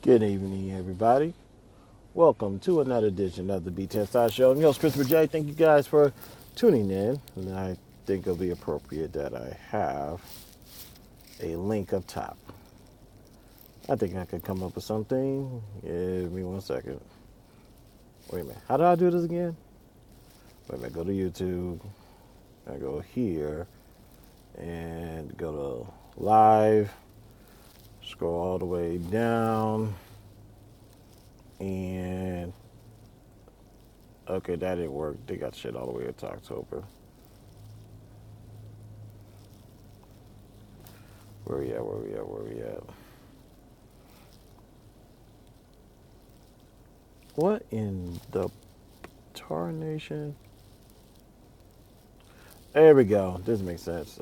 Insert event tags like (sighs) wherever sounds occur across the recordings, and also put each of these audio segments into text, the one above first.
Good evening, everybody. Welcome to another edition of the B10 Side Show. I'm your host, Christopher J. Thank you guys for tuning in. And I think it'll be appropriate that I have a link up top. I think I could come up with something. Give me one second. Wait a minute. How do I do this again? Wait a minute. Go to YouTube. I go here and go to live. Scroll all the way down. And okay, that didn't work. They got shit all the way up to October. Where we at? Where we at? Where we at? What in the tar nation? There we go. This makes sense.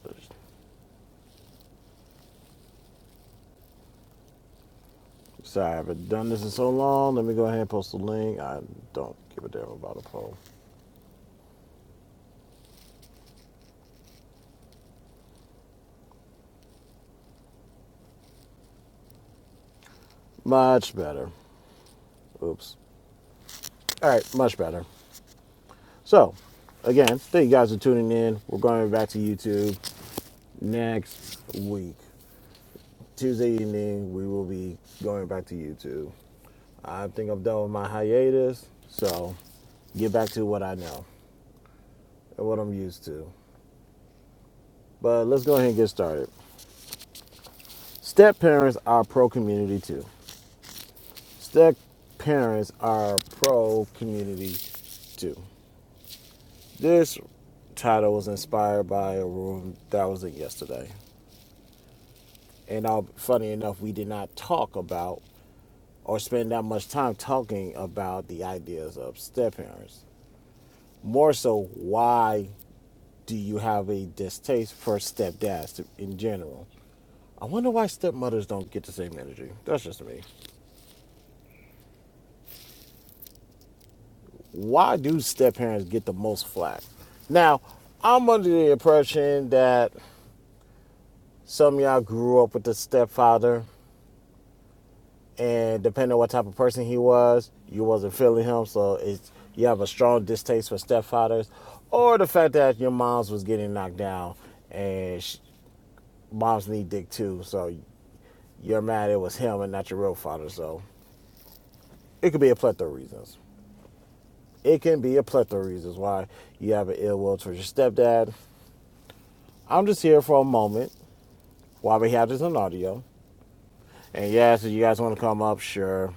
Sorry, I haven't done this in so long. Let me go ahead and post the link. I don't give a damn about a poll. Much better. Oops. All right, much better. So, again, thank you guys for tuning in. We're going back to YouTube next week. Tuesday evening, we will be going back to YouTube. I think I'm done with my hiatus, so get back to what I know and what I'm used to. But let's go ahead and get started. Step parents are pro community too. Step parents are pro community too. This title was inspired by a room that was in yesterday. And uh, funny enough, we did not talk about or spend that much time talking about the ideas of step parents. More so, why do you have a distaste for stepdads in general? I wonder why stepmothers don't get the same energy. That's just me. why do step parents get the most flack? Now, I'm under the impression that some of y'all grew up with the stepfather, and depending on what type of person he was, you wasn't feeling him, so it's you have a strong distaste for stepfathers, or the fact that your moms was getting knocked down and sh moms need dick too, so you're mad it was him and not your real father. So it could be a plethora of reasons. It can be a plethora of reasons why you have an ill will towards your stepdad. I'm just here for a moment Why we have this on audio. And yes, if you guys want to come up, sure.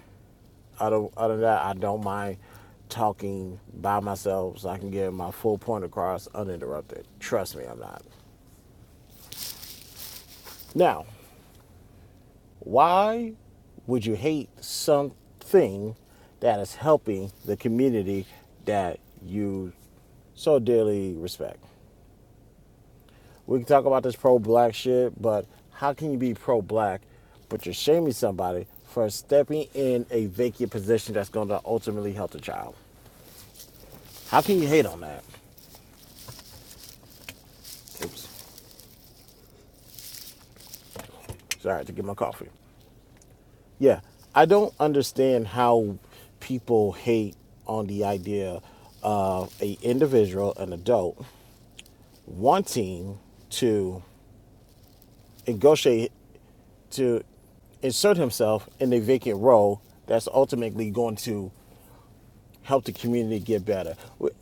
Other, other than that, I don't mind talking by myself so I can get my full point across uninterrupted. Trust me, I'm not. Now, why would you hate something that is helping the community that you so dearly respect? We can talk about this pro black shit, but how can you be pro black, but you're shaming somebody for stepping in a vacant position that's going to ultimately help the child? How can you hate on that? Oops, sorry to get my coffee. Yeah, I don't understand how people hate on the idea of a individual, an adult, wanting to negotiate to insert himself in a vacant role that's ultimately going to help the community get better.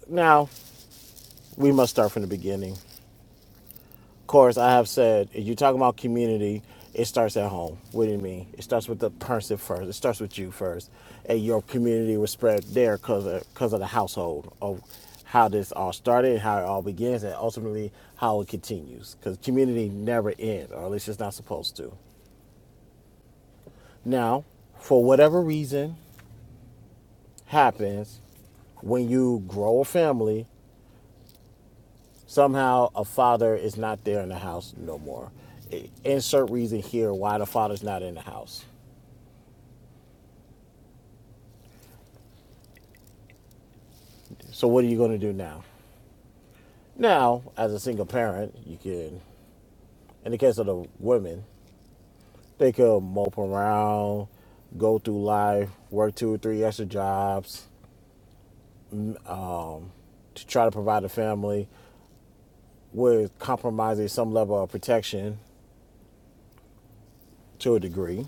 Now, we must start from the beginning. Of course, I have said, if you're talking about community, it starts at home. What do you mean? It starts with the person first. It starts with you first. And your community was spread there because of, 'cause of the household, of how this all started, how it all begins, and ultimately how it continues. Because community never ends, or at least it's not supposed to. Now, for whatever reason happens, when you grow a family, Somehow a father is not there in the house no more. Insert reason here why the father's not in the house. So what are you going to do now? Now, as a single parent, you can, in the case of the women, they could mope around, go through life, work two or three extra jobs to try to provide a family with compromising some level of protection to a degree.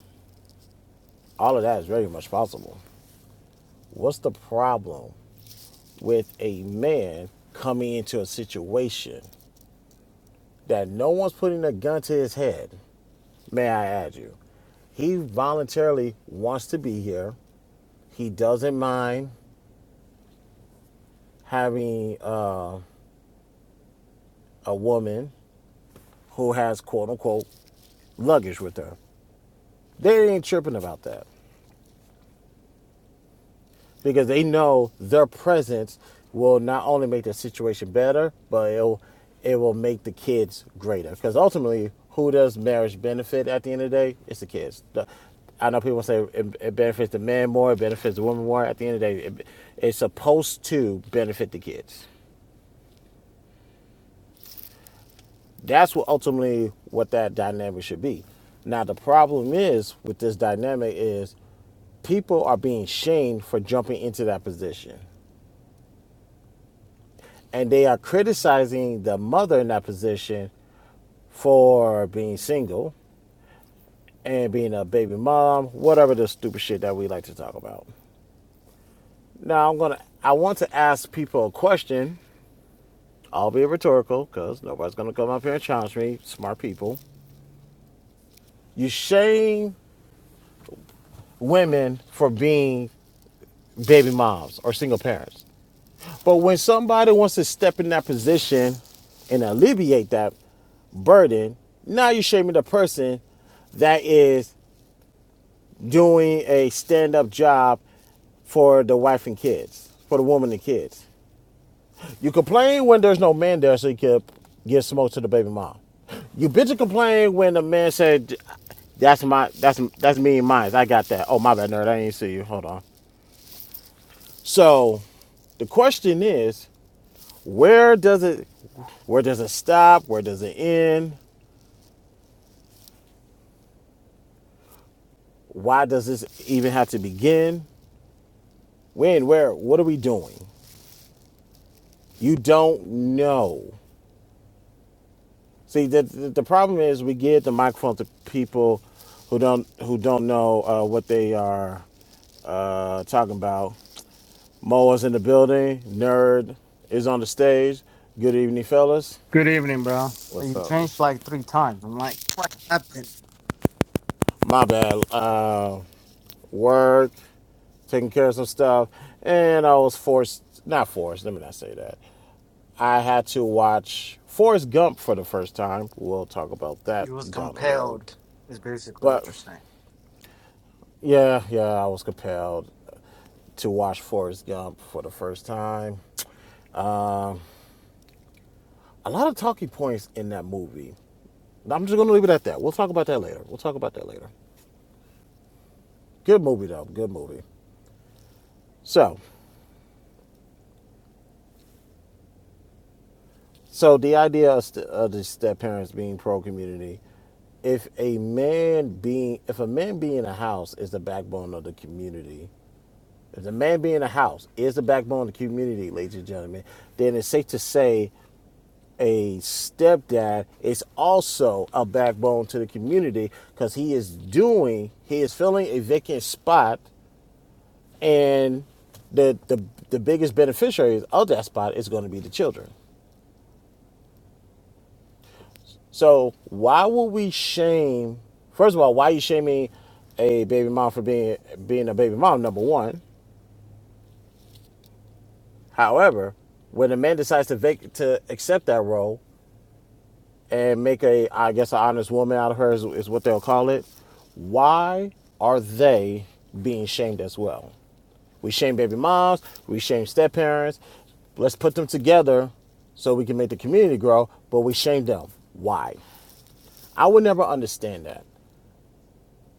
All of that is very much possible. What's the problem with a man coming into a situation that no one's putting a gun to his head, may I add you. He voluntarily wants to be here. He doesn't mind having uh, a woman who has quote unquote luggage with her. They ain't chirping about that. because they know their presence will not only make the situation better, but it'll it will make the kids greater. Because ultimately, who does marriage benefit at the end of the day? It's the kids. The- I know people say it, it benefits the man more, it benefits the woman more. At the end of the day, it, it's supposed to benefit the kids. That's what ultimately what that dynamic should be. Now the problem is with this dynamic is people are being shamed for jumping into that position. and they are criticizing the mother in that position for being single and being a baby mom, whatever the stupid shit that we like to talk about. Now I'm gonna I want to ask people a question. I'll be rhetorical because nobody's gonna come up here and challenge me. Smart people. You shame women for being baby moms or single parents. But when somebody wants to step in that position and alleviate that burden, now you're shaming the person that is doing a stand up job for the wife and kids, for the woman and kids. You complain when there's no man there so you can give smoke to the baby mom. You bitch and complain when the man said, "That's my, that's that's me and mine. I got that." Oh my bad, nerd. I didn't see you. Hold on. So, the question is, where does it, where does it stop? Where does it end? Why does this even have to begin? When? Where? What are we doing? You don't know. See, the, the the problem is we give the microphone to people who don't who don't know uh, what they are uh, talking about. Moa's in the building. Nerd is on the stage. Good evening, fellas. Good evening, bro. What's You up? changed like three times. I'm like, what happened? My bad. Uh, work, taking care of some stuff, and I was forced. Not forced. Let me not say that. I had to watch Forrest Gump for the first time. We'll talk about that You was down the road. compelled, is basically what But you're saying. yeah, yeah, I was compelled. to watch Forrest Gump for the first time. A lot of talking points in that movie. I'm just going to leave it at that. We'll talk about that later. We'll talk about that later. Good movie though. Good movie. So, so the idea of, st- of the step parents being pro community, if a man being if a man being a house is the backbone of the community, if the man being a house is the backbone of the community, ladies and gentlemen, then it's safe to say a stepdad is also a backbone to the community because he is doing he is filling a vacant spot and the the the biggest beneficiaries of that spot is going to be the children so why would we shame first of all why are you shaming a baby mom for being being a baby mom number one however when a man decides to vac- to accept that role and make a, I guess, an honest woman out of her is, is what they'll call it. Why are they being shamed as well? We shame baby moms, we shame step parents. Let's put them together so we can make the community grow, but we shame them. Why? I would never understand that.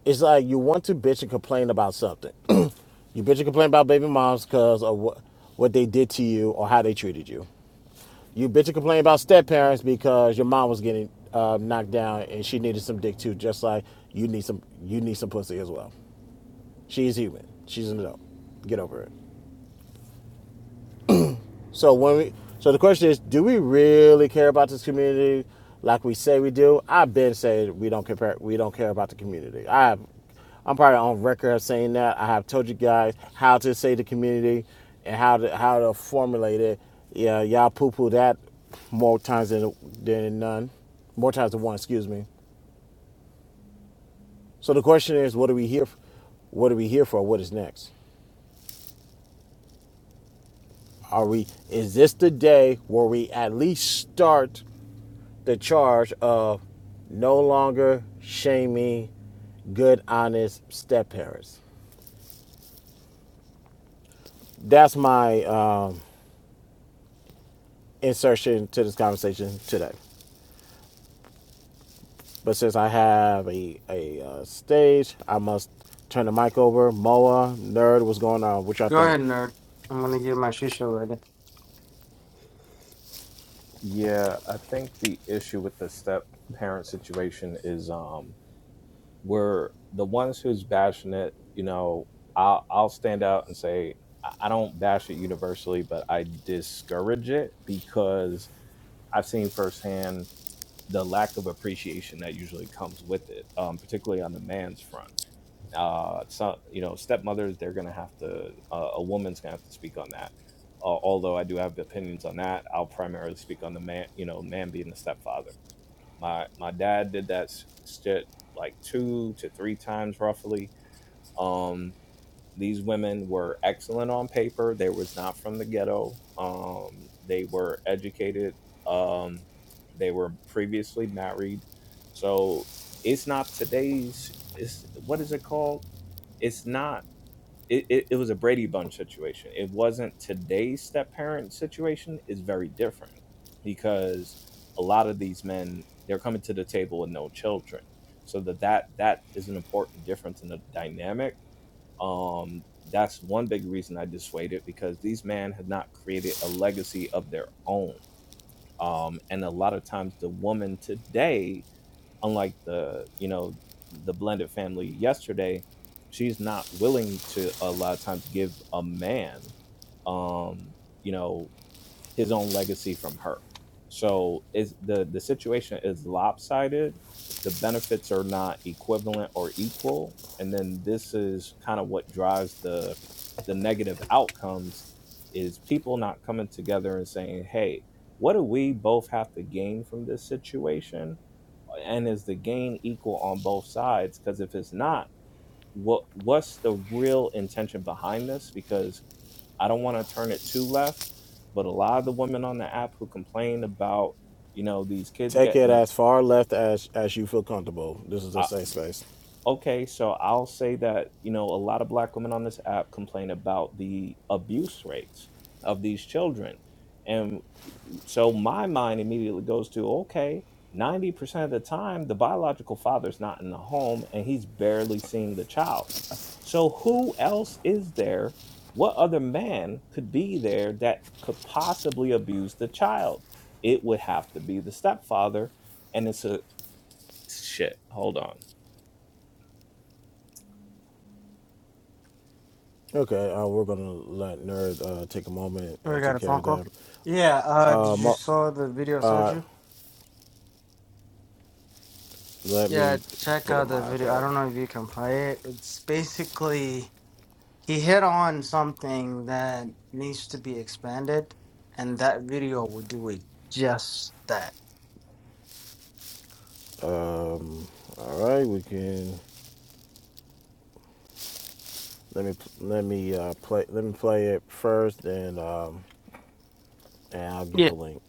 It's like you want to bitch and complain about something. (clears throat) you bitch and complain about baby moms because of what, what they did to you or how they treated you you bitch and complain about step parents because your mom was getting uh, knocked down and she needed some dick too, just like you need some you need some pussy as well. She's human. She's an adult. Get over it. So when we, so the question is, do we really care about this community like we say we do? I've been saying we don't compare, we don't care about the community. I have, I'm probably on record of saying that. I have told you guys how to say the community and how to how to formulate it. Yeah, y'all poo poo that more times than than none, more times than one. Excuse me. So the question is, what are we here? f- What are we here for? What is next? Are we? Is this the day where we at least start? the charge of no longer shaming good, honest step parents. That's my um, insertion to this conversation today. But since I have a, a uh, stage, I must turn the mic over. Moa, nerd, what's going on? What y'all Go think? ahead, nerd. I'm gonna get my shisha ready. Yeah, I think the issue with the step parent situation is um we're the ones who's bashing it, you know, I'll I'll stand out and say I I don't bash it universally, but I discourage it because I've seen firsthand the lack of appreciation that usually comes with it, um, particularly on the man's front. Uh, so you know, stepmothers, they're gonna have to. Uh, a woman's gonna have to speak on that. Uh, although I do have opinions on that, I'll primarily speak on the man. You know, man being the stepfather. My my dad did that shit like two to three times roughly. Um, these women were excellent on paper. They was not from the ghetto. Um, they were educated. Um, they were previously married. So it's not today's. It's what is it called? it's not it, it, it was a brady bunch situation it wasn't today's step parent situation is very different because a lot of these men they're coming to the table with no children so that that, that is an important difference in the dynamic um that's one big reason i dissuaded because these men have not created a legacy of their own um and a lot of times the woman today unlike the you know the blended family yesterday she's not willing to a lot of times give a man um you know his own legacy from her so is the the situation is lopsided the benefits are not equivalent or equal and then this is kind of what drives the the negative outcomes is people not coming together and saying hey what do we both have to gain from this situation and is the gain equal on both sides because if it's not what what's the real intention behind this because i don't want to turn it too left but a lot of the women on the app who complain about you know these kids Take getting it the- as far left as as you feel comfortable. This is a uh, safe space. okay so i'll say that you know a lot of black women on this app complain about the abuse rates of these children So my mind immediately goes to okay, 90% of the time, the biological father's not in the home and he's barely seeing the child. So who else is there? What other man could be there that could possibly abuse the child? It would have to be the stepfather. And it's a Shit. Hold on. Okay, uh, we're gonna let nerd uh, take a moment We and take got a care phone of call? that. Yeah, uh, did Uh, you Mo- saw the video I sent you? let Yeah, me check pull up out the my video. I iPad. don't know if you can play it. It's basically he hit on something that needs to be expanded, and that video will do it just that. All right, we can let me let me uh, play let me play it first, and um, and I'll get Yeah. the link.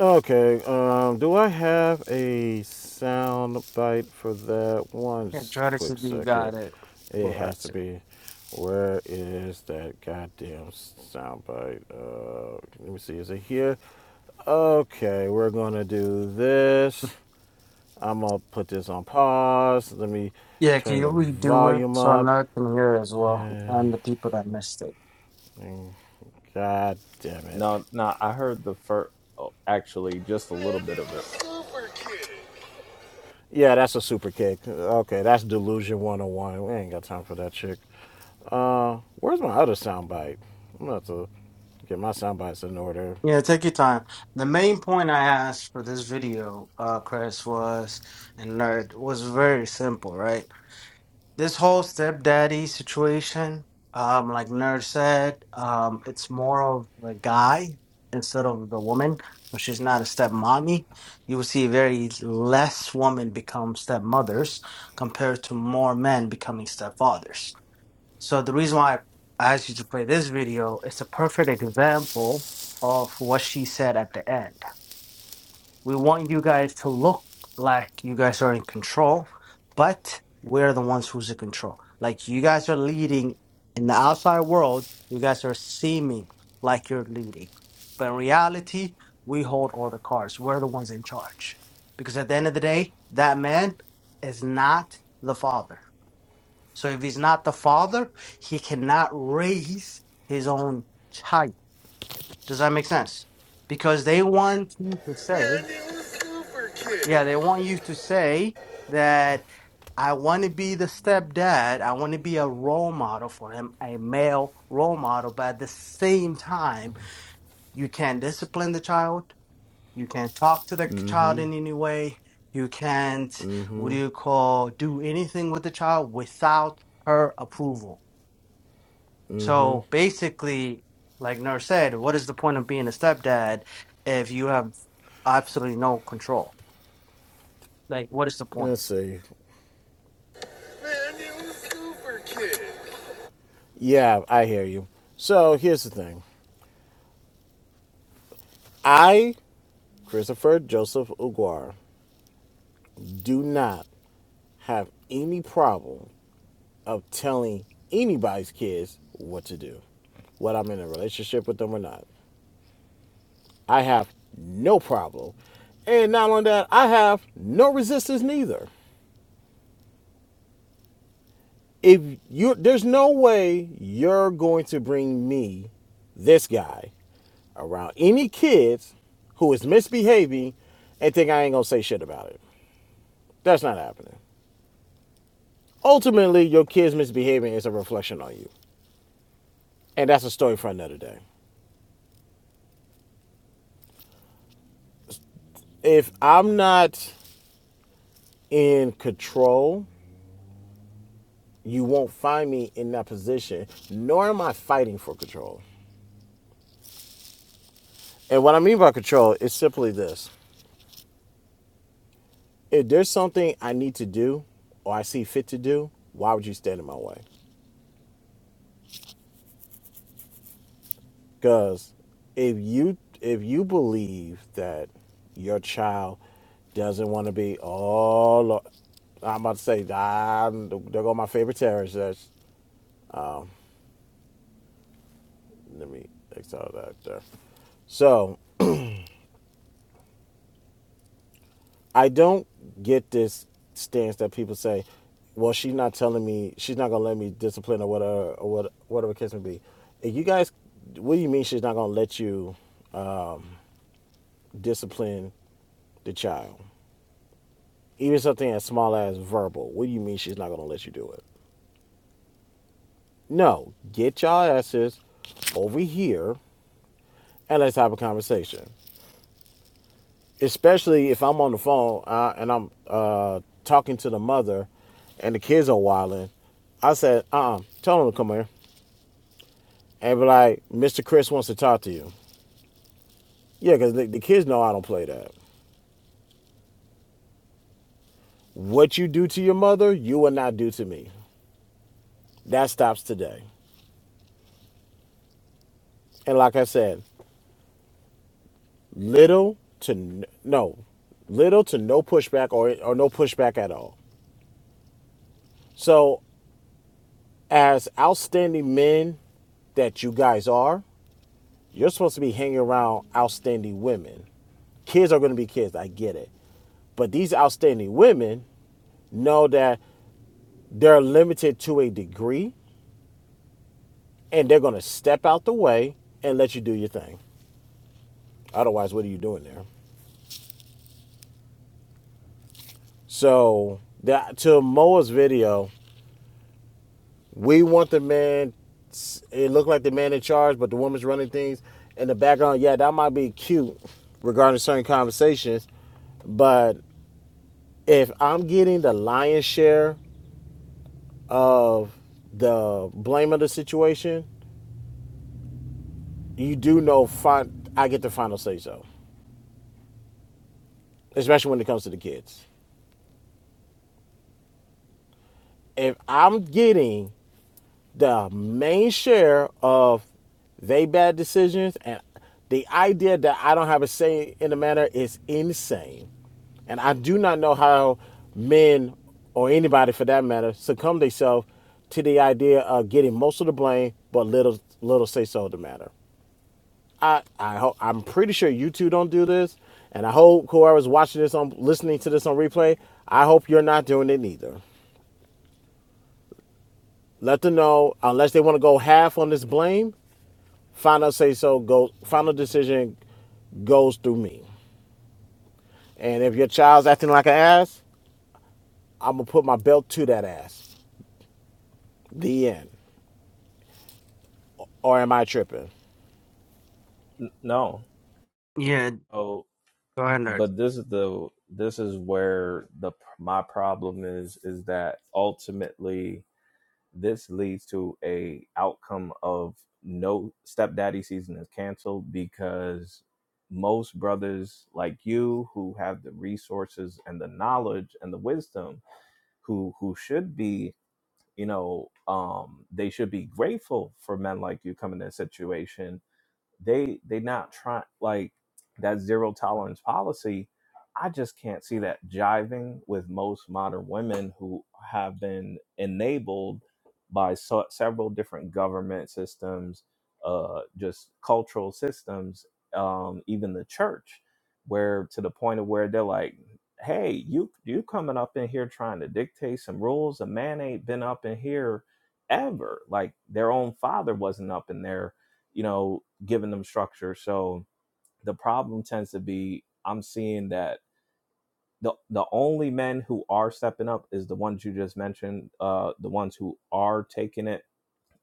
Okay. Um, do I have a sound bite for that? One Yeah, try to see quick if you second. got it It for has us. to be. Where is that goddamn sound bite? Uh, let me see. Is it here? Okay, we're gonna do this. I'm gonna put this on pause. Let me Yeah, can turn you the redo it volume so I up. can hear it as well? And And the people that missed it. God damn it. No, no, I heard the first, oh, actually, just a little bit of it. Yeah, that's a super kick. Okay, that's Delusion 101. We ain't got time for that chick. Uh, where's my other soundbite? I'm gonna have to get my soundbites in order. Yeah, take your time. The main point I asked for this video, uh, Chris, was and nerd was very simple, right? This whole stepdaddy situation, um, like nerd said, um, it's more of the guy instead of the woman, but she's not a stepmommy. You will see very less women become stepmothers compared to more men becoming stepfathers So the reason why I asked you to play this video is a perfect example of what she said at the end. We want you guys to look like you guys are in control, but we're the ones who's in control. Like you guys are leading in the outside world, you guys are seeming like you're leading. But in reality, we hold all the cards. We're the ones in charge. Because at the end of the day, that man is not the father so if he's not the father, he cannot raise his own child. Does that make sense? Because they want you to say, yeah, they want you to say that I want to be the stepdad. I want to be a role model for him, a male role model. But at the same time, you can't discipline the child. You can't talk to the child Mm-hmm, in any way. You can't, what mm-hmm, do you call, do anything with the child without her approval mm-hmm. So basically, like Nur said, what is the point of being a stepdad if you have absolutely no control? Like, what is the point? Let's see. Yeah, I hear you. So here's the thing. I, Christopher Joseph Uguar, do not have any problem of telling anybody's kids what to do, whether I'm in a relationship with them or not. I have no problem. And not only that, I have no resistance neither. If you there's no way you're going to bring me, this guy, around any kids who is misbehaving and think I ain't gonna say shit about it. That's not happening. Ultimately, your kids misbehaving is a reflection on you. And that's a story for another day. If I'm not in control, you won't find me in that position, nor am I fighting for control. And what I mean by control is simply this if there's something I need to do or I see fit to do, why would you stand in my way? Because if you if you believe that your child doesn't want to be oh Lord, I'm about to say ah, there go my favorite terrorist. That's, let me exile that there. So I don't get this stance that people say, well, she's not telling me, she's not going to let me discipline or whatever, or what, whatever the case may be. If you guys, what do you mean she's not going to let you discipline the child? Even something as small as verbal. What do you mean she's not going to let you do it? No, get y'all asses over here and let's have a conversation. Especially if I'm on the phone uh, and I'm uh, talking to the mother and the kids are wilding. I said, uh uh tell them to come here. and be like, Mr. Chris wants to talk to you. Yeah, because the, the kids know I don't play that. What you do to your mother, you will not do to me. That stops today. And like I said, little to n- no, little to no pushback or, or no pushback at all. So, as outstanding men that you guys are, you're supposed to be hanging around outstanding women kids are going to be kids. I get it. But these outstanding women know that they're limited to a degree and they're going to step out the way and let you do your thing. Otherwise, what are you doing there? So that, to Moa's video, we want the man. It looked like the man in charge, but the woman's running things in the background. Yeah, that might be cute regarding certain conversations, but if I'm getting the lion's share of the blame of the situation, you do know I get the final say so, especially when it comes to the kids. If I'm getting the main share of they bad decisions and the idea that I don't have a say in the matter is insane. And I do not know how men or anybody for that matter succumb themselves to the idea of getting most of the blame but little little say so of the matter. I, I hope I'm pretty sure you two don't do this. And I hope whoever's watching this on listening to this on replay, I hope you're not doing it neither. Let them know unless they want to go half on this blame Final say so goes. Final decision goes through me. And if your child's acting like an ass, I'm gonna put my belt to that ass. The end. Or am I tripping? N- no, Yeah, oh, go ahead, nerd. but this is the this is where the my problem is is that ultimately this leads to a outcome of no stepdaddy season is canceled because most brothers like you who have the resources and the knowledge and the wisdom who who should be you know um they should be grateful for men like you coming in that situation they they not trying like that zero tolerance policy i just can't see that jiving with most modern women who have been enabled by so, several different government systems uh just cultural systems um even the church where to the point of where they're like hey you you coming up in here trying to dictate some rules a man ain't been up in here ever like their own father wasn't up in there you know giving them structure. So the problem tends to be I'm seeing that the the only men who are stepping up is the ones you just mentioned, uh, the ones who are taking it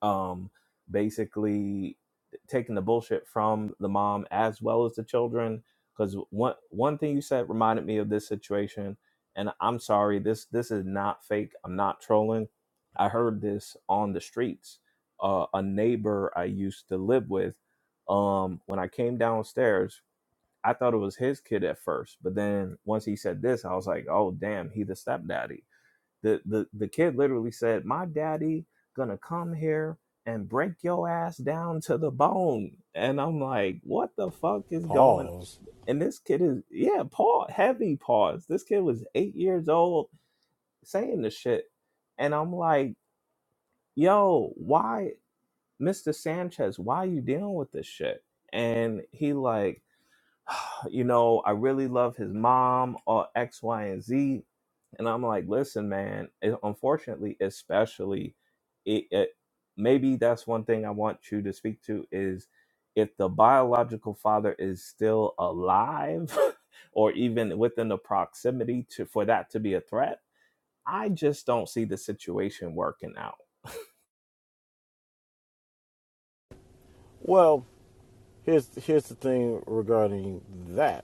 um, basically taking the bullshit from the mom as well as the children. Because one one thing you said reminded me of this situation, and I'm sorry this this is not fake. I'm not trolling. I heard this on the streets. Uh, a neighbor I used to live with, um, when I came downstairs, I thought it was his kid at first, but then once he said this, I was like, oh damn, he the stepdaddy the the the kid literally said, "My daddy gonna come here and break your ass down to the bone." And I'm like, "What the fuck is going?" Pause. And this kid is yeah, paw heavy paws. This kid was eight years old saying this shit, and I'm like, "Yo, why, Mr. Sanchez? Why you dealing with this shit?" And he like you know, I really love his mom or X, Y, and Z. And I'm like, listen, man, it, unfortunately, especially, it, it, maybe that's one thing I want you to speak to is if the biological father is still alive (laughs) or even within the proximity to for that to be a threat, I just don't see the situation working out. Well, here's here's the thing regarding that.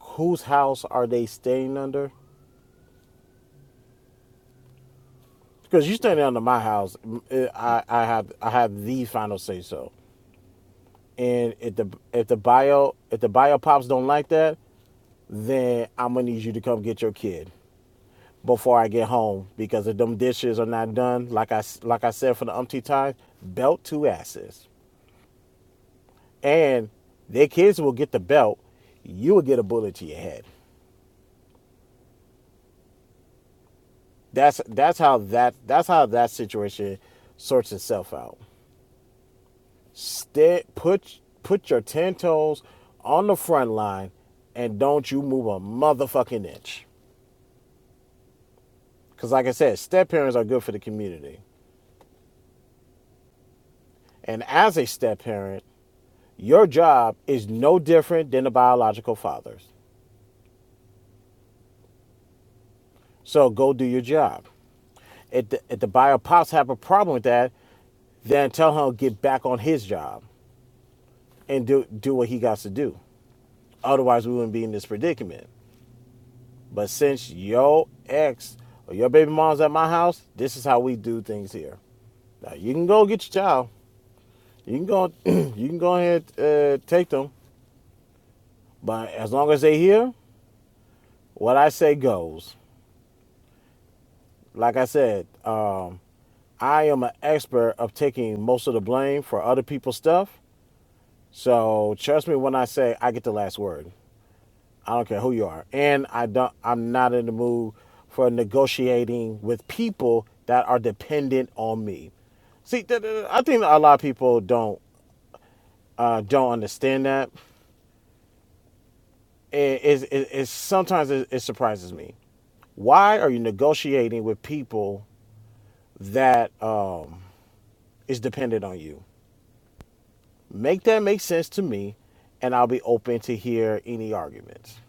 Whose house are they staying under? Because you are staying under my house, mm, Mm, I I have I have the final say so. And if the if the bio if the bio pops don't like that, then I'm gonna need you to come get your kid. before I get home because if them dishes are not done, like I like I said for the umpteenth time, belt two asses, and their kids will get the belt. You will get a bullet to your head. That's that's how that that's how that situation sorts itself out. Stay, put put your ten toes on the front line, and don't you move a motherfucking inch. Because like I said, step parents are good for the community, and as a step parent, Your job is no different than the biological father's. So go do your job. If the, if the bio pops have a problem with that, then tell him to get back on his job and do, do what he got to do. Otherwise, we wouldn't be in this predicament. But since your ex or your baby mom's at my house, this is how we do things here. Now, you can go get your child. You can go, (clears throat) you can go ahead and uh, take them. But as long as they here, what I say goes. Like I said, um, I am an expert of taking most of the blame for other people's stuff. So trust me when I say I get the last word. I don't care who you are. And I don't I'm not in the mood for negotiating with people that are dependent on me. See, th- th- I think a lot of people don't uh, don't understand that. It, it, it, it's- sometimes it, it surprises me. Why are you negotiating with people that um, is dependent on you? Make that make sense to me, and I'll be open to hear any arguments.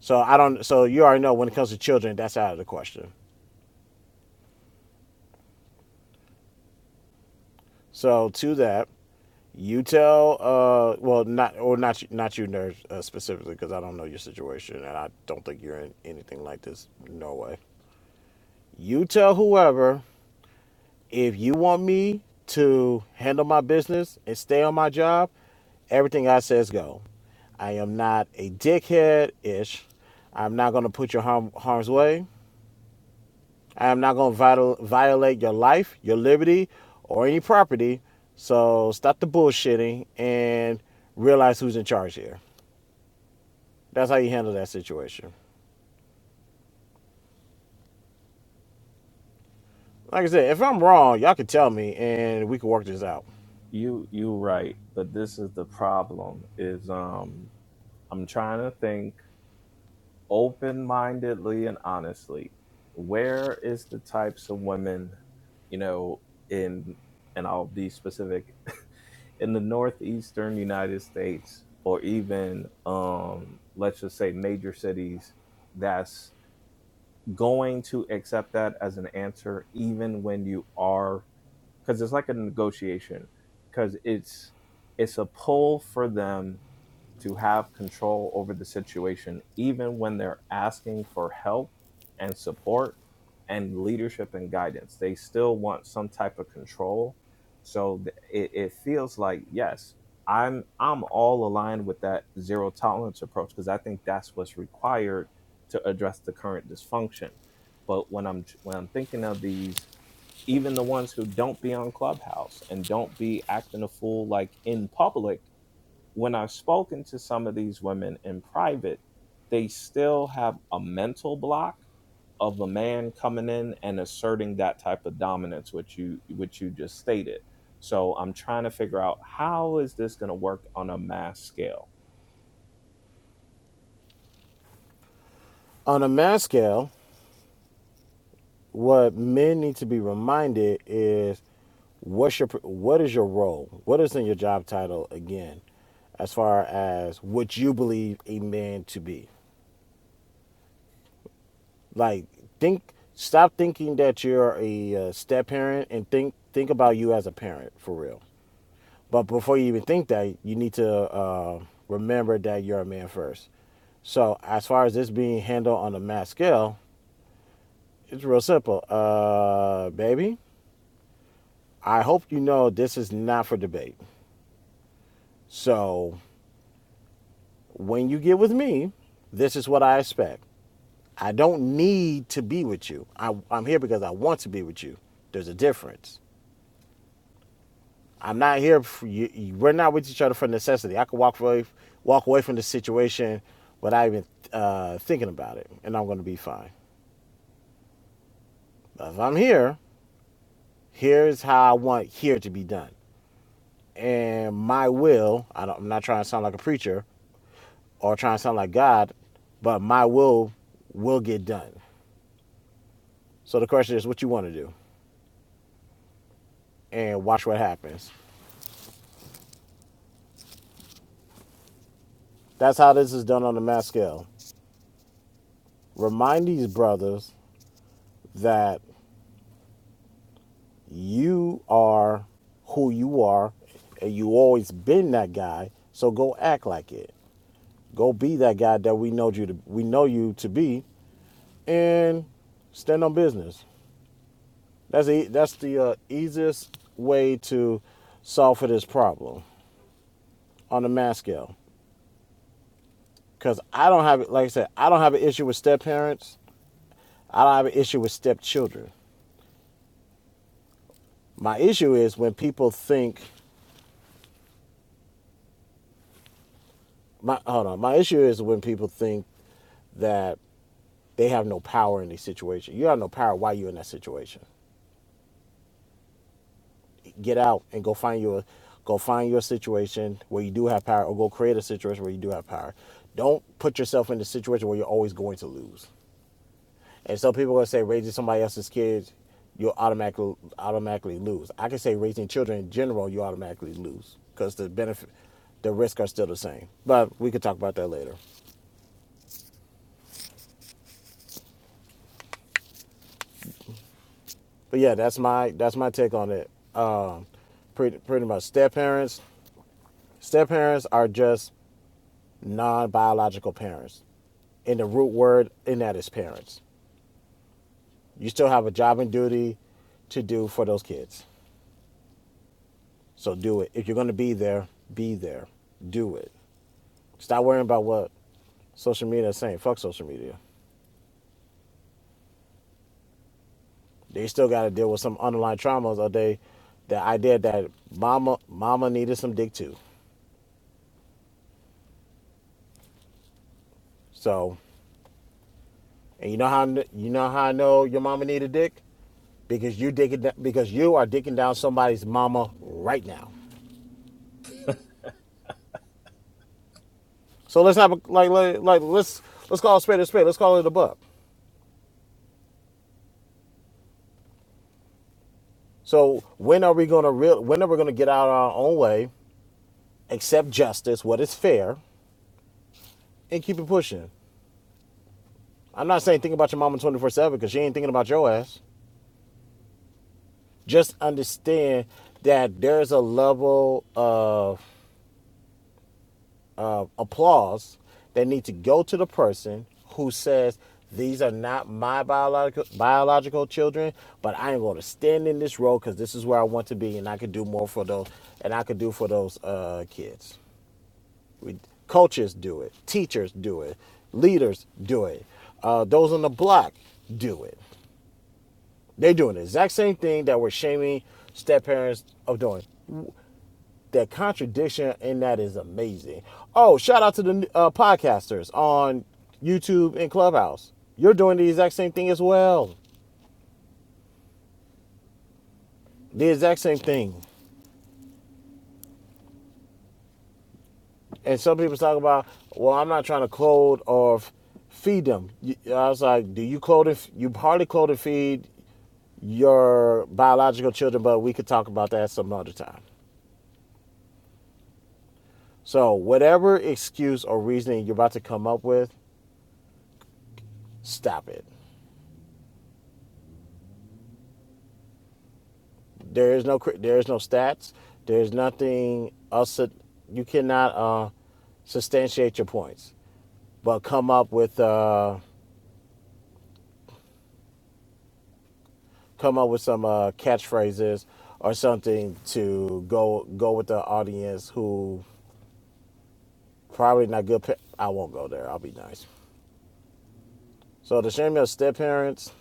So I don't. So you already know when it comes to children, that's out of the question. So to that, you tell. Uh, well, not or not not you, nerd uh, specifically, because I don't know your situation, and I don't think you're in anything like this. No way. You tell whoever if you want me to handle my business and stay on my job, everything I says go. I am not a dickhead ish. I'm not going to put your harm, harm's way. I am not going to viol- violate your life, your liberty, or any property. So stop the bullshitting and realize who's in charge here. That's how you handle that situation. Like I said, if I'm wrong, y'all can tell me and we can work this out. You you right, but this is the problem is um I'm trying to think open-mindedly and honestly. Where is the types of women, you know, in and I'll be specific (laughs) in the northeastern United States or even um let's just say major cities that's going to accept that as an answer even when you are because it's like a negotiation because it's it's a pull for them to have control over the situation even when they're asking for help and support and leadership and guidance they still want some type of control so th- it, it feels like yes i'm i'm all aligned with that zero tolerance approach because i think that's what's required to address the current dysfunction but when i'm when i'm thinking of these even the ones who don't be on Clubhouse and don't be acting a fool like in public, when I've spoken to some of these women in private, they still have a mental block of a man coming in and asserting that type of dominance which you which you just stated. So I'm trying to figure out how is this going to work on a mass scale. On a mass scale, what men need to be reminded is what's your what is your role what is in your job title again as far as what you believe a man to be like think stop thinking that you're a uh, step parent and think think about you as a parent for real but before you even think that you need to uh, remember that you're a man first so as far as this being handled on a mass scale it's real simple uh baby I hope you know this is not for debate. So when you get with me, this is what I expect. I don't need to be with you. I, I'm here because I want to be with you. There's a difference. I'm not here. For you, we're not with each other for necessity. I could walk away, walk away from the situation without even uh, thinking about it, and I'm going to be fine. But if I'm here, here's how I want here to be done, and my will. I don't, I'm not trying to sound like a preacher, or trying to sound like God, but my will will get done. So the question is what you want to do and watch what happens. That's how this is done on the mass scale. Remind these brothers that you are who you are and you always been that guy. So go act like it. Go be that guy that we know you to we know you to be and stand on business. That's the that's the uh, easiest way to solve for this problem on the mass scale. because I don't have like I said, I don't have an issue with step parents. I don't have an issue with stepchildren. My issue is when people think my hold on. My issue is when people think that they have no power in the situation. You have no power why you're in that situation. Get out and go find your go find your situation where you do have power or go create a situation where you do have power. Don't put yourself in the situation where you're always going to lose. And so people are gonna say raising somebody else's kids, you'll automatically automatically lose. I can say raising children in general, you automatically lose because the benefit, the risks are still the same. But we could talk about that later. But yeah, that's my that's my take on it. Um, pretty pretty much step parents. Step parents are just non biological parents, and the root word in that is parents. You still have a job and duty to do for those kids. So do it. If you're gonna be there, be there. Do it. Stop worrying about what social media is saying. Fuck social media. They still got to deal with some underlying traumas of they, the idea that mama mama needed some dick too. So, and you know how you know how I know your mama needed dick because you dicking because you are dicking down somebody's mama right now. So let's not like like, like let's let's call it spade a spade. Let's call it a buck. So when are we gonna real? When are we gonna get out of our own way, accept justice, what is fair, and keep it pushing? I'm not saying think about your mama 24 7 because she ain't thinking about your ass. Just understand that there's a level of uh, applause that need to go to the person who says, these are not my biological biological children, but I am going to stand in this role because this is where I want to be, and I could do more for those, and I could do for those uh, kids. We, coaches do it, teachers do it, leaders do it, uh, those on the block do it. They doing the exact same thing that we're shaming step parents of doing. That contradiction in that is amazing. Oh, shout out to the uh, podcasters on YouTube and Clubhouse. You're doing the exact same thing as well. The exact same thing. And some people talk about, well, I'm not trying to clothe or feed them. I was like, do you clothe? And you hardly clothe and feed your biological children, but we could talk about that some other time. So, whatever excuse or reasoning you're about to come up with, Stop it. There is no there is no stats. There is nothing else. You cannot uh, substantiate your points, but come up with uh, come up with some uh, catchphrases or something to go go with the audience who probably not good. Pa- I won't go there. I'll be nice. So the shame of step parents,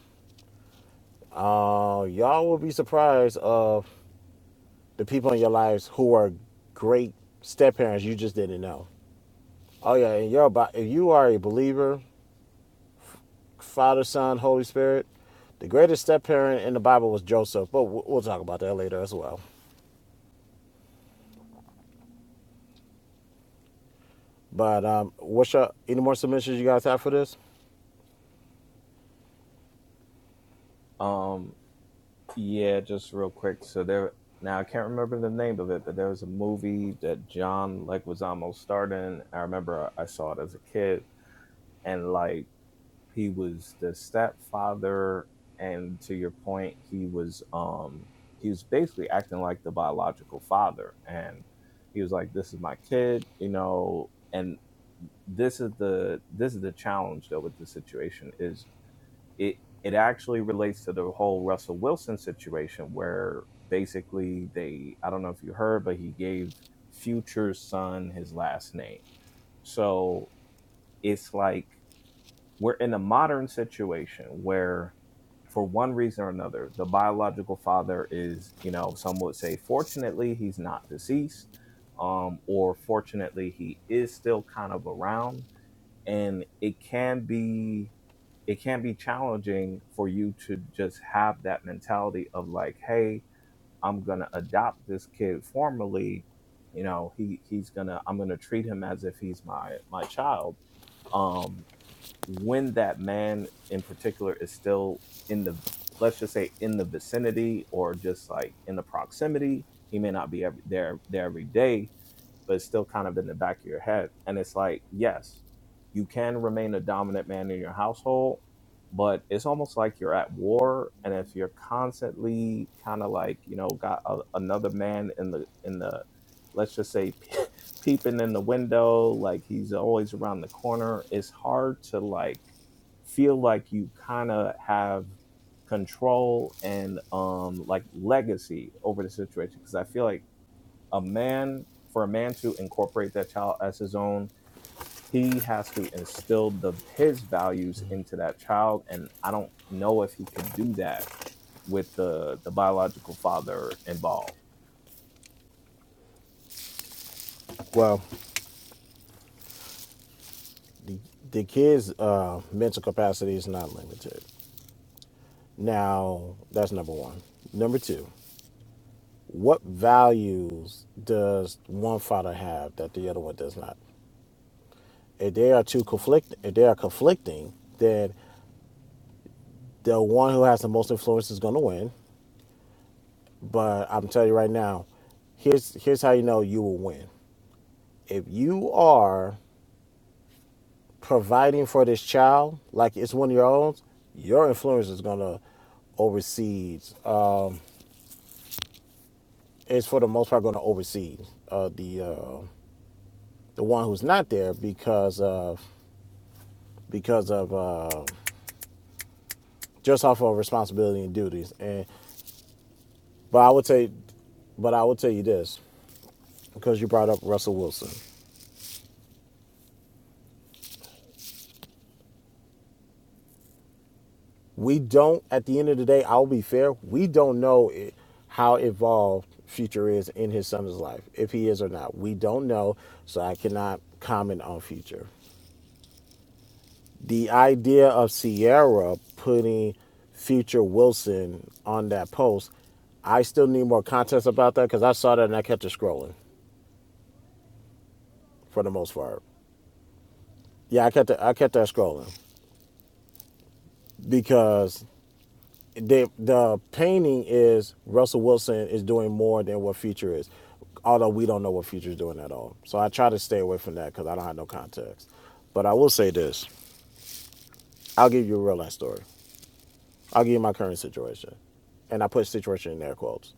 uh, y'all will be surprised of the people in your lives who are great step parents you just didn't know. Oh yeah, and you're if you are a believer, Father, Son, Holy Spirit, the greatest step parent in the Bible was Joseph. But we'll we'll talk about that later as well. But um, what's your any more submissions you guys have for this? Um, Yeah, just real quick. So there now I can't remember the name of it, but there was a movie that John Leguizamo starred in. I remember I saw it as a kid, and like he was the stepfather, and to your point, he was um he was basically acting like the biological father, and he was like, "This is my kid," you know, and this is the this is the challenge though with the situation is it it actually relates to the whole Russell Wilson situation where basically they I don't know if you heard, but he gave Future's son his last name. So it's like we're in a modern situation where for one reason or another, the biological father is, you know, some would say fortunately he's not deceased, um, or fortunately he is still kind of around. And it can be it can be challenging for you to just have that mentality of like hey i'm gonna adopt this kid formally you know he he's gonna i'm gonna treat him as if he's my my child um when that man in particular is still in the let's just say in the vicinity or just like in the proximity he may not be every, there there every day but it's still kind of in the back of your head. And it's like, yes, you can remain a dominant man in your household, but it's almost like you're at war. And if you're constantly kind of like, you know, got a, another man in the, in the, let's just say (laughs) peeping in the window, like he's always around the corner, it's hard to like feel like you kind of have control and um like legacy over the situation because I feel like a man for a man to incorporate that child as his own he has to instill the his values into that child and i don't know if he could do that with the the biological father involved Well, the kids' uh, mental capacity is not limited. Now that's number one. Number two, what values does one father have that the other one does not? If they are too conflict, if they are conflicting, then the one who has the most influence is going to win But I'm telling you right now, here's here's how you know you will win. If you are providing for this child like it's one of your own, your influence is gonna oversee. Uh, it's for the most part gonna oversee uh, the uh, the one who's not there because of because of uh, just off of responsibility and duties. And but I would say, but I will tell you this because you brought up Russell Wilson. we don't at the end of the day i'll be fair we don't know i how involved future is in his son's life if he is or not we don't know so i cannot comment on future the idea of sierra putting future wilson on that post i still need more context about that because i saw that and i kept it scrolling for the most part yeah i kept it, i kept that scrolling because the the painting is Russell Wilson is doing more than what Future is, although we don't know what Future is doing at all. So I try to stay away from that because I don't have no context. But I will say this: I'll give you a real life story. I'll give you my current situation, and I put situation in air quotes.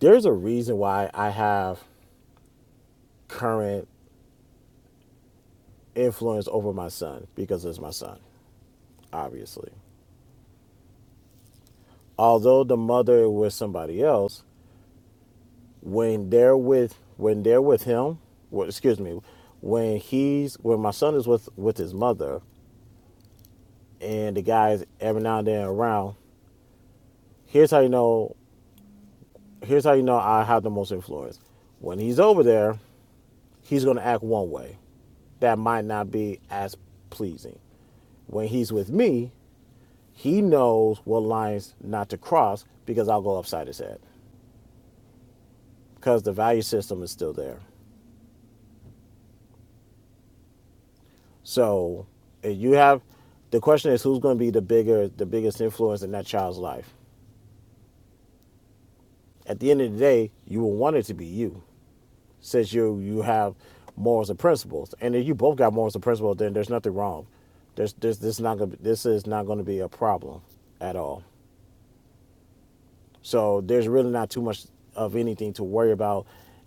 There's a reason why I have current influence over my son because it's my son, obviously. Although the mother was somebody else, when they're with when they're with him well, excuse me when he's when my son is with with his mother and the guys every now and then around here's how you know here's how you know i have the most influence when he's over there he's going to act one way that might not be as pleasing when he's with me he knows what lines not to cross because i'll go upside his head because the value system is still there So if you have the question is who's going to be the bigger the biggest influence in that child's life. At the end of the day, you will want it to be you, since you you have morals and principles. And if you both got morals and principles, then there's nothing wrong. There's there's this not gonna be, this is not going to be a problem at all. So there's really not too much of anything to worry about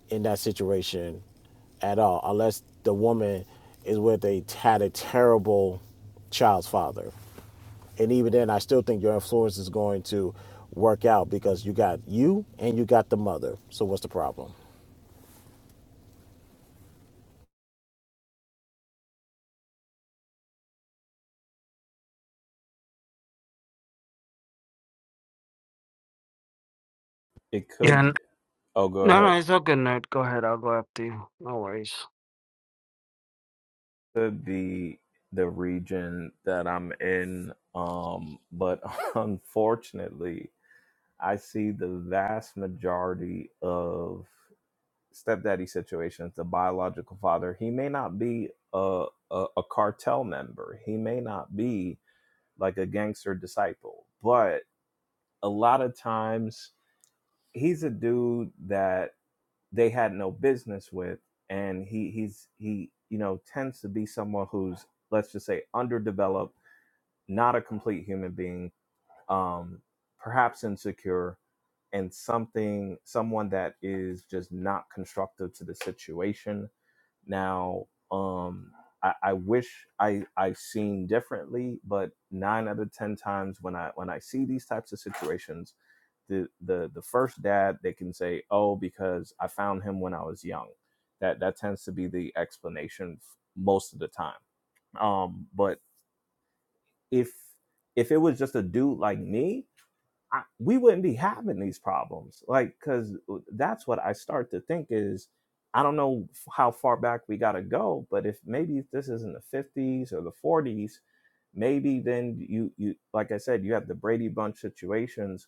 in that situation at all, unless the woman is with a had a terrible child's father And even then, I still think your influence is going to work out because you got you and you got the mother. So what's the problem? it Yeah, n- could oh go no, no, ahead it's okay, nerd. Go ahead, I'll go after you. No worries. could be the region that i'm in um but (laughs) unfortunately i see the vast majority of stepdaddy situations, the biological father, he may not be a, a a cartel member. He may not be like a gangster disciple, but a lot of times he's a dude that they had no business with, and he he's he you know tends to be someone who's let's just say underdeveloped, not a complete human being, um, perhaps insecure. And something, someone that is just not constructive to the situation, Now, um, I, I wish I I seen differently, but nine out of ten times when I when I see these types of situations, the the the first dad they can say, "Oh, because I found him when I was young." That that tends to be the explanation f- most of the time. Um, but if if it was just a dude like me, I, we wouldn't be having these problems. Like, because that's what I start to think is, I don't know how far back we got to go, but if maybe if this is in the 50s or the 40s, maybe then you, you like I said, you have the Brady Bunch situations.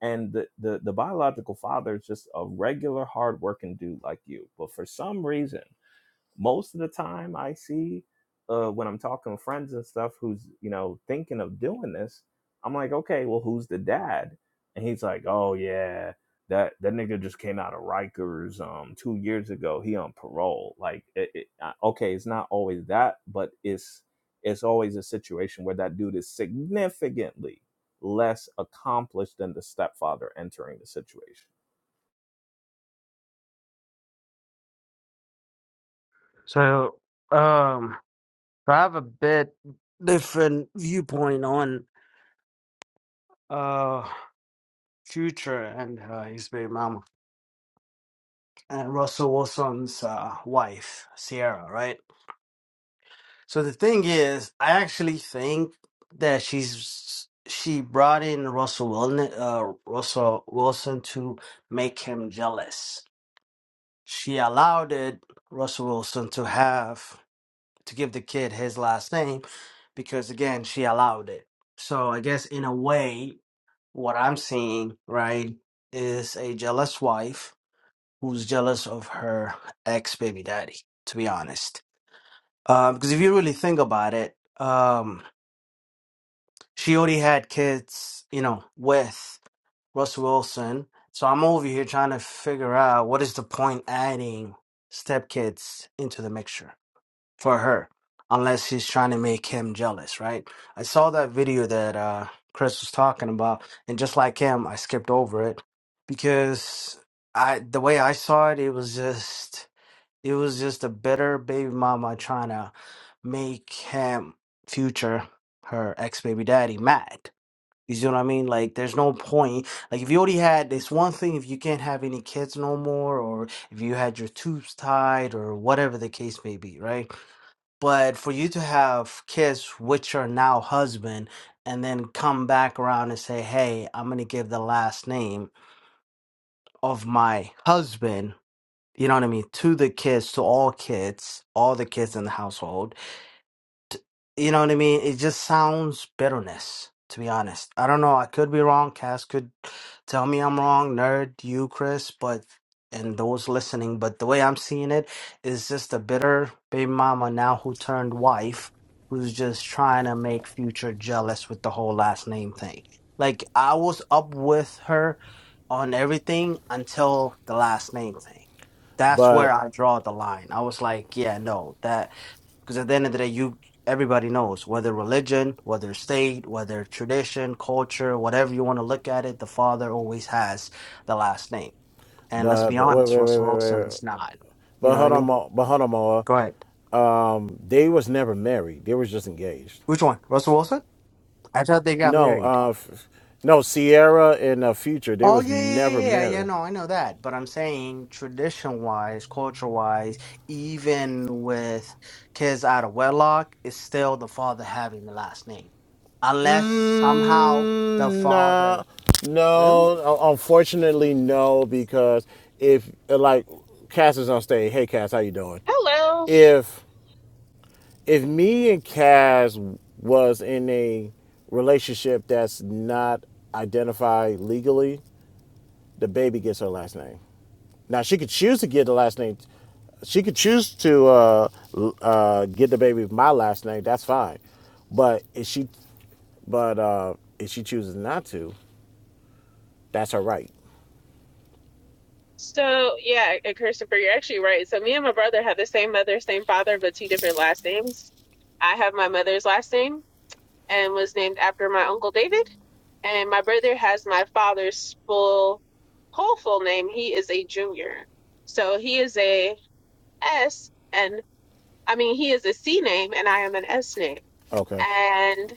And the, the, the biological father is just a regular hardworking dude like you. But for some reason, most of the time I see uh, when I'm talking with friends and stuff who's, you know, thinking of doing this, I'm like, okay, well, who's the dad? And he's like, oh, yeah, that, that nigga just came out of Rikers um, two years ago. He on parole. Like, it, it, uh, okay, it's not always that, but it's, it's always a situation where that dude is significantly less accomplished than the stepfather entering the situation. So, um, so I have a bit different viewpoint on uh Future and uh, his baby mama and Russell Wilson's uh, wife, Sierra, right? So the thing is, I actually think that she's she brought in Russell Wilson, uh, Russell Wilson to make him jealous. She allowed it Russell Wilson to have to give the kid his last name because again she allowed it. So I guess in a way, what I'm seeing right is a jealous wife who's jealous of her ex baby daddy. To be honest, Um, because if you really think about it. um, she already had kids, you know, with Russell Wilson. So I'm over here trying to figure out what is the point adding stepkids into the mixture for her, unless she's trying to make him jealous, right? I saw that video that uh, Chris was talking about, and just like him, I skipped over it because I the way I saw it, it was just it was just a bitter baby mama trying to make him future her ex baby daddy mad you see what I mean? Like, there's no point. Like, if you already had this one thing, if you can't have any kids no more, or if you had your tubes tied, or whatever the case may be, right? But for you to have kids, which are now husband, and then come back around and say, hey, I'm going to give the last name of my husband, you know what I mean, to the kids, to all kids, all the kids in the household you know what I mean? It just sounds bitterness, to be honest. I don't know. I could be wrong. Cass could tell me I'm wrong. Nerd, you, Chris, but and those listening. But the way I'm seeing it is just a bitter baby mama now who turned wife, who's just trying to make future jealous with the whole last name thing. Like I was up with her on everything until the last name thing. That's where But I draw the line. I was like, yeah, no, that because at the end of the day, you everybody knows whether religion, whether state, whether tradition, culture, whatever you want to look at it, the father always has the last name. And let's but be but wait honest, wait wait Russell wait Wilson wait. is not. You But know what I hold on, mean? Ma- but hold on, Ma. Go ahead. They was never married. They was just engaged. Which one, Russell Wilson? I thought they got No, married. uh, f- no, Sierra and uh, Future. They Oh was yeah, yeah, never yeah, yeah. yeah, married. No, I know that, but I'm saying tradition-wise, culture-wise, even with kids out of wedlock, it's still the father having the last name, unless somehow the Mm, father. nah, Really? no. un- Unfortunately, no. Because if like Cass is on stage, hey Cass, how you doing? Hello. If if me and Kaz was in a relationship that's not identified legally, the baby gets her last name. Now she could choose to get the last name. She could choose to uh, uh, get the baby with my last name. That's fine. But if she, but uh, if she chooses not to, that's her right. So, yeah, and Christopher, you're actually right. So, me and my brother have the same mother, same father, but two different last names. I have my mother's last name and was named after my uncle David. And my brother has my father's full, whole full name. He is a junior. So, he is a S, and I mean, he is a C name, and I am an S name. Okay. And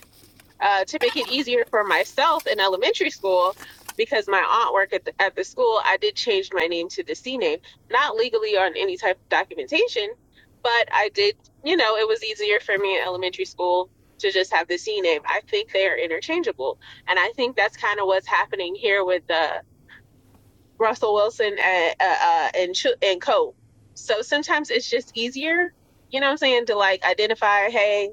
uh, to make it easier for myself in elementary school because my aunt worked at the, at the school i did change my name to the c name not legally on any type of documentation but i did you know it was easier for me in elementary school to just have the c name i think they are interchangeable and i think that's kind of what's happening here with the Russell Wilson at, uh, uh, and Chu- and Co. So sometimes it's just easier, you know what I'm saying, to like identify, hey,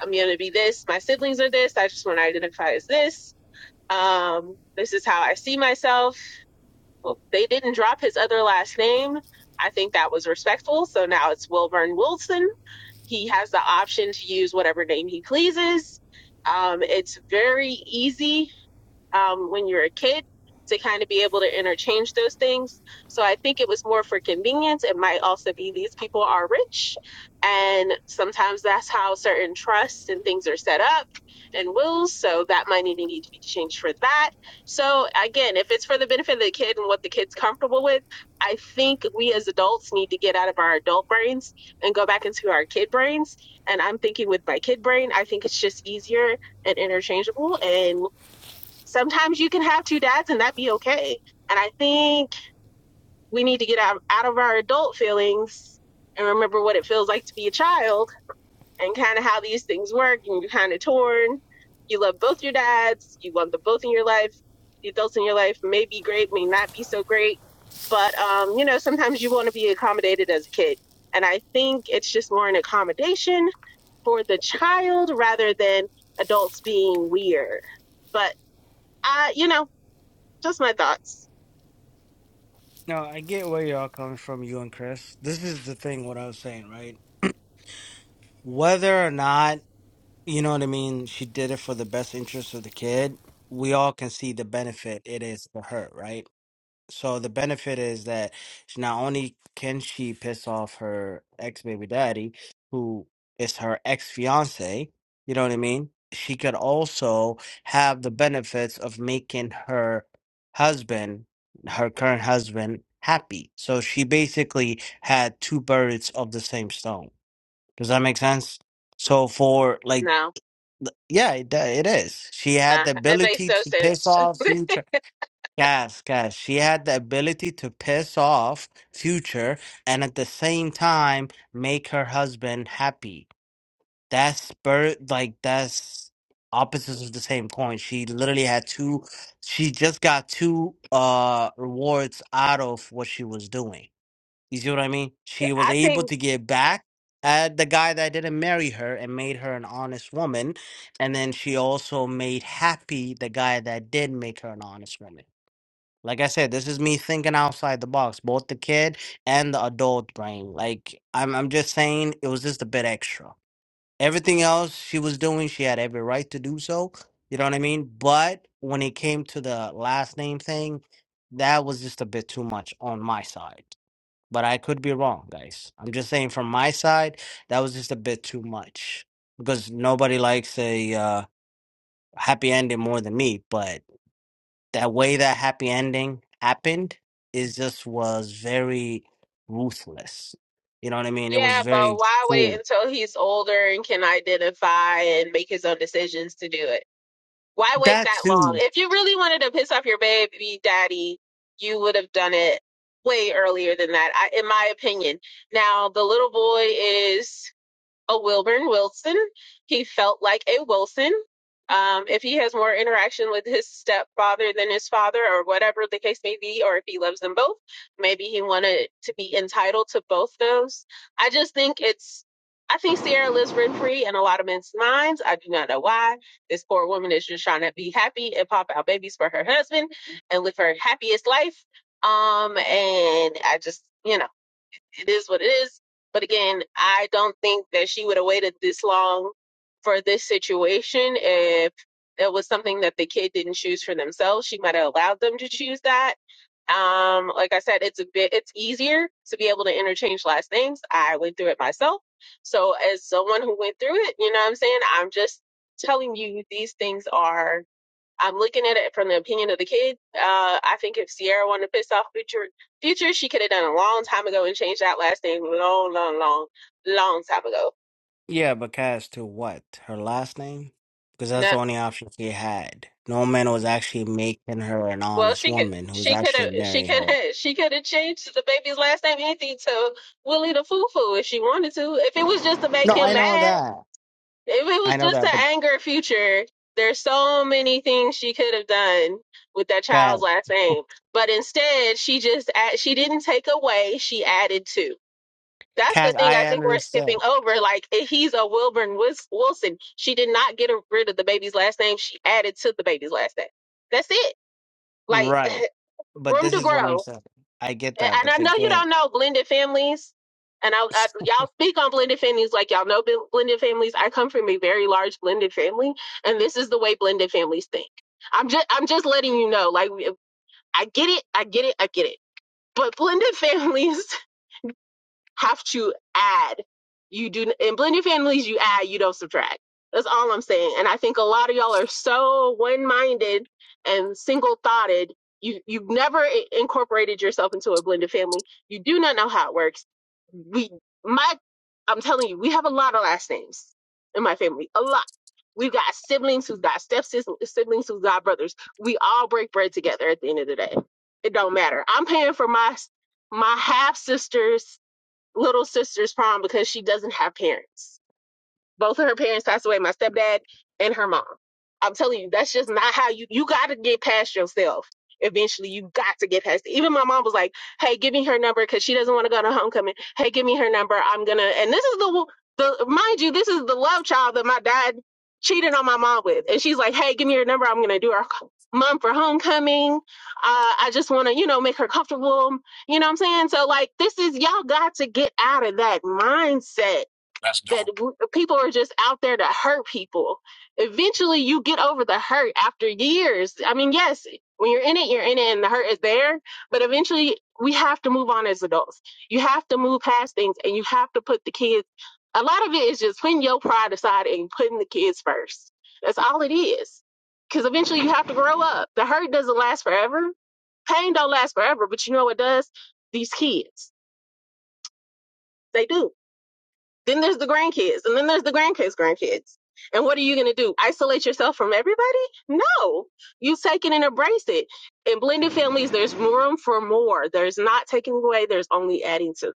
I'm gonna be this. My siblings are this. I just want to identify as this. Um, this is how I see myself. Well, they didn't drop his other last name. I think that was respectful. So now it's Wilburn Wilson. He has the option to use whatever name he pleases. Um, it's very easy um, when you're a kid to kind of be able to interchange those things. So I think it was more for convenience. It might also be these people are rich, and sometimes that's how certain trusts and things are set up and wills. So that might need to need to be changed for that. So again, if it's for the benefit of the kid and what the kid's comfortable with, I think we as adults need to get out of our adult brains and go back into our kid brains. And I'm thinking with my kid brain, I think it's just easier and interchangeable. And sometimes you can have two dads and that be okay. And I think we need to get out, out of our adult feelings and remember what it feels like to be a child and kind of how these things work. And you're kind of torn. You love both your dads, you want them both in your life. The adults in your life may be great, may not be so great. But, um, you know, sometimes you want to be accommodated as a kid. And I think it's just more an accommodation for the child rather than adults being weird. But, I, you know, just my thoughts. No, I get where y'all coming from, you and Chris. This is the thing, what I was saying, right? Whether or not, you know what I mean, she did it for the best interest of the kid, we all can see the benefit it is for her, right? So the benefit is that she not only can she piss off her ex baby daddy, who is her ex fiance, you know what I mean? She could also have the benefits of making her husband, her current husband, happy. So she basically had two birds of the same stone. Does that make sense? So for like, No, th- yeah, it, do- it is. She nah. had the It makes ability no to piss sense. off (laughs) future. Guys, guys, she had the ability to piss off Future and at the same time make her husband happy. That's bird, like that's opposites of the same coin. She literally had two. She just got two uh rewards out of what she was doing. You see what I mean? She was I able think, to get back at the guy that didn't marry her and made her an honest woman, and then she also made happy the guy that did make her an honest woman. Like I said, this is me thinking outside the box, both the kid and the adult brain. Like I'm I'm just saying it was just a bit extra. Everything else she was doing, she had every right to do so. You know what I mean? But when it came to the last name thing, that was just a bit too much on my side. But I could be wrong, guys. I'm just saying from my side, that was just a bit too much. Because nobody likes a uh, happy ending more than me, but that way that happy ending happened is just was very ruthless. You know what I mean? It was yeah, very but why wait cruel. until he's older and can identify and make his own decisions to do it? Why wait That that long? too. If you really wanted to piss off your baby daddy, you would have done it way earlier than that, I, in my opinion. Now, the little boy is. a Wilburn Wilson. He felt like a Wilson. Um, if he has more interaction with his stepfather than his father, or whatever the case may be, or if he loves them both, maybe he wanted to be entitled to both those. I just think it's, I think Sierra lives rent free in a lot of men's minds. I do not know why. This poor woman is just trying to be happy and pop out babies for her husband and live her happiest life. Um, and I just, you know it is what it is. But again, I don't think that she would have waited this long for this situation if it was something that the kid didn't choose for themselves. She might have allowed them to choose that. Um, like I said, it's a bit it's easier to be able to interchange last names. I went through it myself. So as someone who went through it, you know what I'm saying? I'm just telling you these things are I'm looking at it from the opinion of the kid. Uh, I think if Sierra wanted to piss off future, future, she could have done a long time ago and changed that last name long, long, long, long time ago. Yeah, but as to what? Her last name? Because that's No, the only option she had. No man was actually making her an well, honest she could, woman who's she could actually have, she marrying could her. have, she could have changed the baby's last name anything to Willie the Foo Foo if she wanted to. If it was just to make No, him I know mad, that. if it was I know just to that, but anger future, there's so many things she could have done with that Cass, child's last name. But instead, she just add, she didn't take away, she added to. that's the Cass, thing I I think we're skipping understand. over. Like eh, he's a Wilburn Wis- Wilson. She did not get rid of the baby's last name. She added to the baby's last name. That's it. Like (laughs) Right. But room this to is what I'm grow. saying. I get that, And I but know you again, don't know blended families. And I, I y'all speak on blended families like y'all know bl- blended families. I come from a very large blended family, and this is the way blended families think. I'm just I'm just letting you know. Like I get it. I get it. I get it. But blended (laughs) families have to add. You do in blended families, you add, you don't subtract. That's all I'm saying. And I think a lot of y'all are so one-minded and single-thoughted. You you've never incorporated yourself into a blended family. You do not know how it works. We my I'm telling you, we have a lot of last names in my family. A lot. We've got siblings who've got step siblings who've got brothers. We all break bread together at the end of the day. It don't matter. I'm paying for my my half sisters little sister's problem because she doesn't have parents. Both of her parents passed away, my stepdad and her mom. I'm telling you, that's just not how you you gotta get past yourself. Eventually, you got to get past. it. Even my mom was like, "Hey, give me her number because she doesn't want to go to homecoming. Hey, give me her number. I'm gonna." And this is the the mind you, this is the love child that my dad cheated on my mom with, and she's like, "Hey, give me your number. I'm gonna do our mom for homecoming. Uh, I just want to, you know, make her comfortable. You know what I'm saying? So like, this is y'all got to get out of that mindset that w- people are just out there to hurt people. Eventually, you get over the hurt after years. I mean, yes, when you're in it, you're in it and the hurt is there, but eventually we have to move on as adults. You have to move past things and you have to put the kids, a lot of it is just putting your pride aside and putting the kids first. That's all it is. Because eventually you have to grow up. The hurt doesn't last forever. Pain don't last forever, but you know what does? These kids, they do then there's the grandkids, and then there's the grandkids' grandkids. And what are you going to do? Isolate yourself from everybody? No. You take it and embrace it. In blended families, there's room for more. There's not taking away, there's only adding to.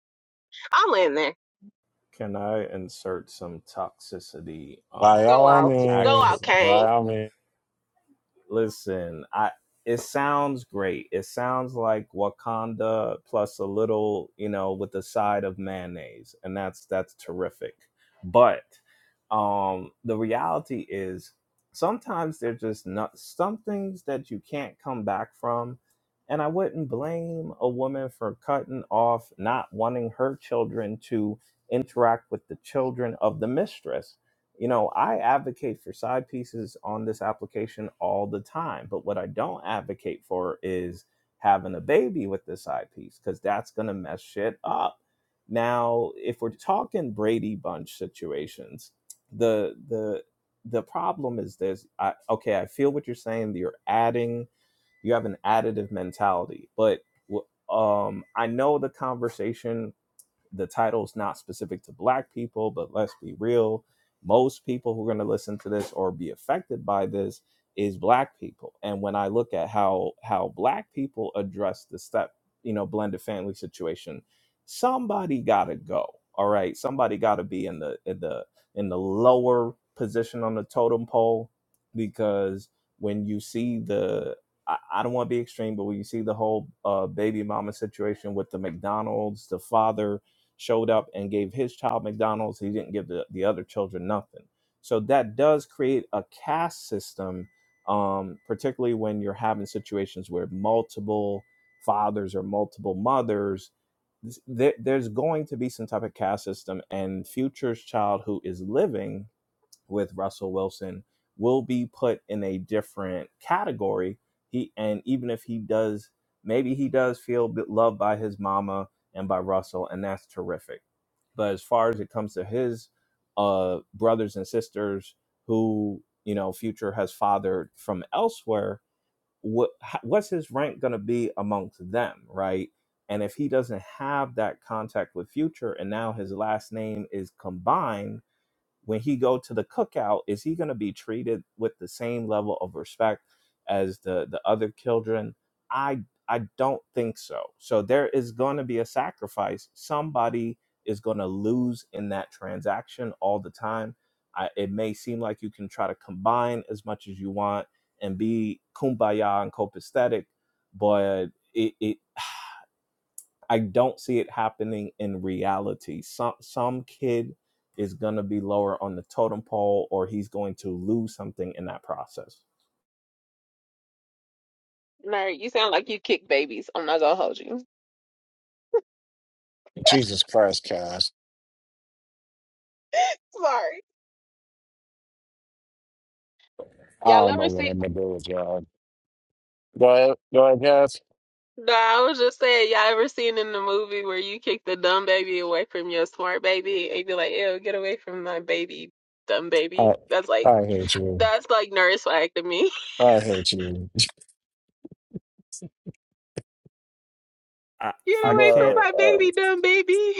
I'm in there. Can I insert some toxicity By Uh, Go all out. Go action? out, means, by Kane. all means. Listen, I it sounds great. It sounds like Wakanda plus a little, you know, with a side of mayonnaise, and that's that's terrific. But um the reality is sometimes they're just not some things that you can't come back from. And I wouldn't blame a woman for cutting off not wanting her children to interact with the children of the mistress you know, I advocate for side pieces on this application all the time, but what I don't advocate for is having a baby with this side piece because that's going to mess shit up. Now, if we're talking Brady Bunch situations, the the the problem is this. I, okay, I feel what you're saying. You're adding. You have an additive mentality, but um, I know the conversation the title's not specific to black people, but let's be real, most people who are going to listen to this or be affected by this is black people. And when I look at how how black people address the step, you know, blended family situation, somebody got to go. All right, somebody got to be in the in the in the lower position on the totem pole because when you see the I, I don't want to be extreme, but when you see the whole uh, baby mama situation with the McDonald's, the father showed up and gave his child McDonald's. He didn't give the, the other children nothing. So that does create a caste system, um, particularly when you're having situations where multiple fathers or multiple mothers. There, there's going to be some type of caste system, and future's child who is living with Russell Wilson will be put in a different category. He and even if he does, maybe he does feel loved by his mama and by Russell, and that's terrific but as far as it comes to his uh, brothers and sisters who, you know, Future has fathered from elsewhere, what, what's his rank going to be amongst them, right? And if he doesn't have that contact with Future and now his last name is combined, when he go to the cookout is he going to be treated with the same level of respect as the the other children i i don't think so so there is going to be a sacrifice somebody is going to lose in that transaction all the time I, it may seem like you can try to combine as much as you want and be kumbaya and copacetic but it, it I don't see it happening in reality. Some some kid is gonna be lower on the totem pole, or he's going to lose something in that process. Mary, you sound like you kick babies. I'm not gonna hold you. Jesus Christ, Cass. Sorry. I Y'all don't know ever what see? I'm gonna do with y'all. Go ahead, go ahead, Cass. No, I was just saying, y'all ever seen in the movie where you kick the dumb baby away from your smart baby and you be like, ew, get away from my baby, dumb baby? I That's like I hate you. That's like nurse swag to me. (laughs) I hate you. (laughs) I Get I away from can't But my baby, uh, dumb baby.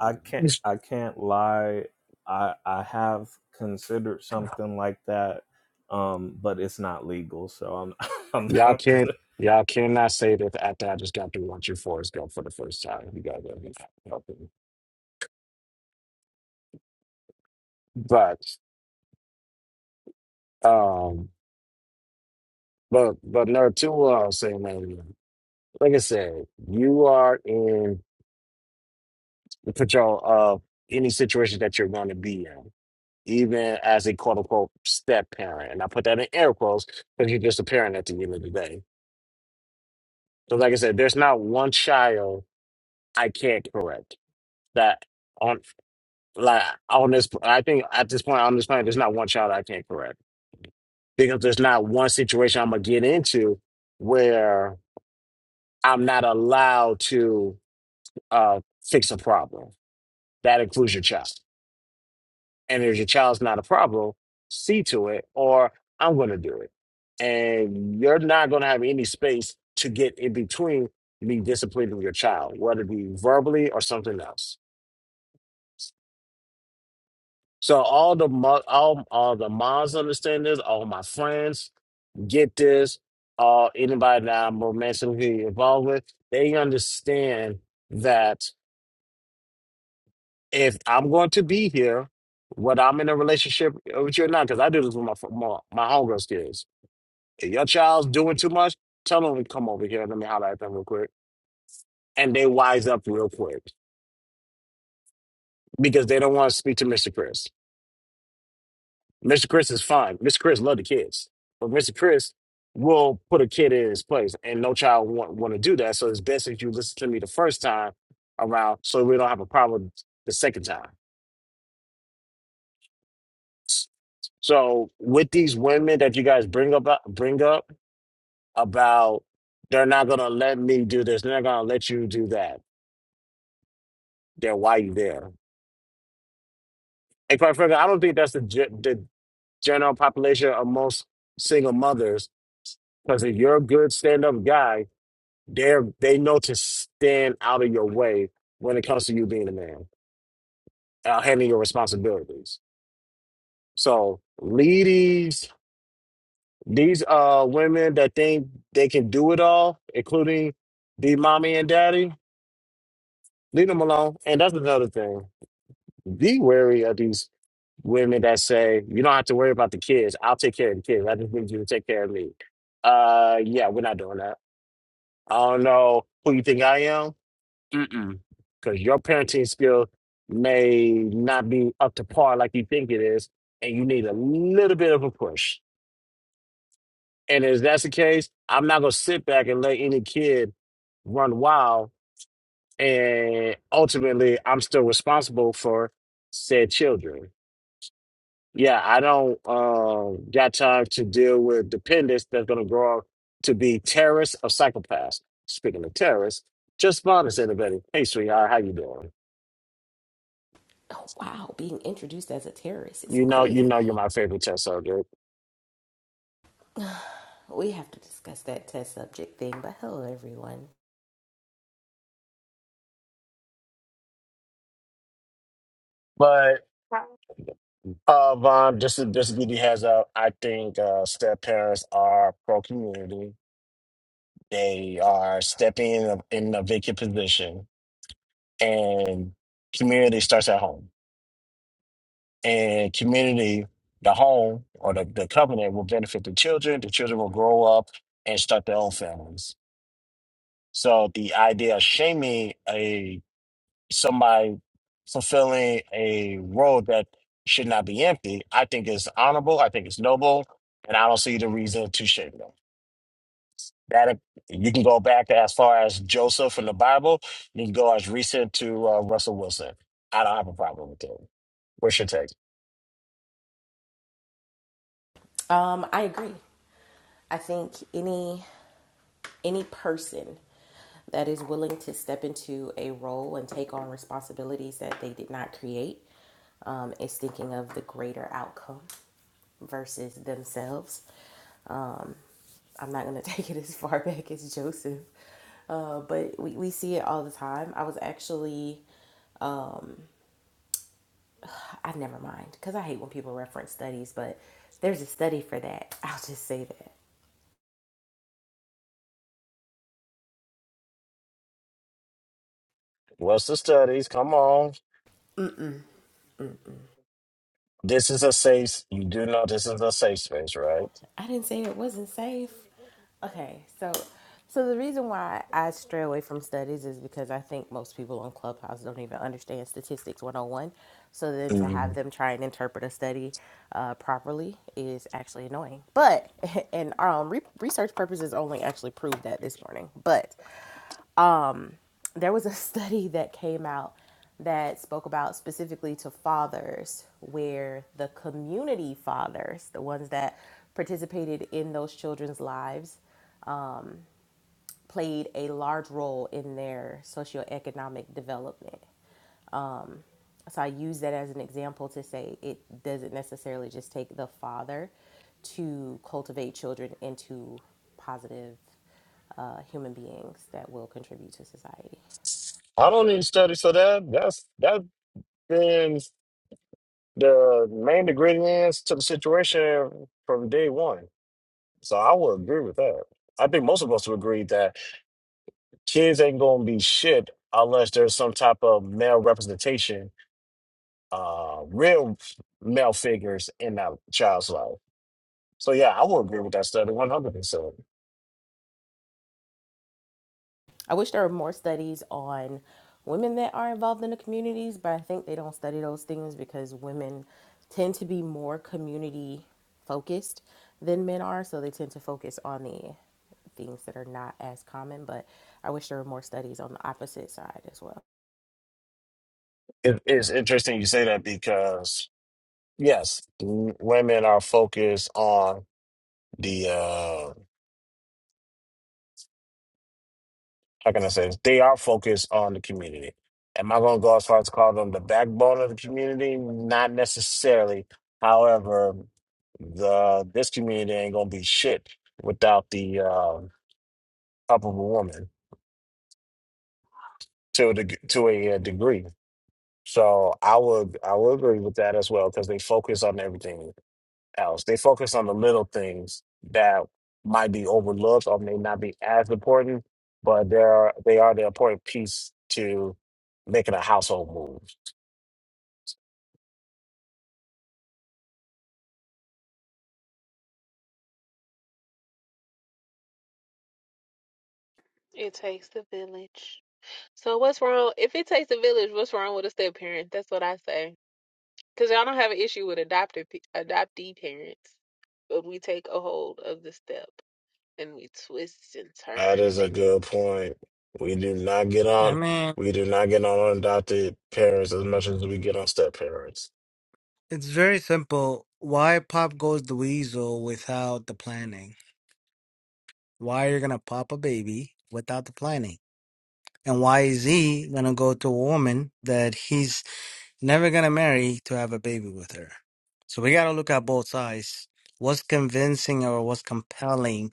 I can't I can't lie. I I have considered something like that, um, but it's not legal, so I'm (laughs) I'm y'all not gonna. can't y'all cannot say that after I just got through watching Forrest Gump for the first time. You guys are helping. But um but but no two what I was saying man, like I said, you are in the control of any situation that you're gonna be in. Even as a quote unquote step parent. And I put that in air quotes because you're just a parent at the end of the day. So like I said, there's not one child I can't correct that on like on this. I think at this point on this planet, there's not one child I can't correct because there's not one situation I'm gonna get into where I'm not allowed to uh, fix a problem. That includes your child, and if your child's not a problem, see to it, or I'm gonna do it, and you're not gonna have any space to get in between me disciplining your child, whether it be verbally or something else. So all the mo- all all the moms understand this. All my friends get this. All anybody that I'm romantically involved with, they understand that if I'm going to be here, whether I'm in a relationship with you or not, because I do this with my fr- my, my homegirls kids. If your child's doing too much, tell them to come over here. Let me holler at them real quick, and they wise up real quick because they don't want to speak to Mr. Chris. Mr. Chris is fine. Mr. Chris love the kids, but Mr. Chris will put a kid in his place, and no child want want to do that. So it's best if you listen to me the first time around, so we don't have a problem the second time. So with these women that you guys bring up, bring up about they're not gonna let me do this, they're not gonna let you do that. Then why you there? And quite frankly, I don't think that's the ge- the general population of most single mothers. Because if you're a good stand up guy They're they know to stand out of your way when it comes to you being a man, uh, handling your responsibilities. So lead these these uh women that think they can do it all, including the mommy and daddy, leave them alone. And that's another thing. Be wary of these women that say, you don't have to worry about the kids. I'll take care of the kids. I just need you to take care of me. Uh yeah, we're not doing that. I don't know who you think I am. Mm-mm. Because your parenting skill may not be up to par like you think it is, and you need a little bit of a push. And if that's the case, I'm not going to sit back and let any kid run wild. And ultimately, I'm still responsible for said children. Yeah, I don't um, got time to deal with dependents that's going to grow up to be terrorists or psychopaths. Speaking of terrorists, just bonus everybody. Hey, sweetheart, how you doing? Oh, wow, being introduced as a terrorist is You know, you crazy. know, you're my favorite test subject. We have to discuss that test subject thing, but hello everyone. But uh, Vaughn, just to, just to give you a heads up, I think uh, step parents are pro community. They are stepping in a, in a vacant position, and community starts at home. And community, the home or the, the covenant will benefit the children. The children will grow up and start their own families. So the idea of shaming a somebody fulfilling a role that should not be empty, I think is honorable. I think it's noble, and I don't see the reason to shame them. That you can go back as far as Joseph in the Bible. You can go as recent to uh, Russell Wilson. I don't have a problem with that. What's your take? Um, I agree. I think any any person that is willing to step into a role and take on responsibilities that they did not create um, is thinking of the greater outcome versus themselves. Um, I'm not going to (laughs) take it as far back as Joseph, uh, but we, we see it all the time. I was actually um i never mind because i hate when people reference studies but there's a study for that (laughs) i'll just say that What's the studies? Come on. Mm-mm, mm-mm. This is a safe. You do know this is a safe space, right? i didn't say it wasn't safe okay so so the reason why i stray away from studies is because i think most people on clubhouse don't even understand statistics 101 so then to have Mhm. them try and interpret a study uh, properly is actually annoying but (laughs) and um, re- research purposes only actually proved that this morning but um, there was a study that came out that spoke about specifically to fathers where the community fathers the ones that participated in those children's lives um, played a large role in their socioeconomic development. Um, So I use that as an example to say it doesn't necessarily just take the father to cultivate children into positive uh, human beings that will contribute to society. I don't need studies for that. That's that's been. the main ingredients to the situation from day one. So I would agree with that. I think most of us would agree that kids ain't gonna be shit unless there's some type of male representation, uh, real male figures in that child's life. So yeah, I would agree with that study 100%. I wish there were more studies on women that are involved in the communities, but I think they don't study those things because women tend to be more community focused than men are, so they tend to focus on the things that are not as common, but I wish there were more studies on the opposite side as well. it's interesting you say that because yes, w- women are focused on the uh, how can I say this? They are focused on the community. Am I going to go as far as call them the backbone of the community? Not necessarily. However, the this community ain't going to be shit without the um help of a woman to a, deg- to a uh, degree. So I would I would agree with that as well because they focus on everything. else. They focus on the little things that might be overlooked or may not be as important, but they are they are the important piece to making a household move. It takes the village. So what's wrong? If it takes the village, what's wrong with a step parent? That's what I say. Cause y'all don't have an issue with adopted pe- adoptee parents, but we take a hold of the step and we twist and That turn and is a make it. good point. We do not get I on mean. we do not get on adopted parents as much as we get on step parents. It's very simple. Why pop goes the weasel without the planning? Why you're gonna pop a baby without the planning? And why is he gonna go to a woman that he's never gonna marry to have a baby with her? So we gotta look at both sides. What's convincing or what's compelling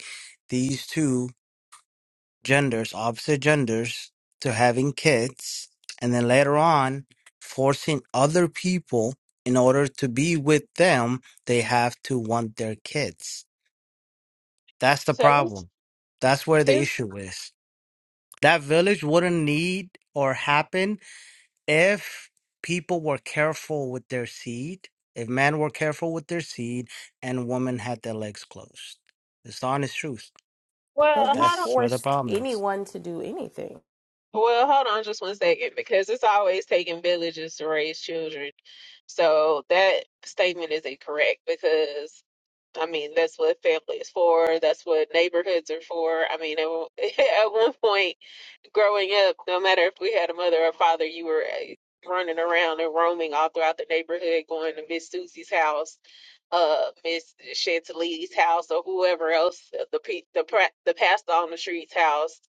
these two genders, opposite genders, to having kids, and then later on forcing other people in order to be with them, they have to want their kids. That's the So who's problem. That's where the who's? issue is. That village wouldn't need or happen if people were careful with their seed, if men were careful with their seed, and women had their legs closed. It's the honest truth. But well? who how That's where the forced problem is. anyone to do anything? Well, hold on just one second because it's always taking villages to raise children. So that statement is incorrect because I mean that's what family is for, that's what neighborhoods are for. I mean at one (laughs) at one point growing up, no matter if we had a mother or father, you were eh, running around and roaming all throughout the neighborhood, going to Miss Susie's house, uh, Miss Chantilly's house, or whoever else, uh, the pe- the pra- the pastor on the street's house,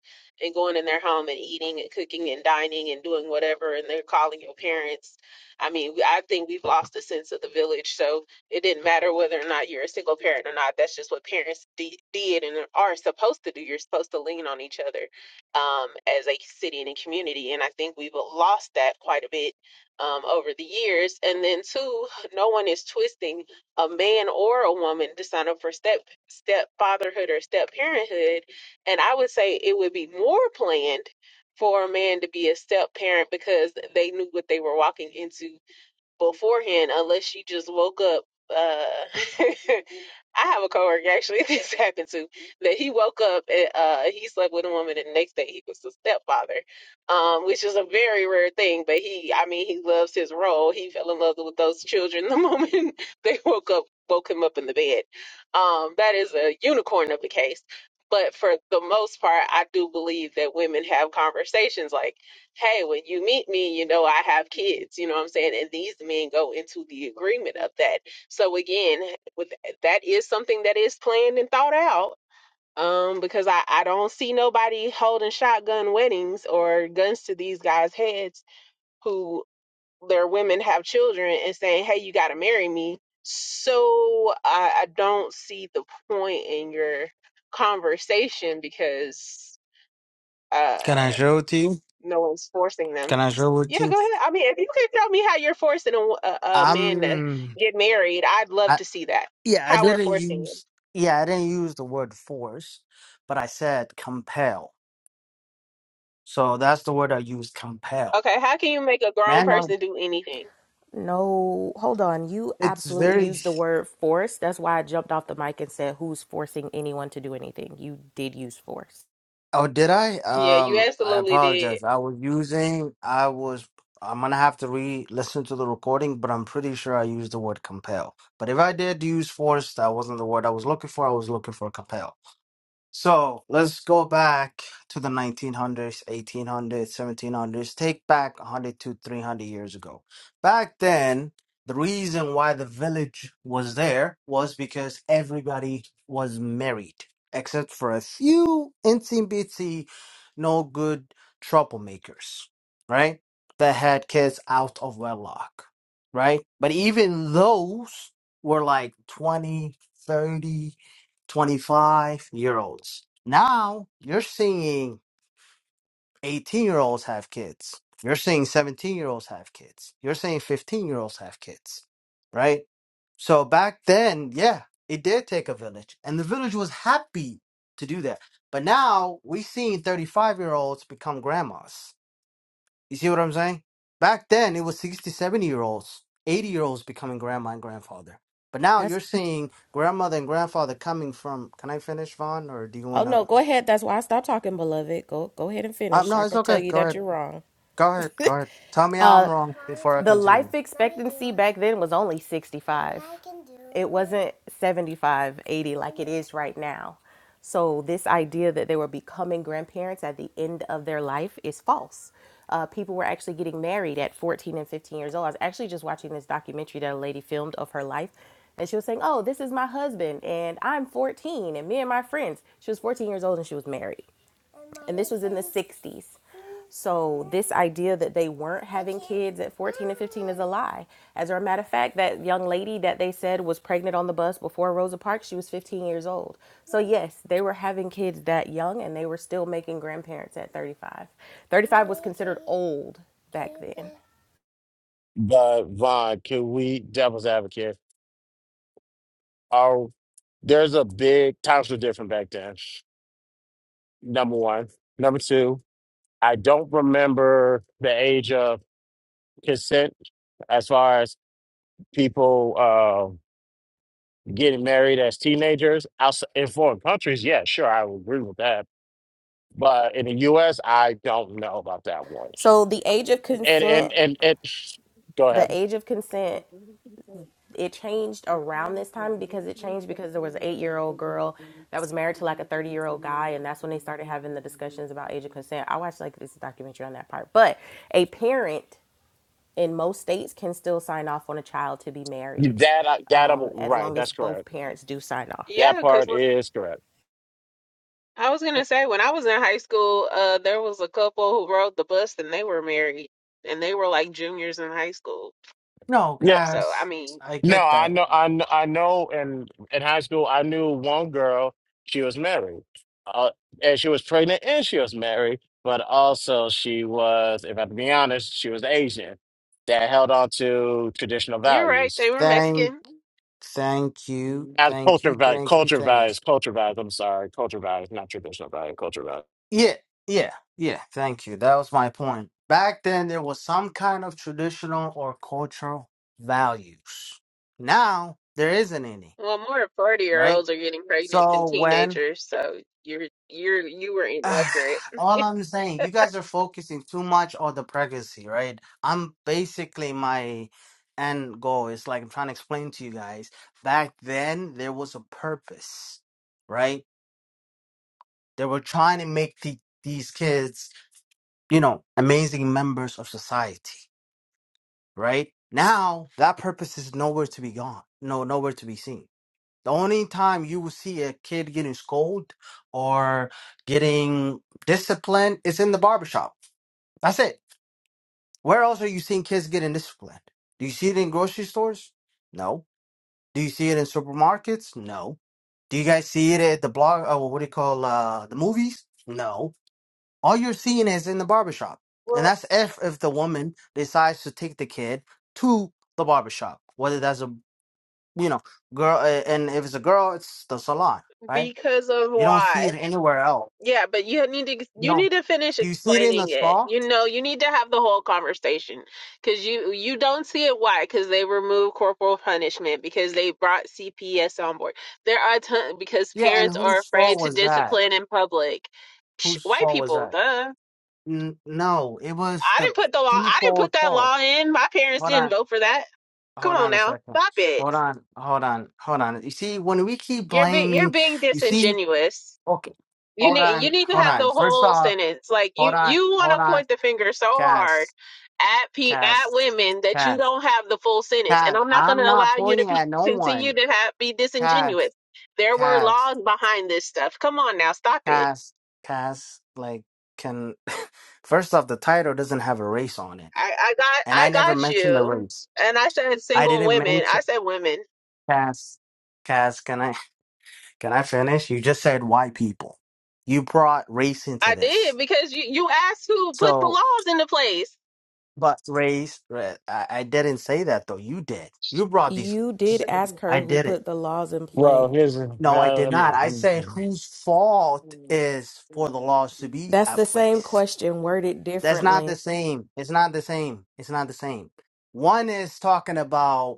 and going in their home and eating and cooking and dining and doing whatever, and they're calling your parents. I mean, we- I think we've lost the sense of the village. So it didn't matter whether or not you're a single parent or not. That's just what parents de- did and are supposed to do. You're supposed to lean on each other um, as a city and a community. And I think we've lost that quite a bit um, over the years. And then, two, (sighs) no one is twisting a man or a woman to sign up for step stepfatherhood or step parenthood. And I would say it would be more planned for a man to be a step parent because they knew what they were walking into beforehand unless she just woke up. Uh, (laughs) I have a coworker actually (laughs) this happened to that he woke up and uh, he slept with a woman and the next day he was the stepfather, um, which is a very rare thing. But he, I mean, he loves his role. He fell in love with those children the moment (laughs) they woke up, woke him up in the bed. Um, that is a unicorn of a case. But for the most part, I do believe that women have conversations like hey, when you meet me, you know, I have kids, you know what I'm saying? And these men go into the agreement of that. So again, with that is something that is planned and thought out. Um, because I, I don't see nobody holding shotgun weddings or guns to these guys' heads who their women have children and saying, Hey, you gotta marry me. So I, I don't see the point in your conversation because Can I uh, show it to you? no one's forcing them. Can I show it Yeah, to you? go ahead. I mean, if you can tell me how you're forcing a, wo- a, a man to I'm get married, I'd love I, to see that. yeah, I How we're didn't forcing him. use yeah, I didn't use the word force, but I said compel. So that's the word I used compel. Okay, how can you make a grown Man, I, person do anything? No, hold on. You it's absolutely very used the word force. That's why I jumped off the mic and said, Who's forcing anyone to do anything? You did use force. Oh, did I? Yeah, you Um, I absolutely did. apologize. I was using I was I'm gonna have to re-listen to the recording, but I'm pretty sure I used the word compel. But if I did use force, that wasn't the word I was looking for. I was looking for compel. So let's go back to the 1900s, 1800s, 1700s, take back 100 to 300 years ago. Back then, the reason why the village was there was because everybody was married, except for a few itsy bitsy, no good troublemakers, right? That had kids out of wedlock, right? But even those were like 20, 30. 25 year olds. Now you're seeing 18 year olds have kids. You're seeing 17 year olds have kids. You're seeing 15 year olds have kids, right? So back then, yeah, it did take a village and the village was happy to do that. But now we're seeing 35 year olds become grandmas. You see what I'm saying? Back then, it was 6070 year olds, 80 year olds becoming grandma and grandfather. But now That's you're seeing grandmother and grandfather coming from. Can I finish, Vaughn? Or do you Oh want to? no, go ahead. That's why I stopped talking, beloved. Go go ahead and Uh, finish. no, I it's can tell okay. you Go that ahead. you're wrong. Go ahead. Go ahead. Tell me I'm Uh wrong before I the continue. life expectancy back then was only 65. It wasn't 75, 80 like it is right now. So this idea that they were becoming grandparents at the end of their life is false. Uh, people were actually getting married at 14 and 15 years old. I was actually just watching this documentary that a lady filmed of her life. And she was saying, Oh, this is my husband, and I'm 14, and me and my friends. She was 14 years old and she was married and this was in the 60s. So this idea that they weren't having kids at 14 and 15 is a lie. As a matter of fact, that young lady that they said was pregnant on the bus before Rosa Parks, she was 15 years old. So yes, they were having kids that young and they were still making grandparents at 35. 35 was considered old back then. But Vaughn, can we devil's advocate? Oh, there's a big times were different back then. Number one. Number two, I don't remember the age of consent as far as people uh, getting married as teenagers. Outside, in foreign countries, yeah, sure, I would agree with that. But in the US, I don't know about that one. So the age of And and consent, and, and go the ahead. age of consent it changed around this time because it changed because there was an eight year old girl that was married to like a 30 year old guy and that's when they started having the discussions about age of consent i watched like this documentary on that part but a parent in most states can still sign off on a child to be married That I- that I'm um, as right. long as That's both correct. parents do sign off Yeah, That because part is correct. I was gonna say when I was in high school, uh, there was a couple who rode the bus and they were married, and they were like juniors in high school. No, Yeah. So I Cass. mean, I No, get I that. know, I know, I know. In in high school, I knew one girl. She was married, uh, and she was pregnant, and she was married. But also, she was, if I have to be honest, she was Asian that held on to traditional you're right, values, they were Thank, Mexican. thank you. not Thank culture you. values, Thank you. culture Thanks. values, culture values. I'm sorry, culture values, not traditional value, culture values. Yeah, yeah, yeah. Thank you. That was my point. Back then, there was some kind of traditional or cultural values. Now, there isn't any, Well, more 40 year right? olds are getting pregnant than So, when teenagers, so you're you're you were inaccurate. (sighs) all I'm saying, you guys are focusing too much on the pregnancy, right? I'm basically my end goal is like I'm trying to explain to you guys. Back then, there was a purpose, right? They were trying to make the, these kids, you know, amazing members of society right? Now that purpose is nowhere to be gone, no, nowhere to be seen. The only time you will see a kid getting scolded or getting disciplined is in the barbershop. That's it. Where else are you seeing kids getting disciplined? Do you see it in grocery stores? No. Do you see it in supermarkets? No. Do you guys see it at the blog? Oh, what do you call uh, the movies? No all you're seeing is in the barbershop. And Well, that's if if the woman decides to take the kid to the barbershop, whether that's a you know girl, uh, and if it's a girl, it's the salon, right? because of You don't see why? it anywhere else. Yeah, but you need to You you don't. need to finish Do you see it in explaining the it. spa? You know, you need to have the whole conversation because you you don't see it why because they removed corporal punishment because they brought CPS on board. There are ton because Yeah, and parents are whose fault afraid to was that? discipline in public. Psh, Whose white fault was people, that? duh. N- no, it was I the didn't put the law. I didn't put people's that fault. law in. My parents Hold didn't on, vote for that. Come hold on on a now, second. stop it. Hold on, hold on, hold on. You see, when we keep You're be- you're blaming, being you see. disingenuous. Okay. You Hold need you on. need to Hold have the on. First whole off, sentence. Like hold you on. you want Hold to on. point the finger so hard Cass. at pe at Cass. women that you Cass. don't have the full sentence. And Cass. I'm not going I'm to not allow you to pointing be, at no continue one. to have be Cass. disingenuous. There were Cass. laws behind this stuff. Come on now, stop it. Cass. Cass. Like, can. (laughs) First off, the title doesn't have a race on it. I I got And I I never got mentioned a you. race. And I said I single didn't women. I mention. said women. Cass. Cass, can I can I finish? You just said white people. You brought race into I this. did because you you asked who put the So laws into place. But race, ra- I, I didn't say that though. You did. You brought these. you did ask I her (laughs) who did it. put the laws in place Well, here's uh, No, I did let not. I said whose fault is for the laws to be that's me- at the same place. question worded That's not the differently same. It's not the same. It's not the same. One is talking about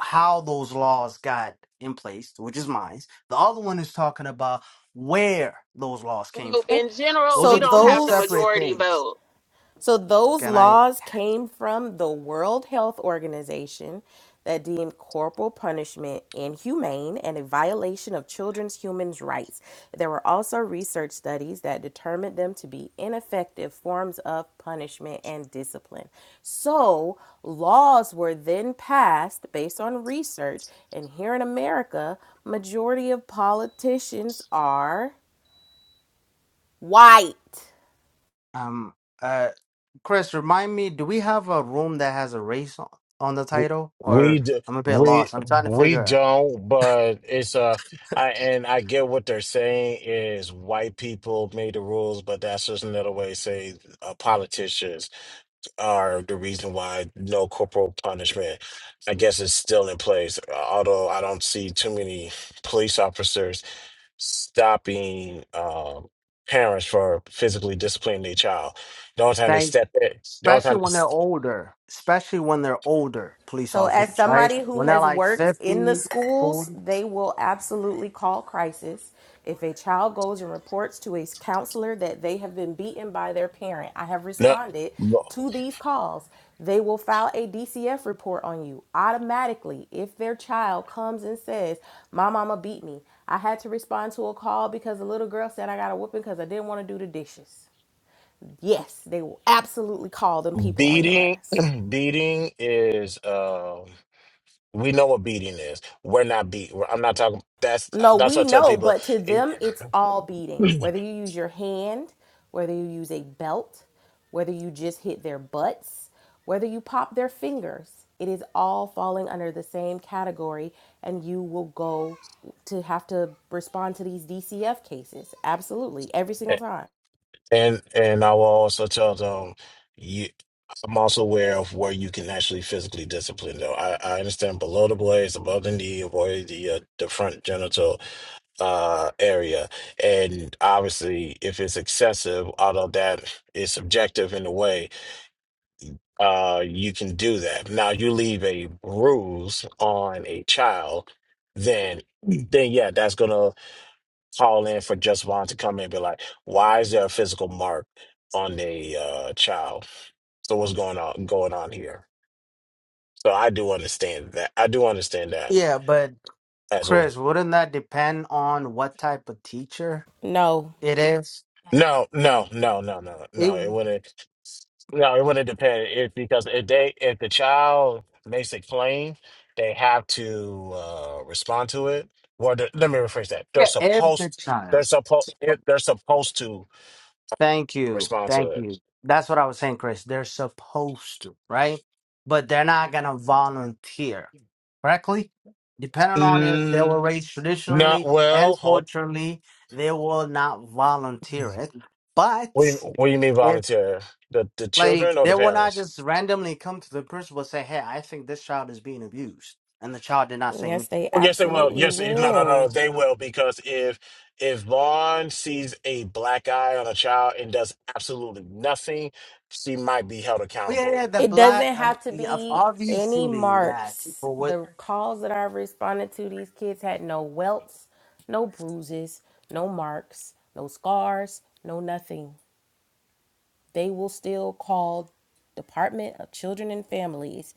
how those laws got in place, which is mine. The other one is talking about where those laws came Well, from. Okay? in general, Those so are we the don't two have the those separate majority things. vote. So those Can I? laws came from the World Health Organization that deemed corporal punishment inhumane and a violation of children's human rights. There were also research studies that determined them to be ineffective forms of punishment and discipline. So laws were then passed based on research and here in America, majority of politicians are white. Um, uh, Chris, remind me, do we have a room that has a race on, on the title? We Or d- I'm a bit we lost. I'm trying to we figure out. don't, but it's uh I and I get what they're saying is white people made the rules, but that's just another way to say uh, politicians are the reason why no corporal punishment. I guess is still in place, although I don't see too many police officers stopping um, parents for physically disciplining their child. The only time they Thank, step in, the only especially time they, when they're s- older, especially when they're older police So, as officers, right? somebody who When they're has like worked in the fifty, schools, forty. they will absolutely call crisis. If a child goes and reports to a counselor that they have been beaten by their parent, I have responded no. to these calls. They will file a DCF report on you automatically. If their child comes and says, My mama beat me, I had to respond to a call because a little girl said I got a whooping because I didn't want to do the dishes. Yes, they will absolutely call them people on your Beating, ass. (clears throat) beating is um we know what beating is. We're not beat. we're- I'm not talking. That's No, that's what we I tell know, people, but to and them, it's all beating. (clears throat) Whether you use your hand, whether you use a belt, whether you just hit their butts, whether you pop their fingers, it is all falling under the same category, and you will go to have to respond to these DCF cases. Absolutely. Every single time. and, and I will also tell them. You, I'm also aware of where you can actually physically discipline. Though I, I understand below the blades, above the knee, avoid the uh, the front genital uh area, and obviously if it's excessive, although that is subjective in a way uh, you can do that. Now you leave a bruise on a child, then then yeah, that's gonna call in for just Vaughn to come in and be like, why is there a physical mark on a uh, child? So what's going on going on here? So I do understand that. I do understand that Yeah, but as well. Chris, wouldn't that depend on what type of teacher No. it is? No, no, no, no, no, It, no. It wouldn't. No, it wouldn't depend. If because if they if the child makes a claim, they have to uh, respond to it. Well, the, let me rephrase that. They're yeah, if the supposed. They're child. supposed. They're supposed to Thank you. respond to Thank it. you. That's what I was saying, Chris. They're supposed to, right? But they're not going to volunteer, correctly? Depending on if they were Mm, raised not traditionally and well. Hold. culturally, they will not volunteer it. What do you, But what do you mean if, volunteer? The the like, children or they the will not parents? just randomly come to the principal and say, hey, I think this child is being abused. And the child did not say Yes, anything. they Oh yes, they will. absolutely Yes, no, no, no, will. they will because if if Vaughn sees a black eye on a child and does absolutely nothing, she might be held Oh, yeah, yeah, accountable. the It black, doesn't I mean, have to yeah, be any obviously that. marks. But what, The calls that I've responded to, these kids had no welts, no bruises, no marks, no scars, no nothing. They will still call Department of Children and Families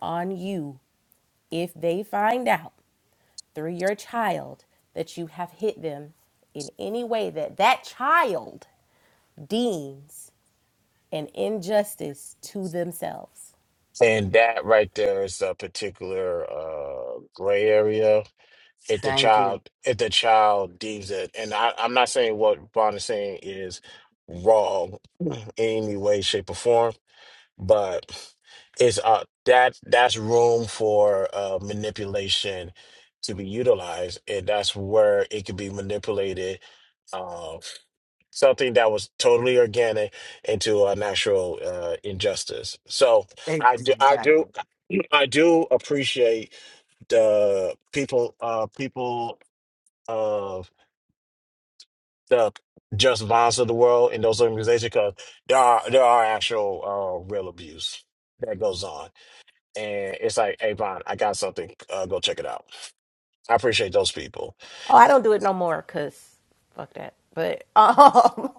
on you if they find out through your child that you have hit them in any way that that child deems an injustice to themselves. And that right there is a particular uh, gray area. If the thank you. child, if the child deems it, and I, I'm not saying what Vaughn is saying is wrong in any way, shape, or form but it's uh that that's room for uh manipulation to be utilized and that's where it could be manipulated uh something that was totally organic into a natural uh injustice so i do i do Exactly. (clears throat) i do appreciate the people uh people of the just violence of the world in those organizations because there are there are actual uh real abuse that goes on and it's like, hey, Von, I got something. Uh, go check it out. I appreciate those people. Oh, I don't do it no more because fuck that. But um,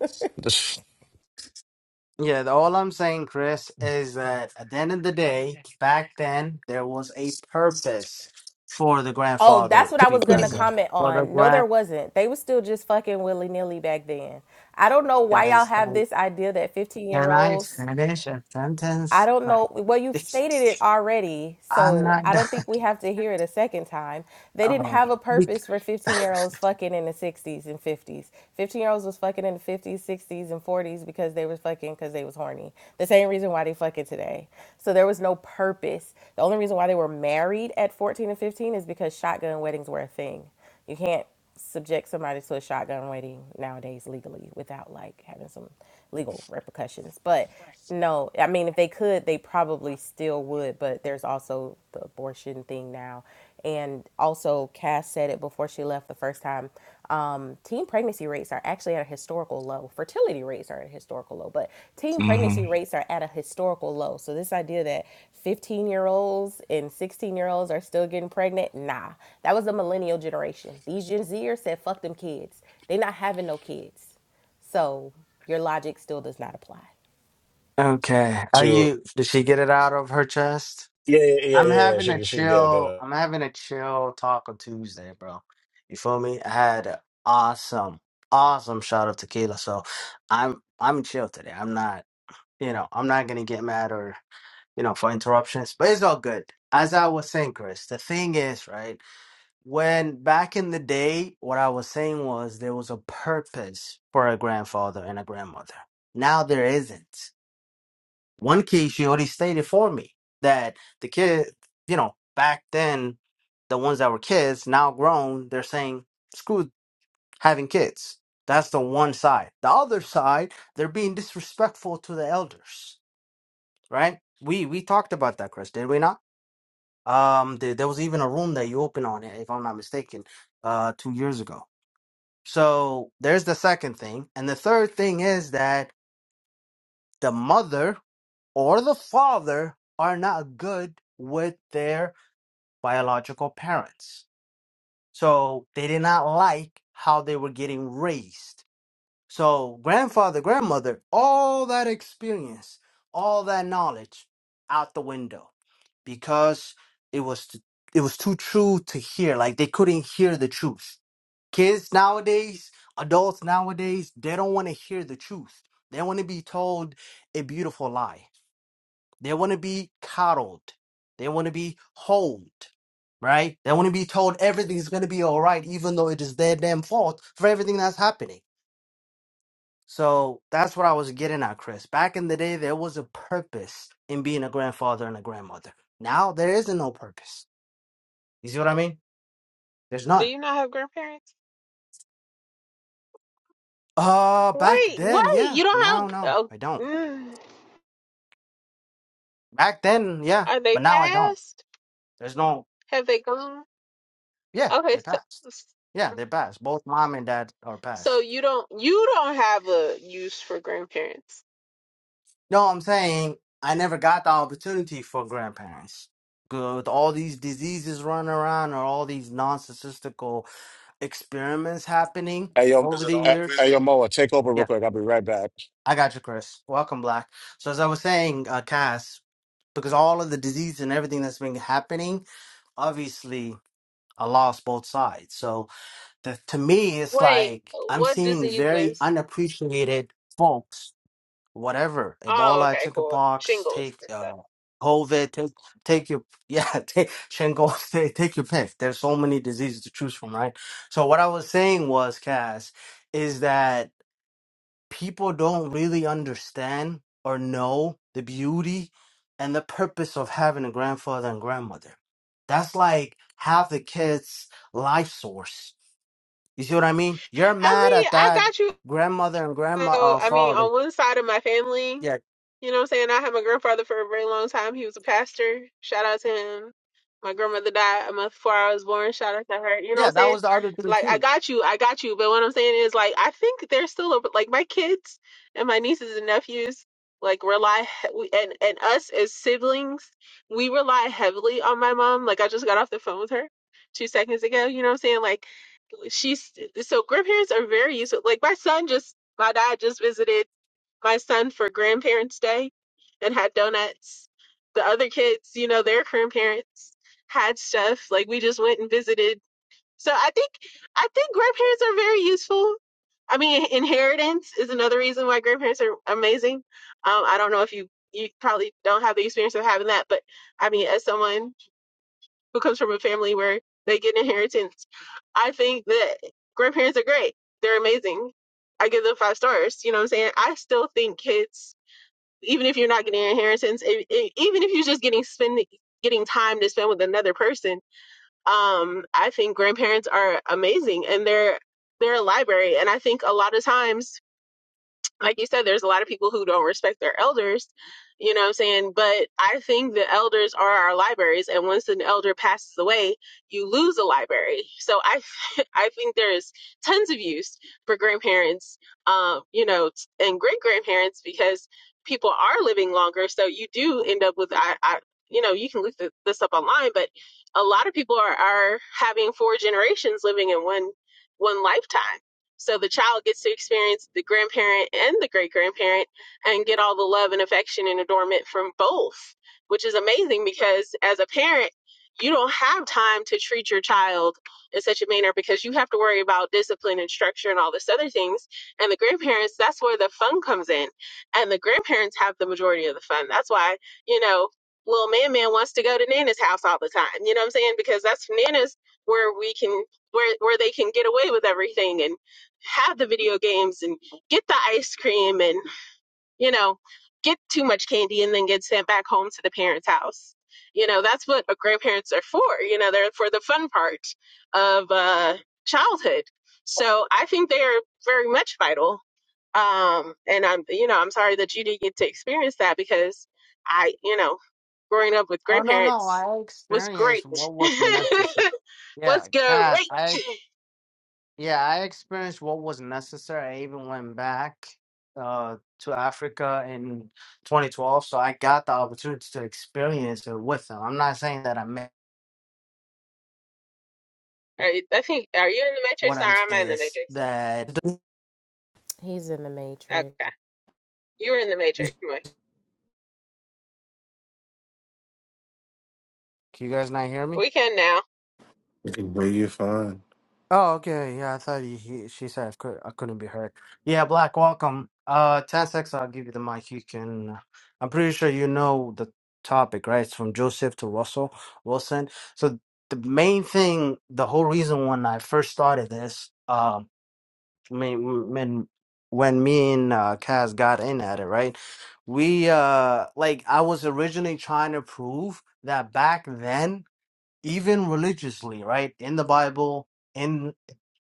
Yeah, the- all I'm saying, Chris, is that at the end of the day, back then, there was a purpose for the (laughs) oh, grandfather that's what to I be was gonna present. comment For the on. No, grand there wasn't. They was still just fucking willy nilly back then. I don't know why y'all guys, have can this idea that fifteen year can I olds finish a I sentence? don't Like, know. Well, (laughs) you've stated it it's- already, I'm so not I done. don't (laughs) think we have to hear it a second time. They didn't Oh, have a bec- purpose for 15 year olds fucking in the 60s and 50s. 15 year olds was fucking in the 50s, 60s, and 40s because they was fucking because they was horny. The same reason why they fucking today. So there was no purpose. The only reason why they were married at 14 and 15 is because shotgun weddings were a thing. You can't subject somebody to a shotgun wedding nowadays legally without like having some legal repercussions. But no, I mean if they could, they probably still would, but there's also the abortion thing now. And also Cass said it before she left the first time um, teen pregnancy rates are actually at a historical low. Fertility rates are at a historical low, but teen hmm pregnancy (clears throat) rates are at a historical low. So, this idea that 15 year olds and 16 year olds are still getting pregnant, nah, that was the millennial generation. These Gen Zers said, fuck them kids. they not having no kids. So, your logic still does not apply. okay. Are To you? Did she get it out of her chest? yeah, yeah, yeah, I'm yeah. yeah, having a She she good. Go chill. ahead. I'm having a chill talk on Tuesday, bro. You feel me? I had an awesome, awesome shot of tequila, so I'm I'm chill today. I'm not, you know, I'm not gonna get mad or you know for interruptions, but it's all good. As I was saying, Chris, the thing is, right? When back in the day, what I was saying was there was a purpose for a grandfather and a grandmother. Now there isn't. One key she already stated for me that the kid, you know, back then, the ones that were kids, now grown, they're saying, screw having kids. That's the one side. The other side, they're being disrespectful to the elders, right? We we talked about that, Chris, did we not? Um, there, there was even a room that you opened on it, if I'm not mistaken, uh, two years ago. So there's the second thing, and the third thing is that the mother or the father are not good with their biological parents. So they did not like how they were getting raised. So grandfather, grandmother, all that experience, all that knowledge out the window because it was t- it was too true to hear. Like they couldn't hear the truth. Kids nowadays, adults nowadays, they don't want to hear the truth. They want to be told a beautiful lie they want to be coddled. They want to be hold, right? They want to be told everything's going to be all right, even though it is their damn fault for everything that's happening. So that's what I was getting at, Chris. Back in the day, there was a purpose in being a grandfather and a grandmother. Now there isn't no purpose. You see what I mean? There's Do none. you not have grandparents? Uh, back Wait, wait, then, yeah. you don't Now, have. no, Oh, I don't. mm, Back then, yeah, are they but now I don't. passed? There's no, Have they gone? yeah, Okay, they so, passed. Yeah, they passed. Both mom and dad are so passed. you don't you don't have a use for grandparents. No, I'm saying I never got the opportunity for grandparents. Good With all these diseases running around or all these non statistical experiments happening Hey, yo, Is over it the eh, on? hey, hey, years. yo, Moa, take over real Yeah, quick. I'll be right back. I got you, Chris. Welcome, Black. So, as I was saying, uh, Cass, because all of the disease and everything that's been happening, obviously, I lost both sides. So, the, to me, it's Wait, like I'm what seeing very diseases? unappreciated folks whatever Oh, Ebola, okay, cool. chickenpox, Shingles. take and stuff. uh, COVID, take take your yeah, (laughs) take Shingle, (laughs) take, take your pick. There's so many diseases to choose from, right? So what I was saying was, Cass, is that people don't really understand or know the beauty and the purpose of having a grandfather and grandmother. That's like half the kids' life source. You see what I mean? You're I mad mean, at I that got you. grandmother and grandma, So, uh, I mean, father. on one side of my family. Yeah, You know what I'm saying? I had my grandfather for a very long time. He was a pastor. Shout out to him. My grandmother died a month before I was born. Shout out to her. You know what Yeah, I'm that saying? was the other thing Like, I too. got you. I got you. But what I'm saying is, like, I think there's still a, like, my kids and my nieces and nephews, like, rely, he- we- and, and us as siblings, we rely heavily on my mom. Like, I just got off the phone with her two seconds ago. You know what I'm saying? Like, she's, so grandparents are very useful. Like, my son just, my dad just visited my son for Grandparents' Day and had donuts. The other kids, you know, their grandparents had stuff. Like we just went and visited. So I think I think grandparents are very useful. I mean, inheritance is another reason why grandparents are amazing. Um, I don't know if you you probably don't have the experience of having that, but I mean, as someone who comes from a family where they get inheritance, I think that grandparents are great. They're amazing. I give them five stars. You know what I'm saying? I still think kids even if you're not getting an inheritance, e- e- even if you're just getting spend getting time to spend with another person, um, I think grandparents are amazing and they're they're a library. And I think a lot of times like you said, there's a lot of people who don't respect their elders, you know what I'm saying? But I think the elders are our libraries, and once an elder passes away, you lose a library. So I, (laughs) I think there's tons of use for grandparents, um, you know, t- and great grandparents because people are living longer. So you do end up with, I, I you know, you can look th- this up online, but a lot of people are, are having four generations living in one one lifetime so the child gets to experience the grandparent and the great grandparent and get all the love and affection and adornment from both, which is amazing because as a parent, you don't have time to treat your child in such a manner because you have to worry about discipline and structure and all this other things. And the grandparents, that's where the fun comes in. And the grandparents have the majority of the fun. That's why, you know, little man man wants to go to Nana's house all the time. You know what I'm saying? Because that's Nana's where we can where where they can get away with everything and have the video games and get the ice cream and you know get too much candy and then get sent back home to the parents house you know that's what grandparents are for you know they're for the fun part of uh, childhood so i think they are very much vital um and i'm you know i'm sorry that you didn't get to experience that because i you know growing up with Oh no, no, grandparents I was experienced great what (laughs) was necessary. Yeah, was Cass, great I yeah, I experienced what was necessary. I even went back uh to Africa in 2012, so I got the opportunity to experience it with them. I'm not saying that I meant I, I think are you in the what matrix or I'm am i saying in the is matrix that He's in the matrix. Okay. You were in the you matrix. Anyway, you guys not hear me? we can now. Well, you're fine. Oh, okay. Yeah, I thought he, he she said I, could, I couldn't be heard. Yeah, Black, welcome. Uh, 10 seconds, I'll give you the mic. You can. uh, I'm pretty sure you know the topic, right? It's from Joseph to Russell Wilson. So, the main thing, the whole reason when I first started this, um, I mean, when, when me and uh, Kaz got in at it, right? We, uh, like, I was originally trying to prove that back then even religiously, right? In the Bible, in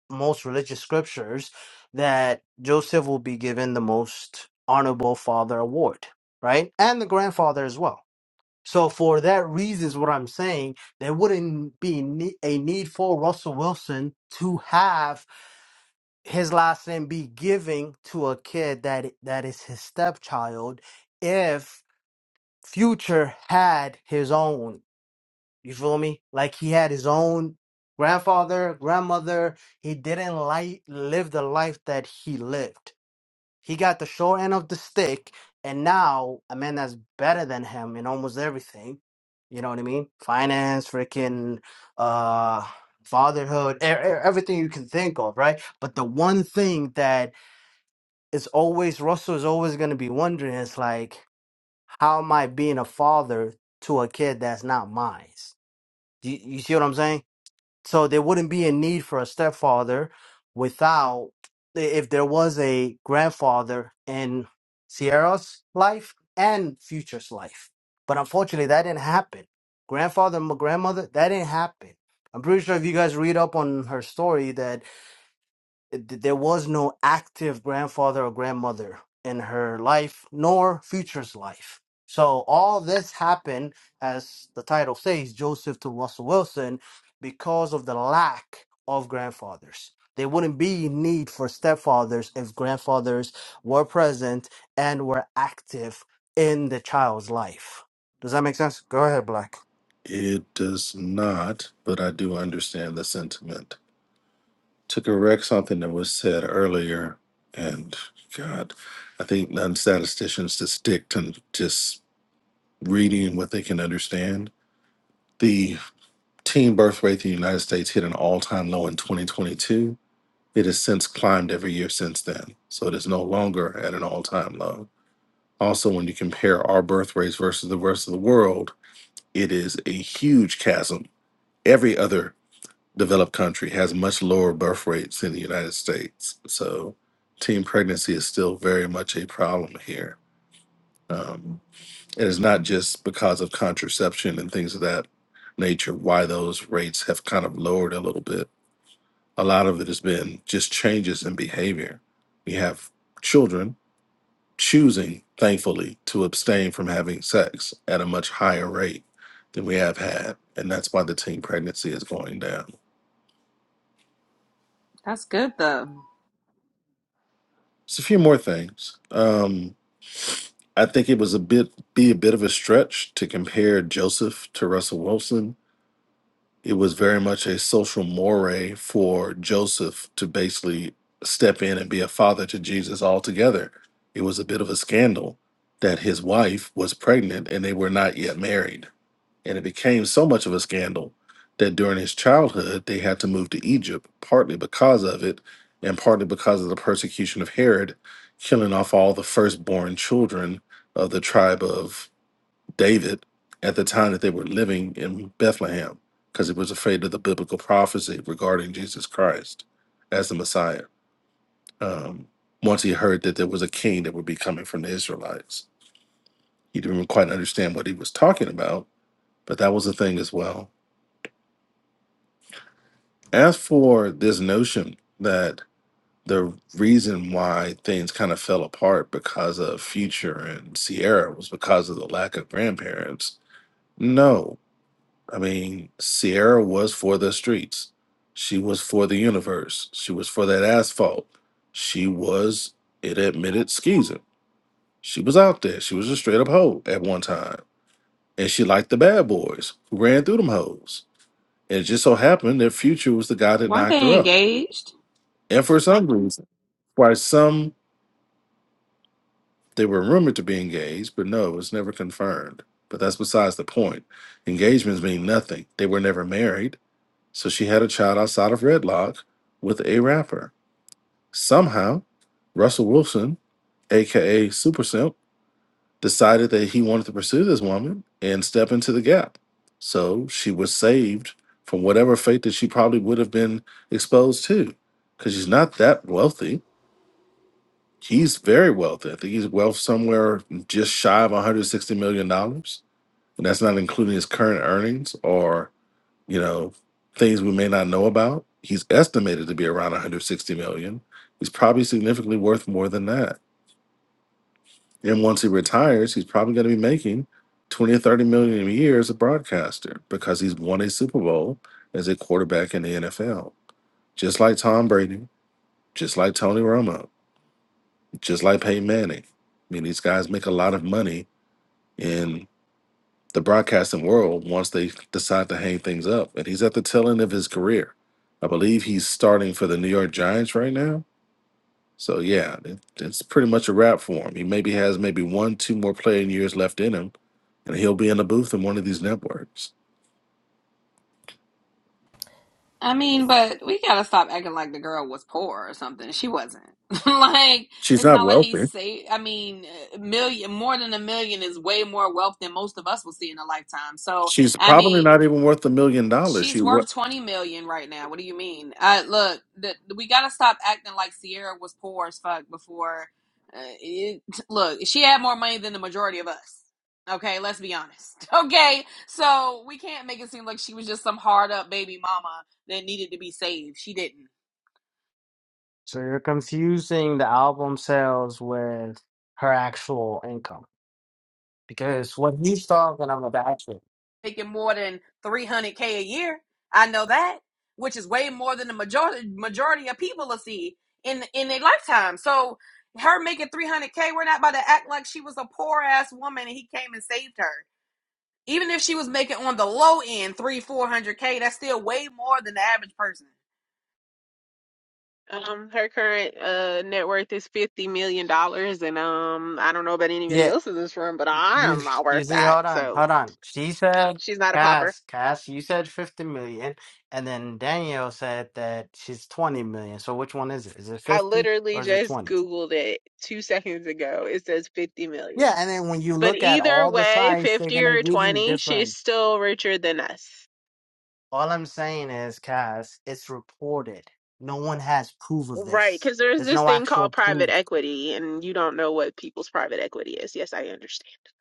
most religious scriptures, that Joseph will be given the most honorable father award, right? And the grandfather as well. So for that reason is what I'm saying, there wouldn't be ne- a need for Russell Wilson to have his last name be giving to a kid that that is his stepchild if Future had his own. You feel me? Like he had his own grandfather, grandmother. He didn't like live the life that he lived. He got the short end of the stick, and now a man that's better than him in almost everything. You know what I mean? Finance, freaking, uh, fatherhood, e- e- everything you can think of, right? But the one thing that is always Russell is always going to be wondering is like, how am I being a father to a kid that's not mine? Do you, you see what I'm saying? So there wouldn't be a need for a stepfather without if there was a grandfather in Sierra's life and Future's life. But unfortunately, that didn't happen. Grandfather and grandmother, that didn't happen. I'm pretty sure if you guys read up on her story, that th- there was no active grandfather or grandmother in her life nor future's life. So all this happened, as the title says, Joseph to Russell Wilson, because of the lack of grandfathers. There wouldn't be need for stepfathers if grandfathers were present and were active in the child's life. Does that make sense? Go ahead, Black. It does not, but I do understand the sentiment. To correct something that was said earlier, and God, I think non statisticians to stick to just reading what they can understand. The teen birth rate in the United States hit an all time low in 2022. It has since climbed every year since then. So it is no longer at an all time low. Also, when you compare our birth rates versus the rest of the world, it is a huge chasm every other developed country has much lower birth rates than the United States. So teen pregnancy is still very much a problem here. Um, and it's not just because of contraception and things of that nature why those rates have kind of lowered a little bit. A lot of it has been just changes in behavior. We have children choosing, thankfully, to abstain from having sex at a much higher rate than we have had. And that's why the teen pregnancy is going down. That's good though. It's a few more things. Um, I think it was a bit be a bit of a stretch to compare Joseph to Russell Wilson. It was very much a social moray for Joseph to basically step in and be a father to Jesus altogether. It was a bit of a scandal that his wife was pregnant and they were not yet married and it became so much of a scandal that during his childhood they had to move to Egypt, partly because of it, and partly because of the persecution of Herod, killing off all the firstborn children of the tribe of David at the time that they were living in Bethlehem, because he was afraid of the biblical prophecy regarding Jesus Christ as the Messiah. Um, once he heard that there was a king that would be coming from the Israelites, he didn't quite understand what he was talking about, but that was a thing as well As for this notion that the reason why things kind of fell apart because of Future and Sierra was because of the lack of grandparents, no. I mean, Sierra was for the streets, she was for the universe, she was for that asphalt, she was, it admitted, skeezing. She was out there, she was a straight up hoe at one time. And she liked the bad boys who ran through them hoes. And it just so happened that Future was the guy that Weren't knocked her they up. engaged? And for some reason, Why some they were rumored to be engaged, but no, it was never confirmed. But that's besides the point. Engagements mean nothing. They were never married, so she had a child outside of Redlock with a rapper. Somehow, Russell Wilson, aka Super Simp, decided that he wanted to pursue this woman and step into the gap. So she was saved from whatever fate that she probably would have been exposed to. Because she's not that wealthy He's very wealthy. I think he's wealth somewhere just shy of 160 million dollars, and that's not including his current earnings or you know things we may not know about. He's estimated to be around 160 million. He's probably significantly worth more than that. And once he retires, he's probably going to be making 20 or 30 million a year as a broadcaster because he's won a Super Bowl as a quarterback in the NFL, just like Tom Brady, just like Tony Romo, just like Peyton Manning. I mean, these guys make a lot of money in the broadcasting world once they decide to hang things up. And he's at the tail end of his career. I believe he's starting for the New York Giants right now. So yeah, it, it's pretty much a wrap for him. He maybe has maybe one, two more playing years left in him, and he'll be in the booth in one of these networks. I mean, but we gotta stop acting like the girl was poor or something. She wasn't. (laughs) like She's it's not not like he's wealthy. say. I mean, a million more than a million is way more wealth than most of us will see in a lifetime. So She's I probably mean, not even worth a million dollars. She She's what? worth 20 million right now. What do you mean? Uh, look, the, we got to stop acting like Sierra was poor as fuck before. Uh, it, look, she had more money than the majority of us. Okay, let's be honest. (laughs) Okay, so we can't make it seem like she was just some hard up baby mama that needed to be saved. She didn't. So you're confusing the album sales with her actual income. because what he's talking about. making more than 300k a year. I know that, which is way more than the majority majority of people will see in in their lifetime. So her making 300k, we're not about to act like she was a poor ass woman and he came and saved her. Even if she was making on the low end three, four hundred k, that's still way more than the average person. Um, her current uh net worth is fifty million dollars, and um, I don't know about anybody Yeah, else in this room, but I you am not you worth see, that. hold on, So hold on. She said, she's not a popper. Cass, Cass, you said fifty million, and then Danielle said that she's twenty million. So which one is it? Is it I fifty literally or is it just twenty? googled it two seconds ago. It says fifty million. Yeah, and then when you But look at either all the way, sites, they're fifty gonna or give you twenty, she's different. still richer than us. All I'm saying is, Cass, it's reported. No one has proof of Right, this. because there's There's this no thing actual called private proof equity, and you don't know what people's private equity is. Yes, I understand.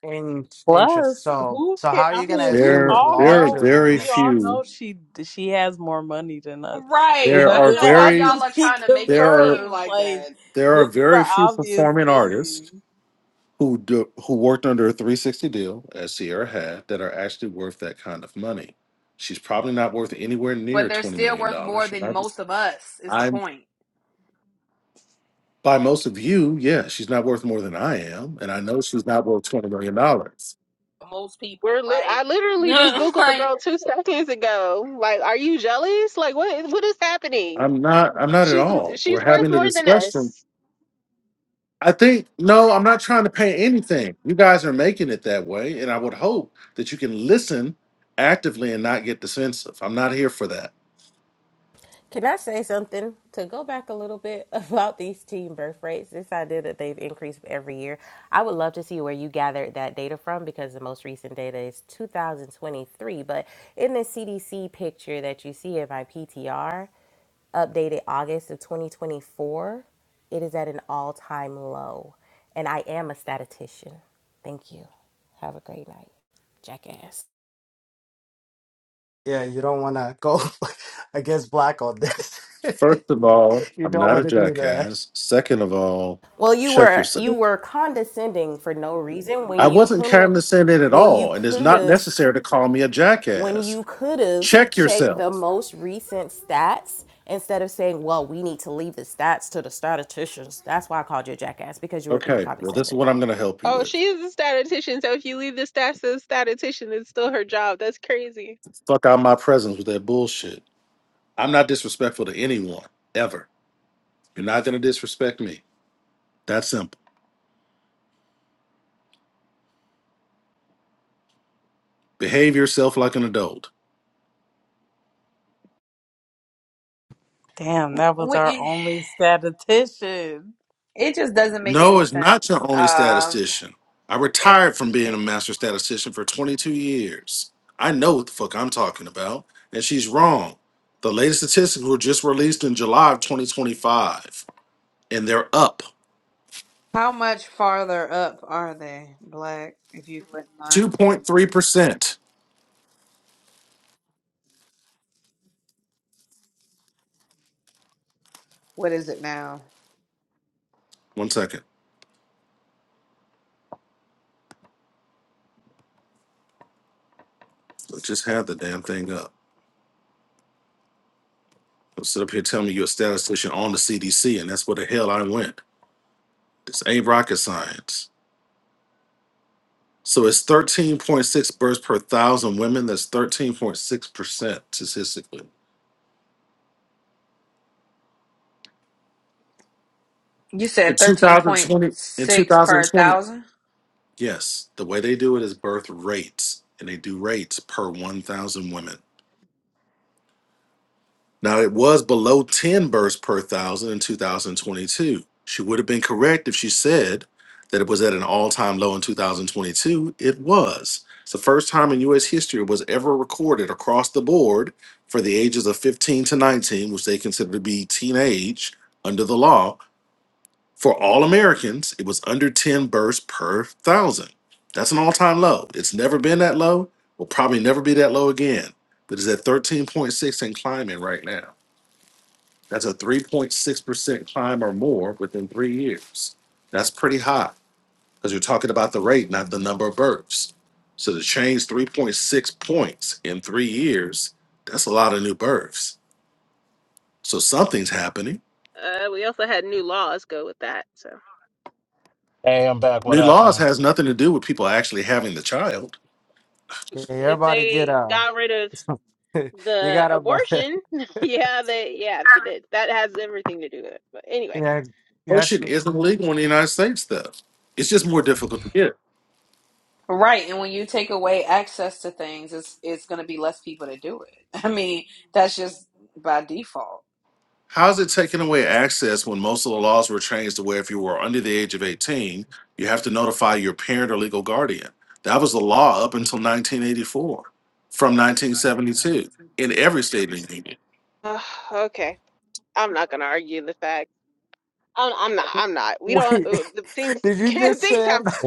in interest. Plus, So, who so how can? are I you gonna mean, we assume it's There, all there are larger know. very than? We all few. know she she has more money than us. It Right. There I are don't doesn't (laughs) know why have very to y'all are be (laughs) trying to make it there are seem confirmed. like Like that, there are this is very an few obvious performing artists thing. who do, who worked under a 360 deal as Sierra had that are actually worth that kind of money. She's probably not worth anywhere but near they're twenty still million worth more dollars. than most of us. Is the I'm point? by most of you, yeah, she's not worth more than I am, and I know she's not worth twenty million dollars. Most people, We're li- right? I literally just (laughs) googled the like, girl two (laughs) seconds ago. Like, are you jealous? Like, what what is happening? I'm not. I'm not at She's all. she's We're worth having a more than discussion. us. I think no, I'm not trying to paint anything. You guys are making it that way, and I would hope that you can listen actively and not get defensive. I'm not here for that. Can I say something to go back a little bit (laughs) about these teen birth rates? This idea that they've increased every year. I would love to see where you gathered that data from because the most recent data is 2023. But in the CDC picture that you see in my PTR, updated August of 2024, it is at an all time low. And I am a statistician. Thank you. Have a great night. Jackass. Yeah, you don't want to go (laughs) against black on this. (laughs) First of all, You I'm don't not a want to do that. jackass. Second of all, Well, you check were yourself. you were condescending for no reason when I you wasn't could have condescending at when you all, and it's could not have necessary to call me a when jackass. you could have Check checked the yourself. most recent stats instead of saying, "Well, we need to leave the stats to the statisticians." That's why I called you a jackass because you were being Okay, well, this condescending. is what I'm going to help you Oh, with. she is a statistician. So if you leave the stats as statistician, it's still her job. That's crazy. Fuck out my presence with that bullshit. I'm not disrespectful to anyone, ever. You're not going to disrespect me. That's simple. Behave yourself like an adult. Damn, w- that was our w- only statistician. It just doesn't make No, any it's not sense. your only Um, statistician. I retired from being a it, master statistician for 22 years. I know what the fuck I'm talking about, and she's wrong. The latest statistics were just released in July of 2025, and they're up How much farther up are they, Black? If you wouldn't mind telling me. 2.3%. What is it now? One second. I just had the damn thing up. Don't sit up here telling me you're a statistician on the CDC, and that's where the hell I went. This ain't rocket science. So it's 13.6 births per thousand women. That's 13.6% statistically. you in said 2020 in 13.6 per 2020 thousand. Yes, the way they do it is birth rates, and they do rates per 1,000 women. Now, it was below 10 births per thousand in 2022. She would have been correct if she said that it was at an all time low in 2022. It was. It's the first time in U.S. history it was ever recorded across the board for the ages of 15 to 19, which they consider to be teenage under the law. For all Americans, it was under 10 births per thousand. That's an all time low. It's never been that low, will probably never be that low again, but it's at 13.6 and climbing right now. That's a 3.6% climb or more within three years. That's pretty high because you're talking about the rate, not the number of births. So to change 3.6 points in three years, that's a lot of new births. So something's happening. Uh, we also had new laws go with that. So Hey, I'm back. What New laws happened? has nothing to do with people actually having the child Yeah, if everybody get they uh, got rid of (laughs) you the got to uh, abortion, (laughs) (laughs) yeah, they yeah they did. That has everything to do with it. But anyway, yeah, yeah. abortion isn't legal in the United States, though. It's just more difficult to get. Right, and when you take away access to things, it's it's going to be less people to do it. (laughs) I mean, that's just by default. How's it taking away access when most of the laws were changed to where if you were under the age of 18, you have to notify your parent or legal guardian? That was the law up until 1984, from 1972, in every state in the union. (sighs) Ugh, okay, I'm not gonna argue the fact. I'm, I'm not. I'm not. We don't. Wait, uh, The (laughs) things did (laughs) you just things say? I'm- have (laughs)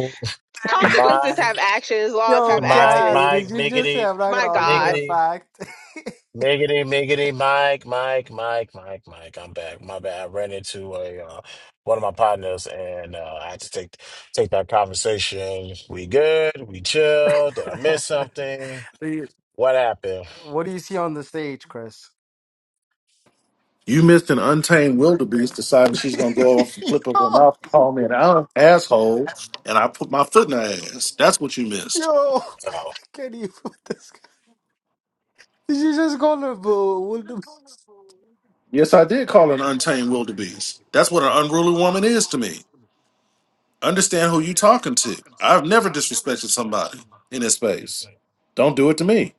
My consequences. Have Mike, actions. Laws Yo, have Mike, guys, actions. did Mike, you just say biggity, I'm not gonna My argue with God. a biggity. fact? Miggity, miggity, Mike, Mike, Mike, Mike, Mike. I'm back. My bad. I ran into a uh, one of my partners, and uh, I had to take take that conversation. We good? We chill? Did I (laughs) miss something? Do you- What happened? What do you see on the stage, Chris? You missed an untamed wildebeest deciding (laughs) she's going to go off and flip over yo, her mouth, call me an a- asshole, and I put my foot in her ass. That's what you missed. yo, I Oh, can't even with this guy. Did you just call him? Yes, I did call her an untamed wildebeest. That's what an unruly woman is to me. Understand who you talking to. I've never disrespected somebody in this space. Don't do it to me.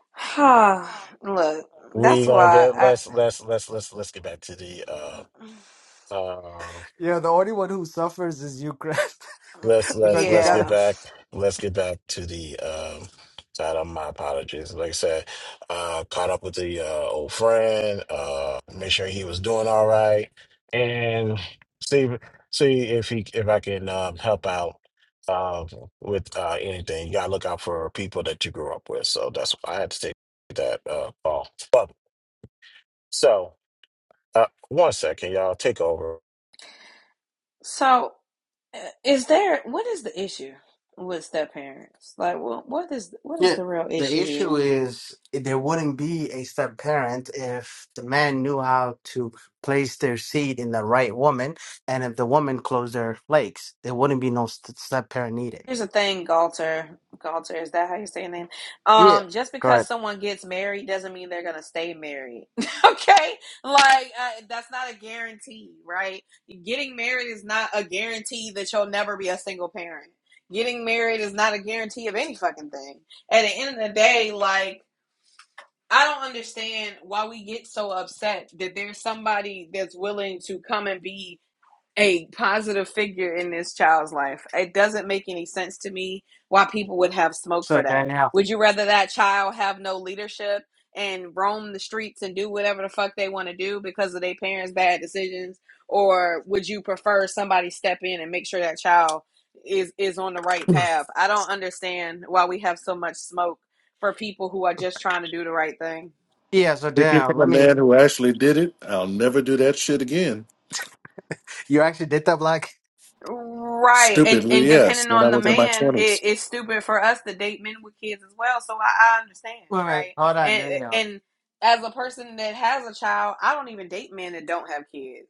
(sighs) Look, we that's gonna why get I let's let's let's let's let's get back to the uh, uh Yeah, the only one who suffers is Ukraine Let's (laughs) (sighs) let's because you let's gotta. get yeah. back. Let's get back to the um side. of my apologies. Like I said, uh, caught up with the uh, old friend. Uh, make sure he was doing all right, and see see if he if I can um, help out uh, with uh, anything. You gotta look out for people that you grew up with. So that's why I had to take that uh, call. But so uh, one second, y'all take over. What So Is there what is the issue with step parents? Like, what what is what is Yeah, the real the issue issue here? is there wouldn't be a step parent if the man knew how to place their seed in the right woman, and if the woman closed their legs, there wouldn't be no st- step parent needed. Here's the thing, Galter. Galter, is that how you say your name? Yeah. Um, just Go because ahead. someone gets married doesn't mean they're gonna stay married. (laughs) okay, like uh, that's not a guarantee, right? Getting married is not a guarantee that you'll never be a single parent. Getting married is not a guarantee of any fucking thing. At the end of the day, like I don't understand why we get so upset that there's somebody that's willing to come and be a positive figure in this child's life. It doesn't make any sense to me why people would have smoke So for that. Danielle, Would you rather that child have no leadership and roam the streets and do whatever the fuck they want to do because of their parents' bad decisions? Or would you prefer somebody step in and make sure that child is is on the right (laughs) path? I don't understand why we have so much smoke for people who are just trying to do the right thing. yeah. So Speaking Danielle, from a let me. man who actually did it, I'll never do that shit again. You actually did that, Black. Right. And Stupidly, and yes, depending when I on the was in my man, it, twenties. it's stupid for us to date men with kids as well. So I, I understand, Wait, wait, right? hold on, And Danielle. and as a person that has a child, I don't even date men that don't have kids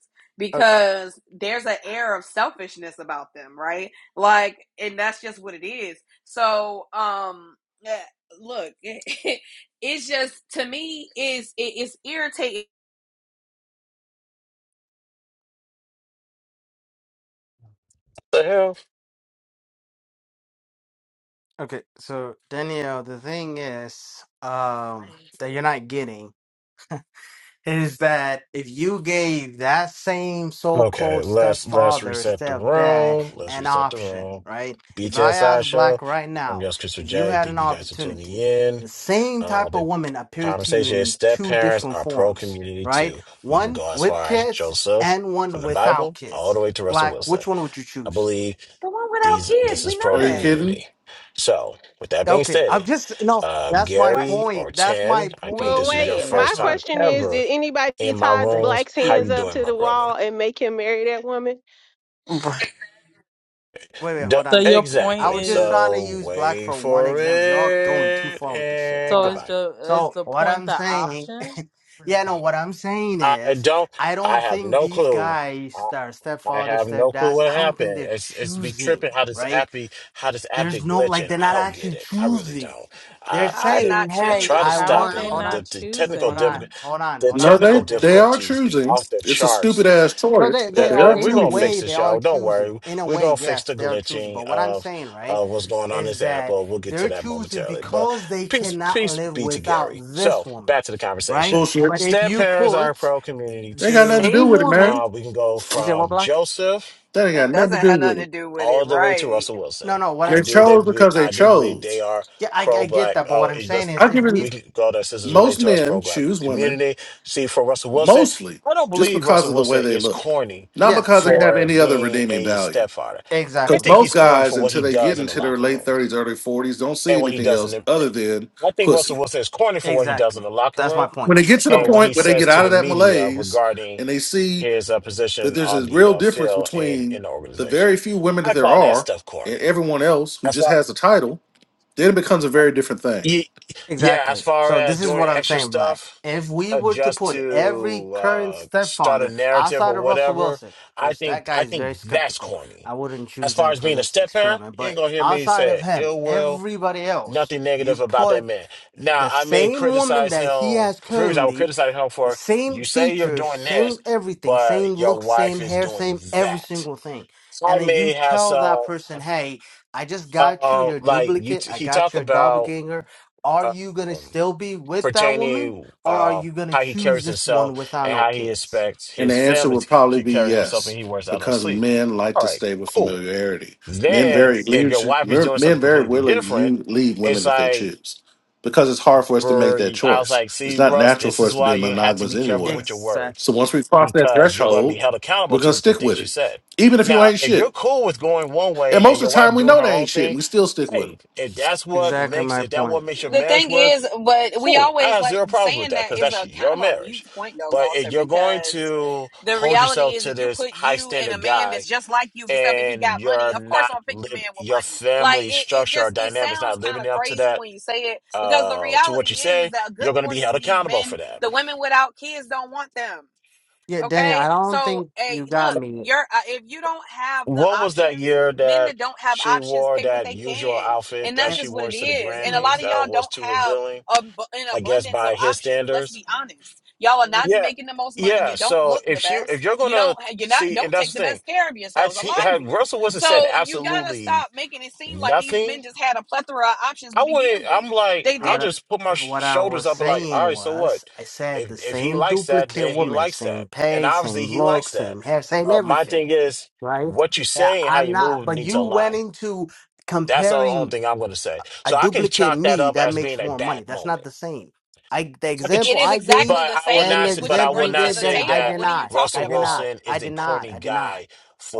Oh, because there's an air of selfishness about them, right? Like and that's just what it is. So um yeah, look, (laughs) it's just to me is it is irritating. The hell. Okay, so Danielle, the thing is, um, that you're not getting. is that if you gave that same Okay, so-called let's let's stepfather, reset the stepdad, room. Let's an reset the option, room. right? If I BTSI ask show. Black right I'm now, your host, Christopher if you J. had an Thank you guys for tuning opportunity, in. the same Uh, type of the woman appeared to you conversation is in step two parents different are pro forms, community right? too. We can One go as with far as kids Joseph and from one the without Bible all kids. the way to Russell Black, Wilson. which one would you I choose? believe The one without these kids, this we is know pro Are you that. kidding? community. So, with that being Okay, I'm stated, just no. uh, That's my Gary Question. point. or That's my Ten, I think But point. this is your wait, Listen, that's my first my time question point. is: ever Did anybody in my tie rooms. Black's How you hands up doing, to my the wall brother? and make him marry that woman? Right. Wait, wait, D- hold on So a your second. point I exactly. was just is, trying to So use black wait for one for example. Y'all going too it far with this shit. and Hold so on. is goodbye. the is So the what point I'm the saying, option? (laughs) yeah, no, what I'm saying I is, don't. I I don't have think no these clue. guys that are I stepfather, have no clue stepdads, what I don't think happened. they're It's it's be choosing, tripping how this right? app be how this app be There's no like glitching. they're I not don't get actually it. I really choosing. don't. They're I How are I they didn't. saying, not I hey, try to I choosing? How are stop want. they it, Hold and not the, on, the technical hold on, choosing? difficult hold on, the hold No, on. they technical No, they're they not. are difficulties be choosing. off the It's a charts. stupid ass No, choice, they but they Uh, they are are the- in we're a gonna choosing. fix way they this, are y'all. Don't choosing. worry. In a We're way, gonna fix yes, the they are choosing. glitching But what I'm of saying, right, of what's going on in is this app. that But we'll get to they're that choosing momentarily. But because they peace, cannot peace live be to without Gary. this So woman, back to the right? conversation. Bullshit. But if Step you parents are a put pro community They ain't got too nothing to do same with it, man. woman, uh, we can go you say, what from black." Joseph That ain't got That nothing to doesn't do have with nothing it. to do with it, all the way to right? Russell No, Wilson. no. What I I'm They s- do they chose believe, because they I do believe they chose. are yeah, I I pro get black. that. But what Oh, I'm it's saying just is, I if give we we it can go That sisters relate most to us men pro black choose women community. See for Russell Wilson, mostly I don't just believe because Russell of the way Wilson they is look, corny not yes, because they Yeah. have for any other being redeeming a value. stepfather. I Because exactly, think most he's corny guys, for what until he they get does in the into their locker late room thirties, early forties, don't see and what he anything does in else the. other than I think pussy. Russell Wilson is corny for what he does in exactly. the locker That's my room When point. they get to the So and what he point where they get says to out of the that media malaise regarding and they see his uh, that position there's on a the real uh, difference field and between in the the organization. very few women that I there call that are stuff and corny. everyone else who As just far has the title, then it becomes a very different thing. ye- yeah, as Exactly. far So as this is doing what I'm extra saying, Black. stuff If we uh, were to just put every to current uh, start a stepfather narrative outside or of Russell whatever, Wilson, I because think that guy I is think very that's skeptical, corny. I wouldn't As choose far him as for being a this step parent, experiment. you ain't But gonna hear me outside of say him, ill will, everybody else, nothing negative you about put that man. Now the I may same woman criticize that he him. has Previously, I would currently, criticize him the for same you say you're features, doing same this, everything, same but your look, same wife is hair, doing same every that single thing. And I then you may have tell that some, person, hey, I just got you uh, your like you. duplicate, T- I he got talk your about doppelganger. Are uh, you gonna um, still be with that woman? pertaining Or are uh, you gonna how he choose carries this himself one without and no how he kids? expects And the his answer family would to c- probably c- be carry himself and yes, he wears out on because sleep. men like All to right, stay with cool. familiarity. Men Then very Ex- if your leisure- wife is mer- doing something men very completely willingly different, you leave it's women if they like, choose, because it's hard for us to make brr, that I was choice. like, It's see, not Russ, natural this for is us to be why you have to monogamous be careful anyway. with your words So Exactly. once we cross that because you're going to threshold, be held accountable we're gonna to the stick with things you it, said. even if you Now, ain't if you're shit. cool with going one And way and most of your the time, wife we doing know her they ain't own shit, thing and we still stick with 'em. Hey, if that's what Exactly makes my if that point. what makes your The marriage thing work, is, but we cool. I always have like zero problems with saying that that because is that's a your kind of a mute marriage. point though, But if Galter, you're going because to the hold reality yourself is to if you this put high you and a standard man guy that's just like you, except that he and got money, you're of course not I'm gonna pick the live man with your money. Like family it, it structure or just it dynamics sounds not kind living of up to crazy that when you say it, because the uh to what you reality is is say, that a good you're gonna be portion held of these accountable men, for that. the women without kids don't want them. Yeah, Danny, I Okay, don't so think hey, you got look, me. you're uh, if you don't have the What was that options, year men that that don't have she options wore pick what that they usual can, outfit and that that's she just what wore it to the is. And a lot Grammys of y'all that was don't too have revealing, um, an I guess abundance of by his options. Let's standards? be honest, y'all are not Yeah, making the most money. You yeah. don't So look the if she, if best. you're You don't. gonna You're not. see, and Don't take that's the the thing, best care of I yourselves. A he, lot of had you. Russell Wilson said So you gotta absolutely stop making it seem like these nothing. men just had a plethora of options to I wouldn't. begin with. I'm like, They I'll What I, didn't. just put my (clears throat) sh- what I was shoulders up and like, all saying right, so what? was, I said the If if he same likes that, duplicate then he woman, likes same that, and pay, same obviously he look, likes that. same hair, same Uh, my everything, thing is, right? what you Yeah, say and how I'm you not. move But need to you went align. into That's the only comparing thing I'm gonna say. a So I can duplicate chalk that me up that as being makes a more money. bad That's not moment. the same. I the (laughs) I could, It example is I gave exactly but the I will same. and not. the It's say- what But you I example will you bring not to gave, the then say I table. that did What are you not. talking I Russell did about? not. Wilson I is a did not. corny I did not. guy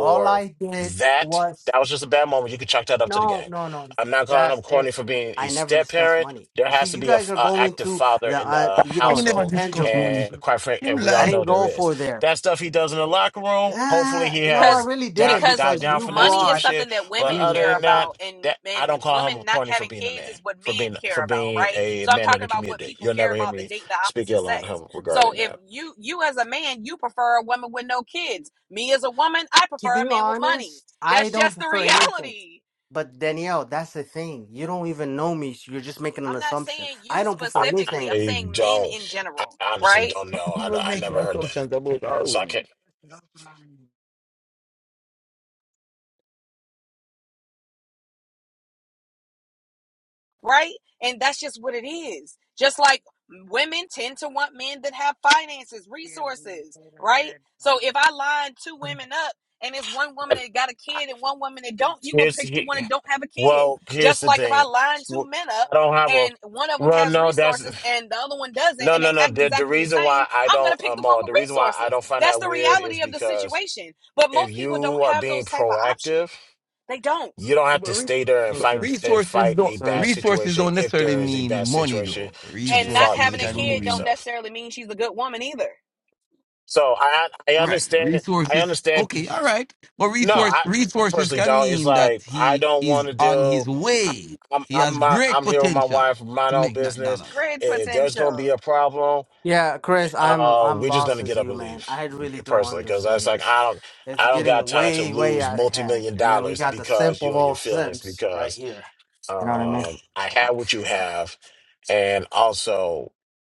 All I did that. was That was just a bad moment. You could chalk that up to the no, game. no, no. I'm not calling That's him corny it. for being a I never step discuss parent. money. There You see, has to you be a, guys f- are a going active to father the, in uh, the you He know, the never household, discuss money. tangibles. and quite frank, Him and we I all lie. didn't (laughs) know there go is for there. that stuff he does in the locker room. Hopefully, Ah, he no, I because has really di- didn't because died because down you from that money is stupid brought something shit. that an But women other care than example. about that, and that I and don't call him women not corny for having being a kids is man, what for men being care for about being right a so i'm man in talking the about what community. people You'll care never hear about that me date the speak opposite ill on sex him so regarding if that. you you as a man you prefer a woman with no kids me as a woman i To prefer a be man with money honest, I that's don't just the (laughs) prefer anything. reality But Danielle, that's the thing. You don't even know me. So you're just making an i'm not assumption. saying you I don't prefer I, specifically anything. i'm I saying men don't. in I general honestly right don't know. He I, was I making never heard that, assumptions about all so I women. can't. right? And that's just what it is. Just like women tend to want men that have finances, resources, right? So if I line two women up and it's one woman that got a kid and one woman that don't, you gonna Here's pick the he, one that don't have a kid. well. Here's Just the like if I thing. line two Well, men up I don't have a. and one of them Well, has no, that's resources and the other one doesn't no, and no, they no. act The, the exactly the reason same, why I I'm gonna don't, pick uh, the one Maul, with the reason why I resources. don't find That's that the weird is reality of the because situation. But if most people you don't are have being those type of options. proactive, They don't. you don't Yeah, have But, to re- stay there and but fight Interesting. and resources fight don't a So bad resources situation. don't If necessarily there is a mean bad money situation though. to be And not fought, you Resources can having a just can remove kid don't mean yourself. necessarily mean she's a good woman either. So I I right. understand I Resources understand. okay, p- all right. But No, resource I resources personally can don't. It's mean that like I he don't want is to on his deal. I- way. I'm He I'm has my, great I'm here with my potential wife, mind to my own make that business. dollars. Great If there's gonna be potential. a problem, Yeah, Chris, I'm uh, I'm we're just lost gonna as get up you, and man. leave. I really don't Personally, because that's understand like this. I don't It's I don't got getting time to way, way lose out of multi hand. million And then we dollars got the simp because of you and all your feelings. simps right Because here. You know what I mean? um, I have what you have, and also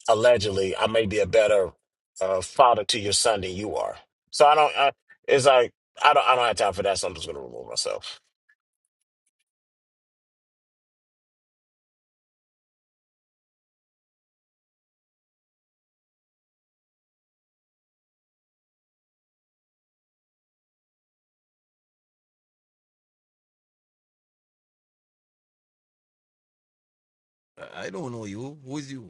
allegedly I may be a better uh, father to your son than you are. So I don't. I, it's like I don't. I don't have time for that. So I'm just gonna remove myself. I I don't know you. Who's you?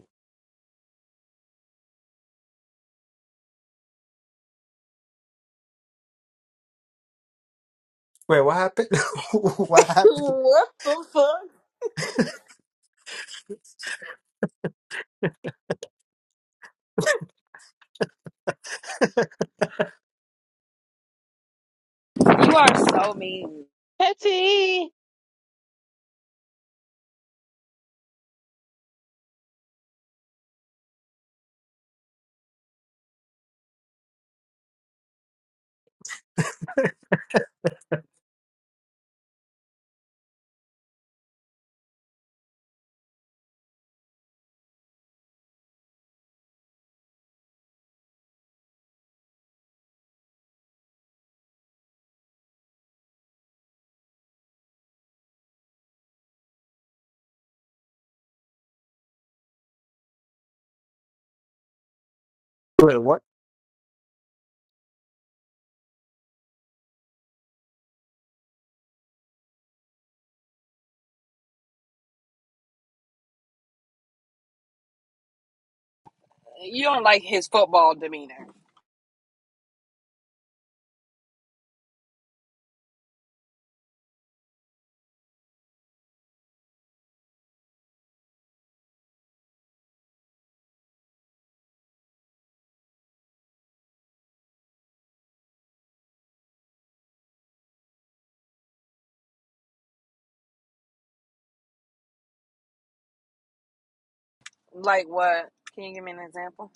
Wait, what happened? (laughs) what (laughs) happened? what the fuck? You are so mean. Petty. Wait, what? You don't like his football demeanor. Like what? Can you give me an example?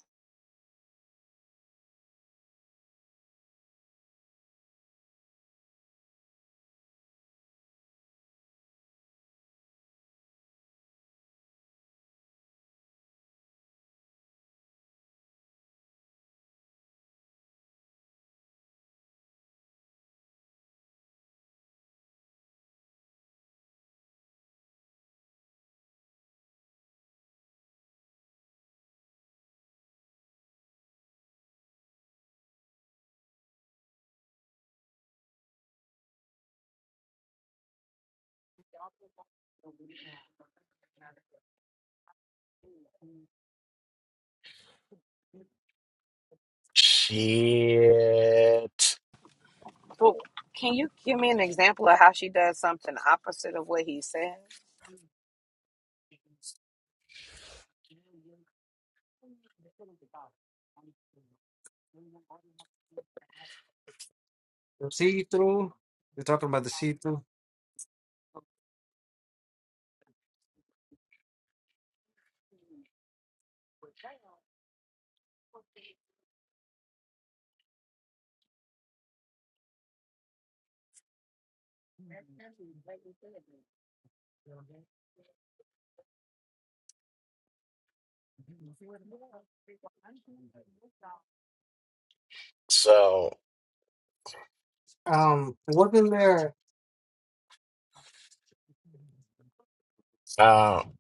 Shit. Well, can you give me an example of how she does something opposite of what he said? The see-through? You're talking about the see-through? So Um, wasn't there um,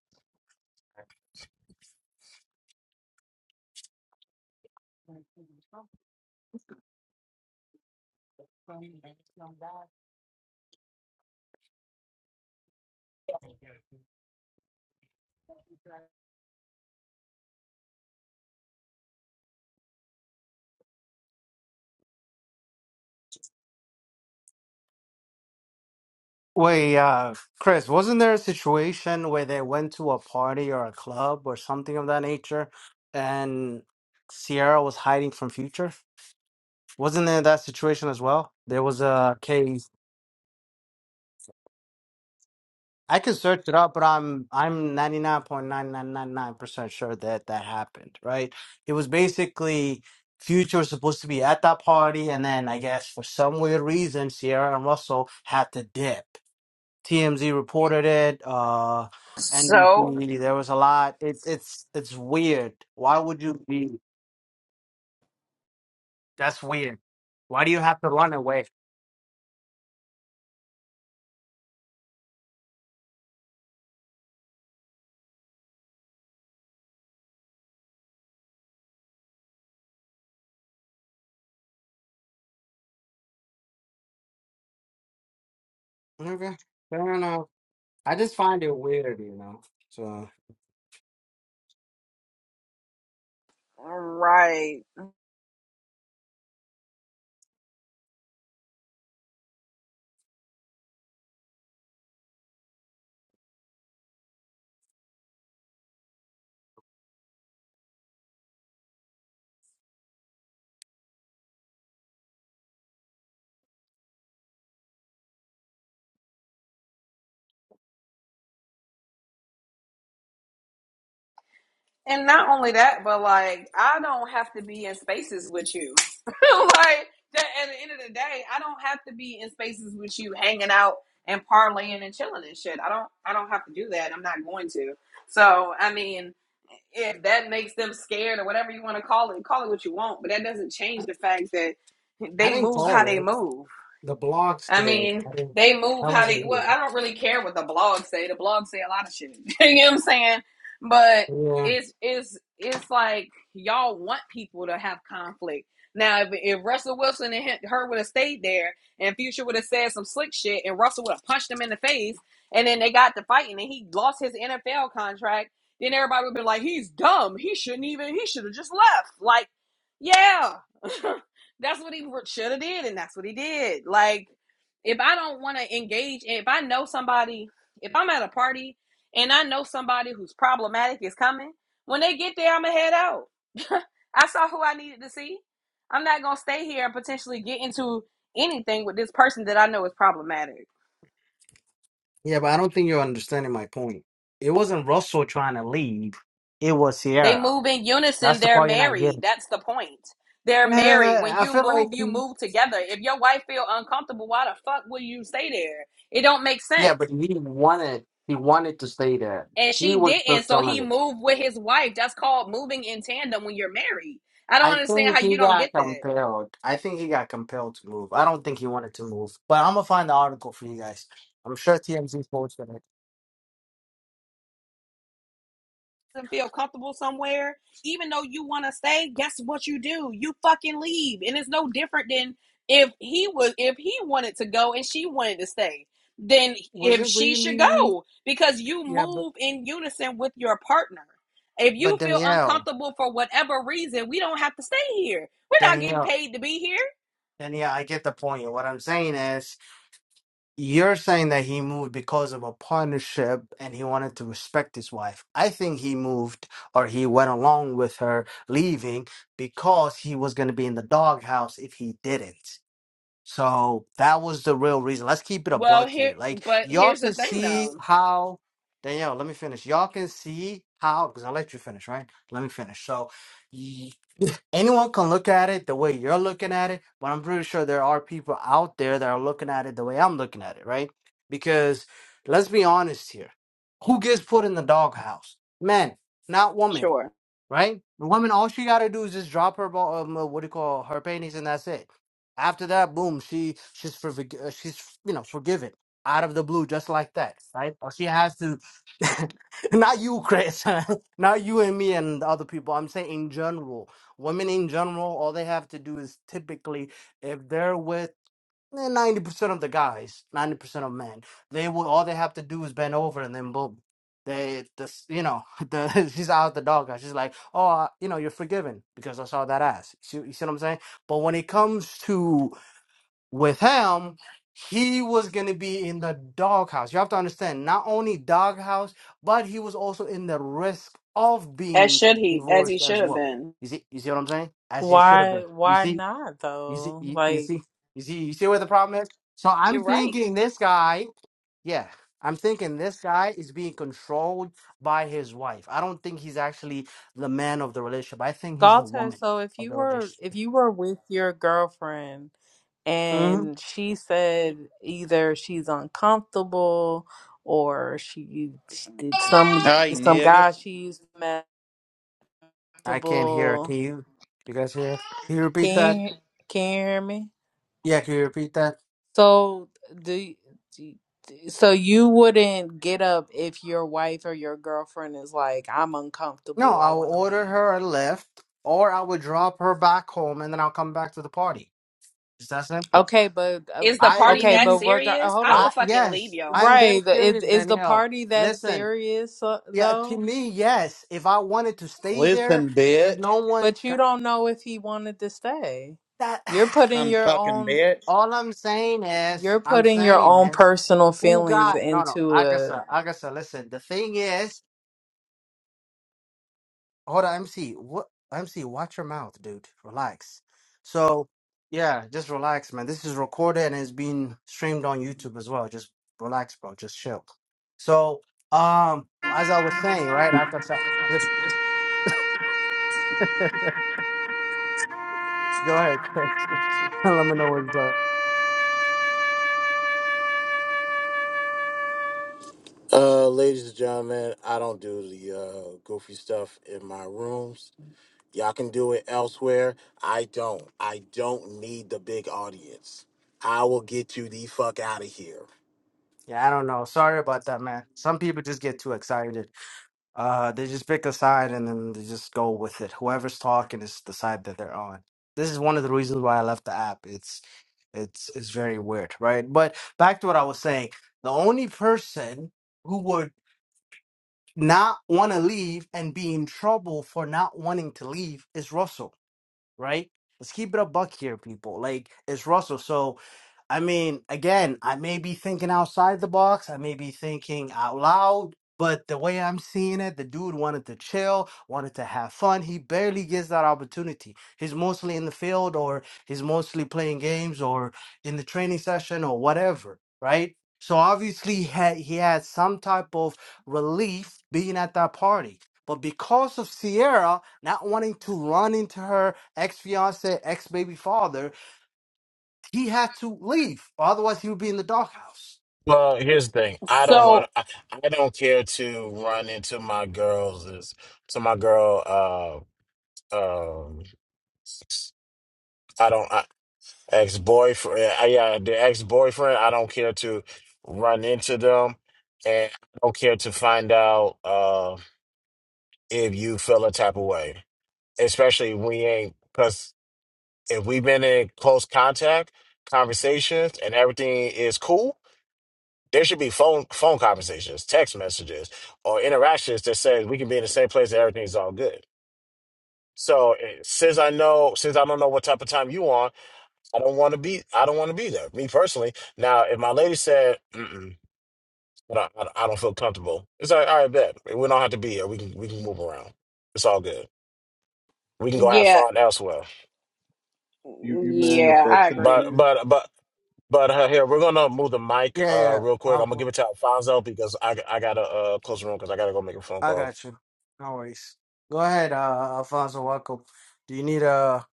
Wait, uh, Chris, wasn't there a situation where they went to a party or a club or something of that nature and Sierra was hiding from Future? Wasn't there that situation as well? There was a case. I can search it up, but I'm I'm 99.9999% sure that that happened, right? It was basically Future was supposed to be at that party, and then I guess for some weird reason, Sierra and Russell had to dip. TMZ reported it. Uh, So, NBC. There was a lot. It's it's it's weird. Why would you be? That's weird. Why do you have to run away? Okay, fair enough. I just find it weird, you know. So right. And not only that, but like I don't have to be in spaces with you. (laughs) like that, at the end of the day, I don't have to be in spaces with you, hanging out and parlaying and chilling and shit. I don't. I don't have to do that. I'm not going to. So I mean, if that makes them scared or whatever you want to call it, call it what you want. But that doesn't I, change the fact that I they didn't move call how they it. move. The blocks I did. mean, I didn't, they move that how they. wasn't me. Well, I don't really care what the blogs say. The blogs say a lot of shit. (laughs) you know what I'm saying? But Yeah, it's it's it's like y'all want people to have conflict. Now, if, if Russell Wilson and her would have stayed there, and Future would have said some slick shit, and Russell would have punched him in the face, and then they got to fighting, and he lost his NFL contract, then everybody would be like, "He's dumb. He shouldn't even. He should have just left." Like, yeah, (laughs) that's what he should have did, and that's what he did. Like if I don't want to engage, if I know somebody, if I'm at a party and I know somebody who's problematic is coming, when they get there, I'm gonna head out. (laughs) I saw who I needed to see. I'm not gonna stay here and potentially get into anything with this person that I know is problematic. yeah, but I don't think you're understanding my point. It wasn't Russell trying to leave. It was They Sierra. move in That's unison. the They're part you're not married. getting. (laughs) That's the point. They're Eh, married. When I you feel move, like you move together. If your wife feel uncomfortable, why the fuck will you stay there? It don't make yeah, sense. but he wanted he wanted to stay there. and He she was didn't. So fulfilling he it. moved with his wife. That's called moving in tandem when you're married. I don't I understand think how he you don't get got that. compelled. I think he got compelled to move. I don't think he wanted to move. But I'm gonna find the article for you guys. I'm sure TMZ posted it. Doesn't feel comfortable somewhere, even though you want to stay. Guess what you do? You fucking leave, and it's no different than if he was if he wanted to go and she wanted to stay. Then Was if it she should really? go because you Yeah, but move in unison with your partner. If but you feel Danielle, uncomfortable for whatever reason, we don't have to stay here. We're not getting Danielle, paid to be here. Danielle, I get the point. What I'm saying is, you're saying that he moved because of a partnership and he wanted to respect his wife. I think he moved or he went along with her leaving because he was going to be in the doghouse if he didn't. So that was the real reason. Let's keep it a Well, buck here, here. Like but y'all here's the can thing see though. how Danielle, let me finish. Y'all can see how because I let you finish, right? Let me finish. So. anyone can look at it the way you're looking at it, but I'm pretty sure there are people out there that are looking at it the way I'm looking at it, right? Because let's be honest here. Who gets put in the doghouse? Men, not women Sure. right? The woman, all she gotta do is just drop her ball. Um, uh, what do you call her panties, and that's it. After that, boom, she she's for she's you know forgiven out of the blue, just like that, right? Or she has to, (laughs) not you, Chris, (laughs) not you and me and the other people. I'm saying in general, women in general, all they have to do is typically if they're with Eh, Ninety percent of the guys, ninety percent of men, they will. All they have to do is bend over, and then boom, they this you know (laughs) the she's out the dog. She's like, oh, uh, you know, you're forgiven because I saw that ass. You see, you see what I'm saying? But when it comes to with him, he was gonna be in the doghouse. You have to understand, not only doghouse, but he was also in the risk of As being should he, as he divorced should as have well. been. You see, you see what I'm saying? As he should have been. Why You why see, not you see, though? you, you Like. see, you see, you see where the problem is. So I'm You're right. thinking this guy, yeah, I'm thinking this guy is being controlled by his wife. I don't think he's actually the man of the relationship. I think he's the Galter, woman so if of you the were relationship. if you were with your girlfriend hmm and she said either she's uncomfortable or she she did some Hey, some guy niggas. she used to mess I can't hear. comfortable. Can you? You guys hear? Can you repeat that? Can you, can you hear me? Yeah, can you repeat that? So do, do so you wouldn't get up if your wife or your girlfriend is like, I'm No, uncomfortable, I I'll want to order leave. her a lift, or I will drop her back home, and then I'll come back to the party. It's that simple. Okay, but uh, Is the I party okay, that leave. but regard. uh, serious? Hold I on. I would fucking leave yes, your I'm very ass. Right. the- Is serious, is the Danielle. party that Listen, serious uh, Yeah, to though? me, yes. If I wanted to stay there, Listen, there's bitch. no one But you got don't know if he wanted to stay. that. You're (sighs) putting I'm your fucking own bitch. All I'm saying is, you're I'm putting your saying own is, personal who feelings got no, no, into a Agasa, Agasa. Listen, the thing is, hold on, MC. What MC? Watch your mouth, dude. Relax. So, yeah, just relax, man. This is recorded and it's being streamed on YouTube as well. Just relax, bro. Just chill. So, um, as I was saying, right, Agasa, just go ahead, (laughs) Chris. (laughs) Let me know what's up. Uh, ladies and gentlemen, I don't do the uh, goofy stuff in my rooms. Y'all can do it elsewhere. I don't. I don't need the big audience. I will get you the fuck out of here. Yeah, I don't know. Sorry about that, man. Some people just get too excited. Uh, they just pick a side and then they just go with it. Whoever's talking is the side that they're on. This is one of the reasons why I left the app. It's it's it's very weird, right? But back to what I was saying. The only person who would not want to leave and be in trouble for not wanting to leave is Russell right? Let's keep it a buck here, people. Like it's Russell. So, I mean, again, I may be thinking outside the box. I may be thinking out loud. But the way I'm seeing it, the dude wanted to chill, wanted to have fun. He barely gets that opportunity. He's mostly in the field or he's mostly playing games or in the training session or whatever, right? So obviously he had, he had some type of relief being at that party but because of Sierra not wanting to run into her ex fiance, ex baby father, he had to leave. Or otherwise, he would be in the doghouse. Well, here's the thing. I don't want. So I, I don't care to run into my girls. Is to my girl. Uh, um, I don't. I, ex boyfriend. Yeah, the ex boyfriend. I don't care to run into them, and I don't care to find out uh if you feel a type of way. Especially we ain't because if we've been in close contact, conversations, and everything is cool There should be phone phone conversations, text messages, or interactions that says we can be in the same place and everything's all good. So eh, since I know, since I don't know what type of time you on, I don't want to be. I don't want to be there. Me personally. Now, if my lady said, Mm-mm, I, don't, I don't I don't feel comfortable, it's like all right, bet we don't have to be here. We can we can move around. It's all good. We can go have yeah, fun elsewhere. You you mind if yeah, I I tap But agree. in? but but but uh, here we're gonna move the mic Yeah, uh yeah. real quick. I'll, I'm gonna go- give it to Alfonso because I I gotta uh close the room because I gotta go make a phone I call. got you. No worries. Go ahead, uh, Alfonso Waco. Do you need a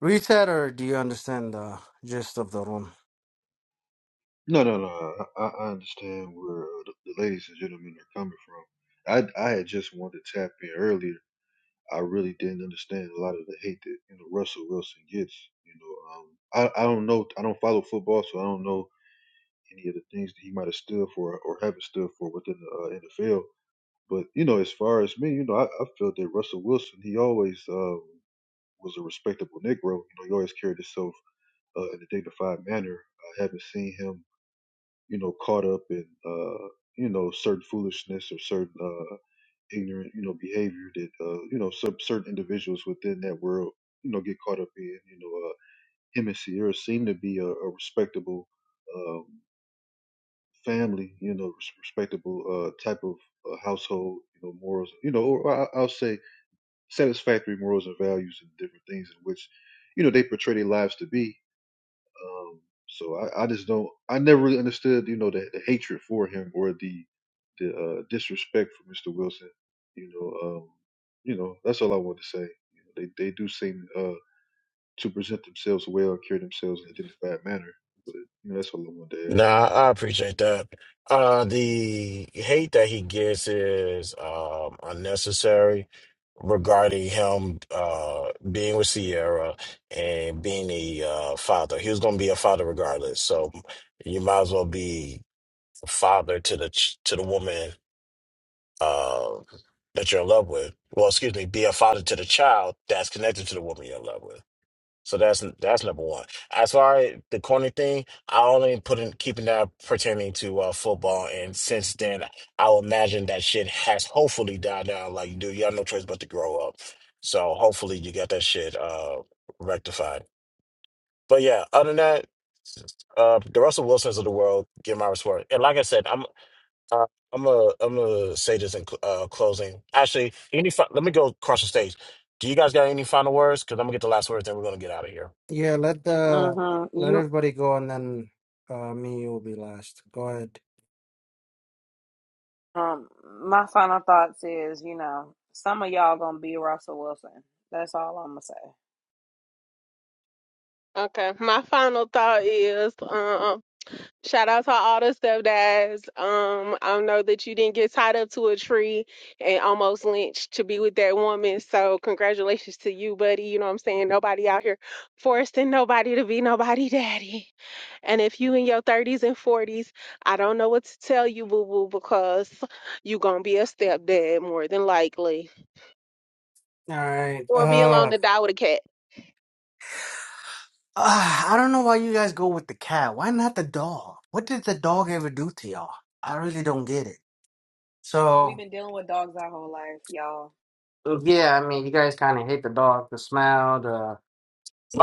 reset or do you understand the gist of the room? No, no, no. I, I understand where uh, the, the ladies and gentlemen are coming from. I I had just wanted to tap in earlier. I really didn't understand a lot of the hate that you know Russell Wilson gets. You know, um, I I don't know. I don't follow football, so I don't know any of the things that he might have stood for or haven't stood for within the uh, NFL. But you know, as far as me, you know, I, I feel that Russell Wilson he always um, was a respectable Negro. You know, he always carried himself uh, in a dignified manner. I haven't seen him you know, caught up in, uh, you know, certain foolishness or certain uh, ignorant, you know, behavior that, uh, you know, some certain individuals within that world, you know, get caught up in. You know, uh, him and Sierra seem to be a, a respectable um, family, you know, res- respectable uh, type of uh, household, you know, morals, you know, or I, I'll say satisfactory morals and values and different things in which, you know, they portray their lives to be um, so I, I just don't. I never really understood, you know, the, the hatred for him or the the uh, disrespect for Mr. Wilson. You know, um, you know, that's all I want to say. You know, they they do seem uh, to present themselves well, carry themselves in a dignified manner. But you know, that's all I wanted to add. Nah, I appreciate that. Uh, the hate that he gets is um unnecessary regarding him uh being with Sierra and being a uh, father. He was gonna be a father regardless, so you might as well be a father to the ch- to the woman uh, that you're in love with. Well, excuse me, be a father to the child that's connected to the woman you're in love with. So that's that's number one. As far as the corny thing, I only put in keeping that pertaining to uh, football, and since then, I would imagine that shit has hopefully died down. Like dude, you have no choice but to grow up. So hopefully, you got that shit uh, rectified. But yeah, other than that, uh, the Russell Wilsons of the world, give my respect. And like I said, I'm uh, I'm gonna I'm gonna say this in cl- uh, closing. Actually, any fi- let me go across the stage. Do you guys got any final words? Because I'm gonna get the last words, then we're gonna get out of here. Yeah, let the Mm-hmm. let You, everybody go and then uh, me will be last. Go ahead. um, my final thoughts is, you know, some of y'all gonna be Russell Wilson. That's all I'm gonna say. Okay. My final thought is: um, Shout out to all the stepdads. Um, I know that you didn't get tied up to a tree and almost lynched to be with that woman. So congratulations to you, buddy. You know what I'm saying? Nobody out here forcing nobody to be nobody (laughs) daddy. And if you in your 30s and 40s, I don't know what to tell you, boo-boo, because you gonna be a stepdad more than likely. All right. Or be uh, alone to die with a cat. Uh, I don't know why you guys go with the cat. Why not the dog? What did the dog ever do to y'all? I really don't get it. We've So been dealing with dogs our whole life, y'all. yeah, I mean, you guys kind of hate the dog, the smell, the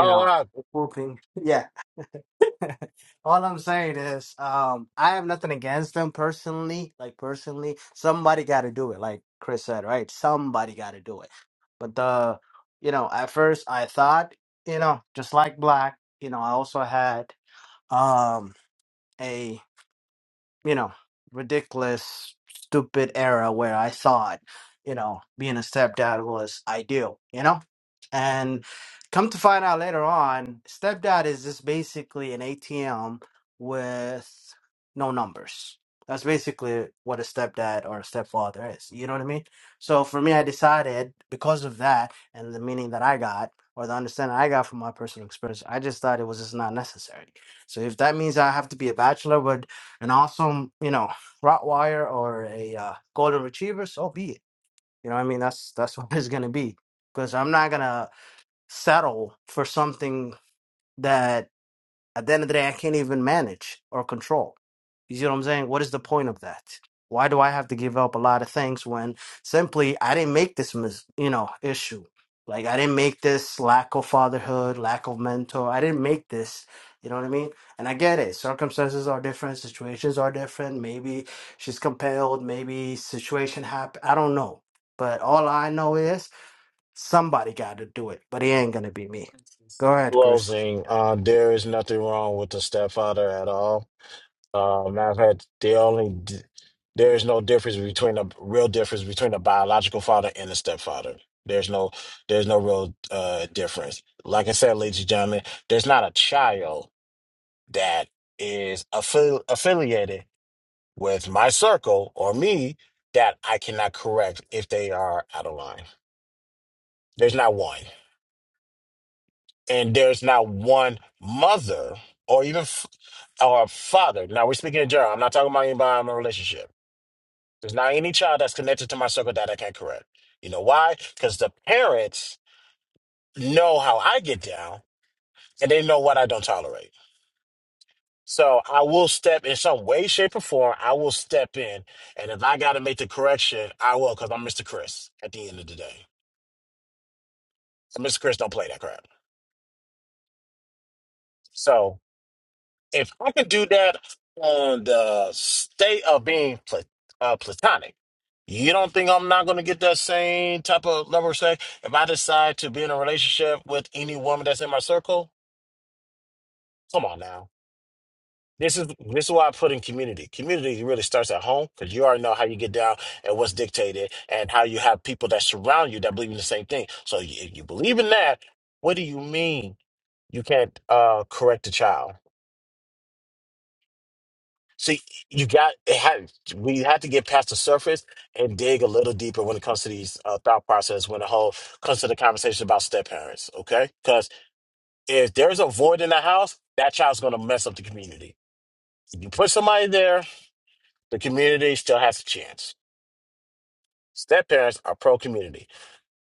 you know, i the whooping. Yeah. (laughs) All I'm saying is, um, I have nothing against them personally. Like personally, somebody got to do it. Like Chris said, right? Somebody got to do it. But the, you know, at first I thought, you know, just like Black, you know, I also had um a you know, ridiculous, stupid era where I thought, you know, being a stepdad was ideal, you know? And come to find out later on, stepdad is just basically an ATM with no numbers. That's basically what a stepdad or a stepfather is. You know what I mean? So for me, I decided because of that and the meaning that I got or the understanding I got from my personal experience, I just thought it was just not necessary. So if that means I have to be a bachelor, well, an awesome, you know, Rottweiler or a uh, Golden Retriever, so be it. You know, what I mean, that's that's (laughs) what it's gonna be because I'm not gonna settle for something at the end of the day, I can't even manage or control. You see what I'm saying? What is the point of that? Why do I have to give up a lot of things when simply I didn't make this, mis- you know, issue? Like I didn't make this lack of fatherhood, lack of mentor. I didn't make this. You know what I mean? And I get it. Circumstances are different. Situations are different. Maybe she's compelled. Maybe situation happened. I don't know. But all I know is somebody got to do it. But it ain't gonna be me. Go ahead, Chris. closing. Uh, there is nothing wrong with the stepfather at all. Um, I've had the only d- there is no difference between a real difference between a biological father and a stepfather. There's no there's no real uh difference. Like I said, ladies and gentlemen, there's not a child that is affi- affiliated with my circle or me that I cannot correct if they are out of line. There's not one, and there's not one mother or even f- or father. Now we're speaking in general. I'm not talking about anybody in a relationship There's not any child that's connected to my circle that I can't correct. You know why? Because the parents know how I get down and they know what I don't tolerate. So I will step in some way, shape, or form. I will step in. And if I got to make the correction, I will because I'm Mr. Chris at the end of the day. So Mr. Chris don't play that crap. So if I can do that on the state of being pla- uh, platonic, you don't think I'm not going to get that same type of level of sex if I decide to be in a relationship with any woman that's in my circle? Come on now. This is this is why I put in community. Community really starts at home because you already know how you get down and what's dictated, and how you have people that surround you that believe in the same thing. So y- if you believe in that, what do you mean you can't uh, correct a child? See, you got it had we had to get past the surface and dig a little deeper when it comes to these uh, thought process when the whole comes to the conversation about step parents, okay? Because if there's a void in the house, that child's gonna mess up the community. If you put somebody there, the community still has a chance. Step parents are pro community.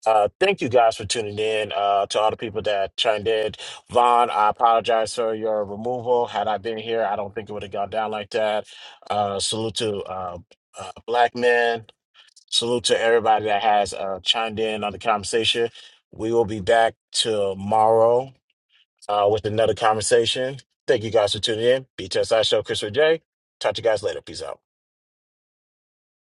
Uh, thank you guys for tuning in. Uh, to all the people that chimed in, Vaughn, I apologize for your removal. Had I been here, I don't think it would have gone down like that. Uh, salute to uh, uh, black men. Salute to everybody that has uh, chimed in on the conversation. We will be back tomorrow uh, with another conversation. Thank you guys for tuning in. Btsi Show, Christopher J. Talk to you guys later. Peace out.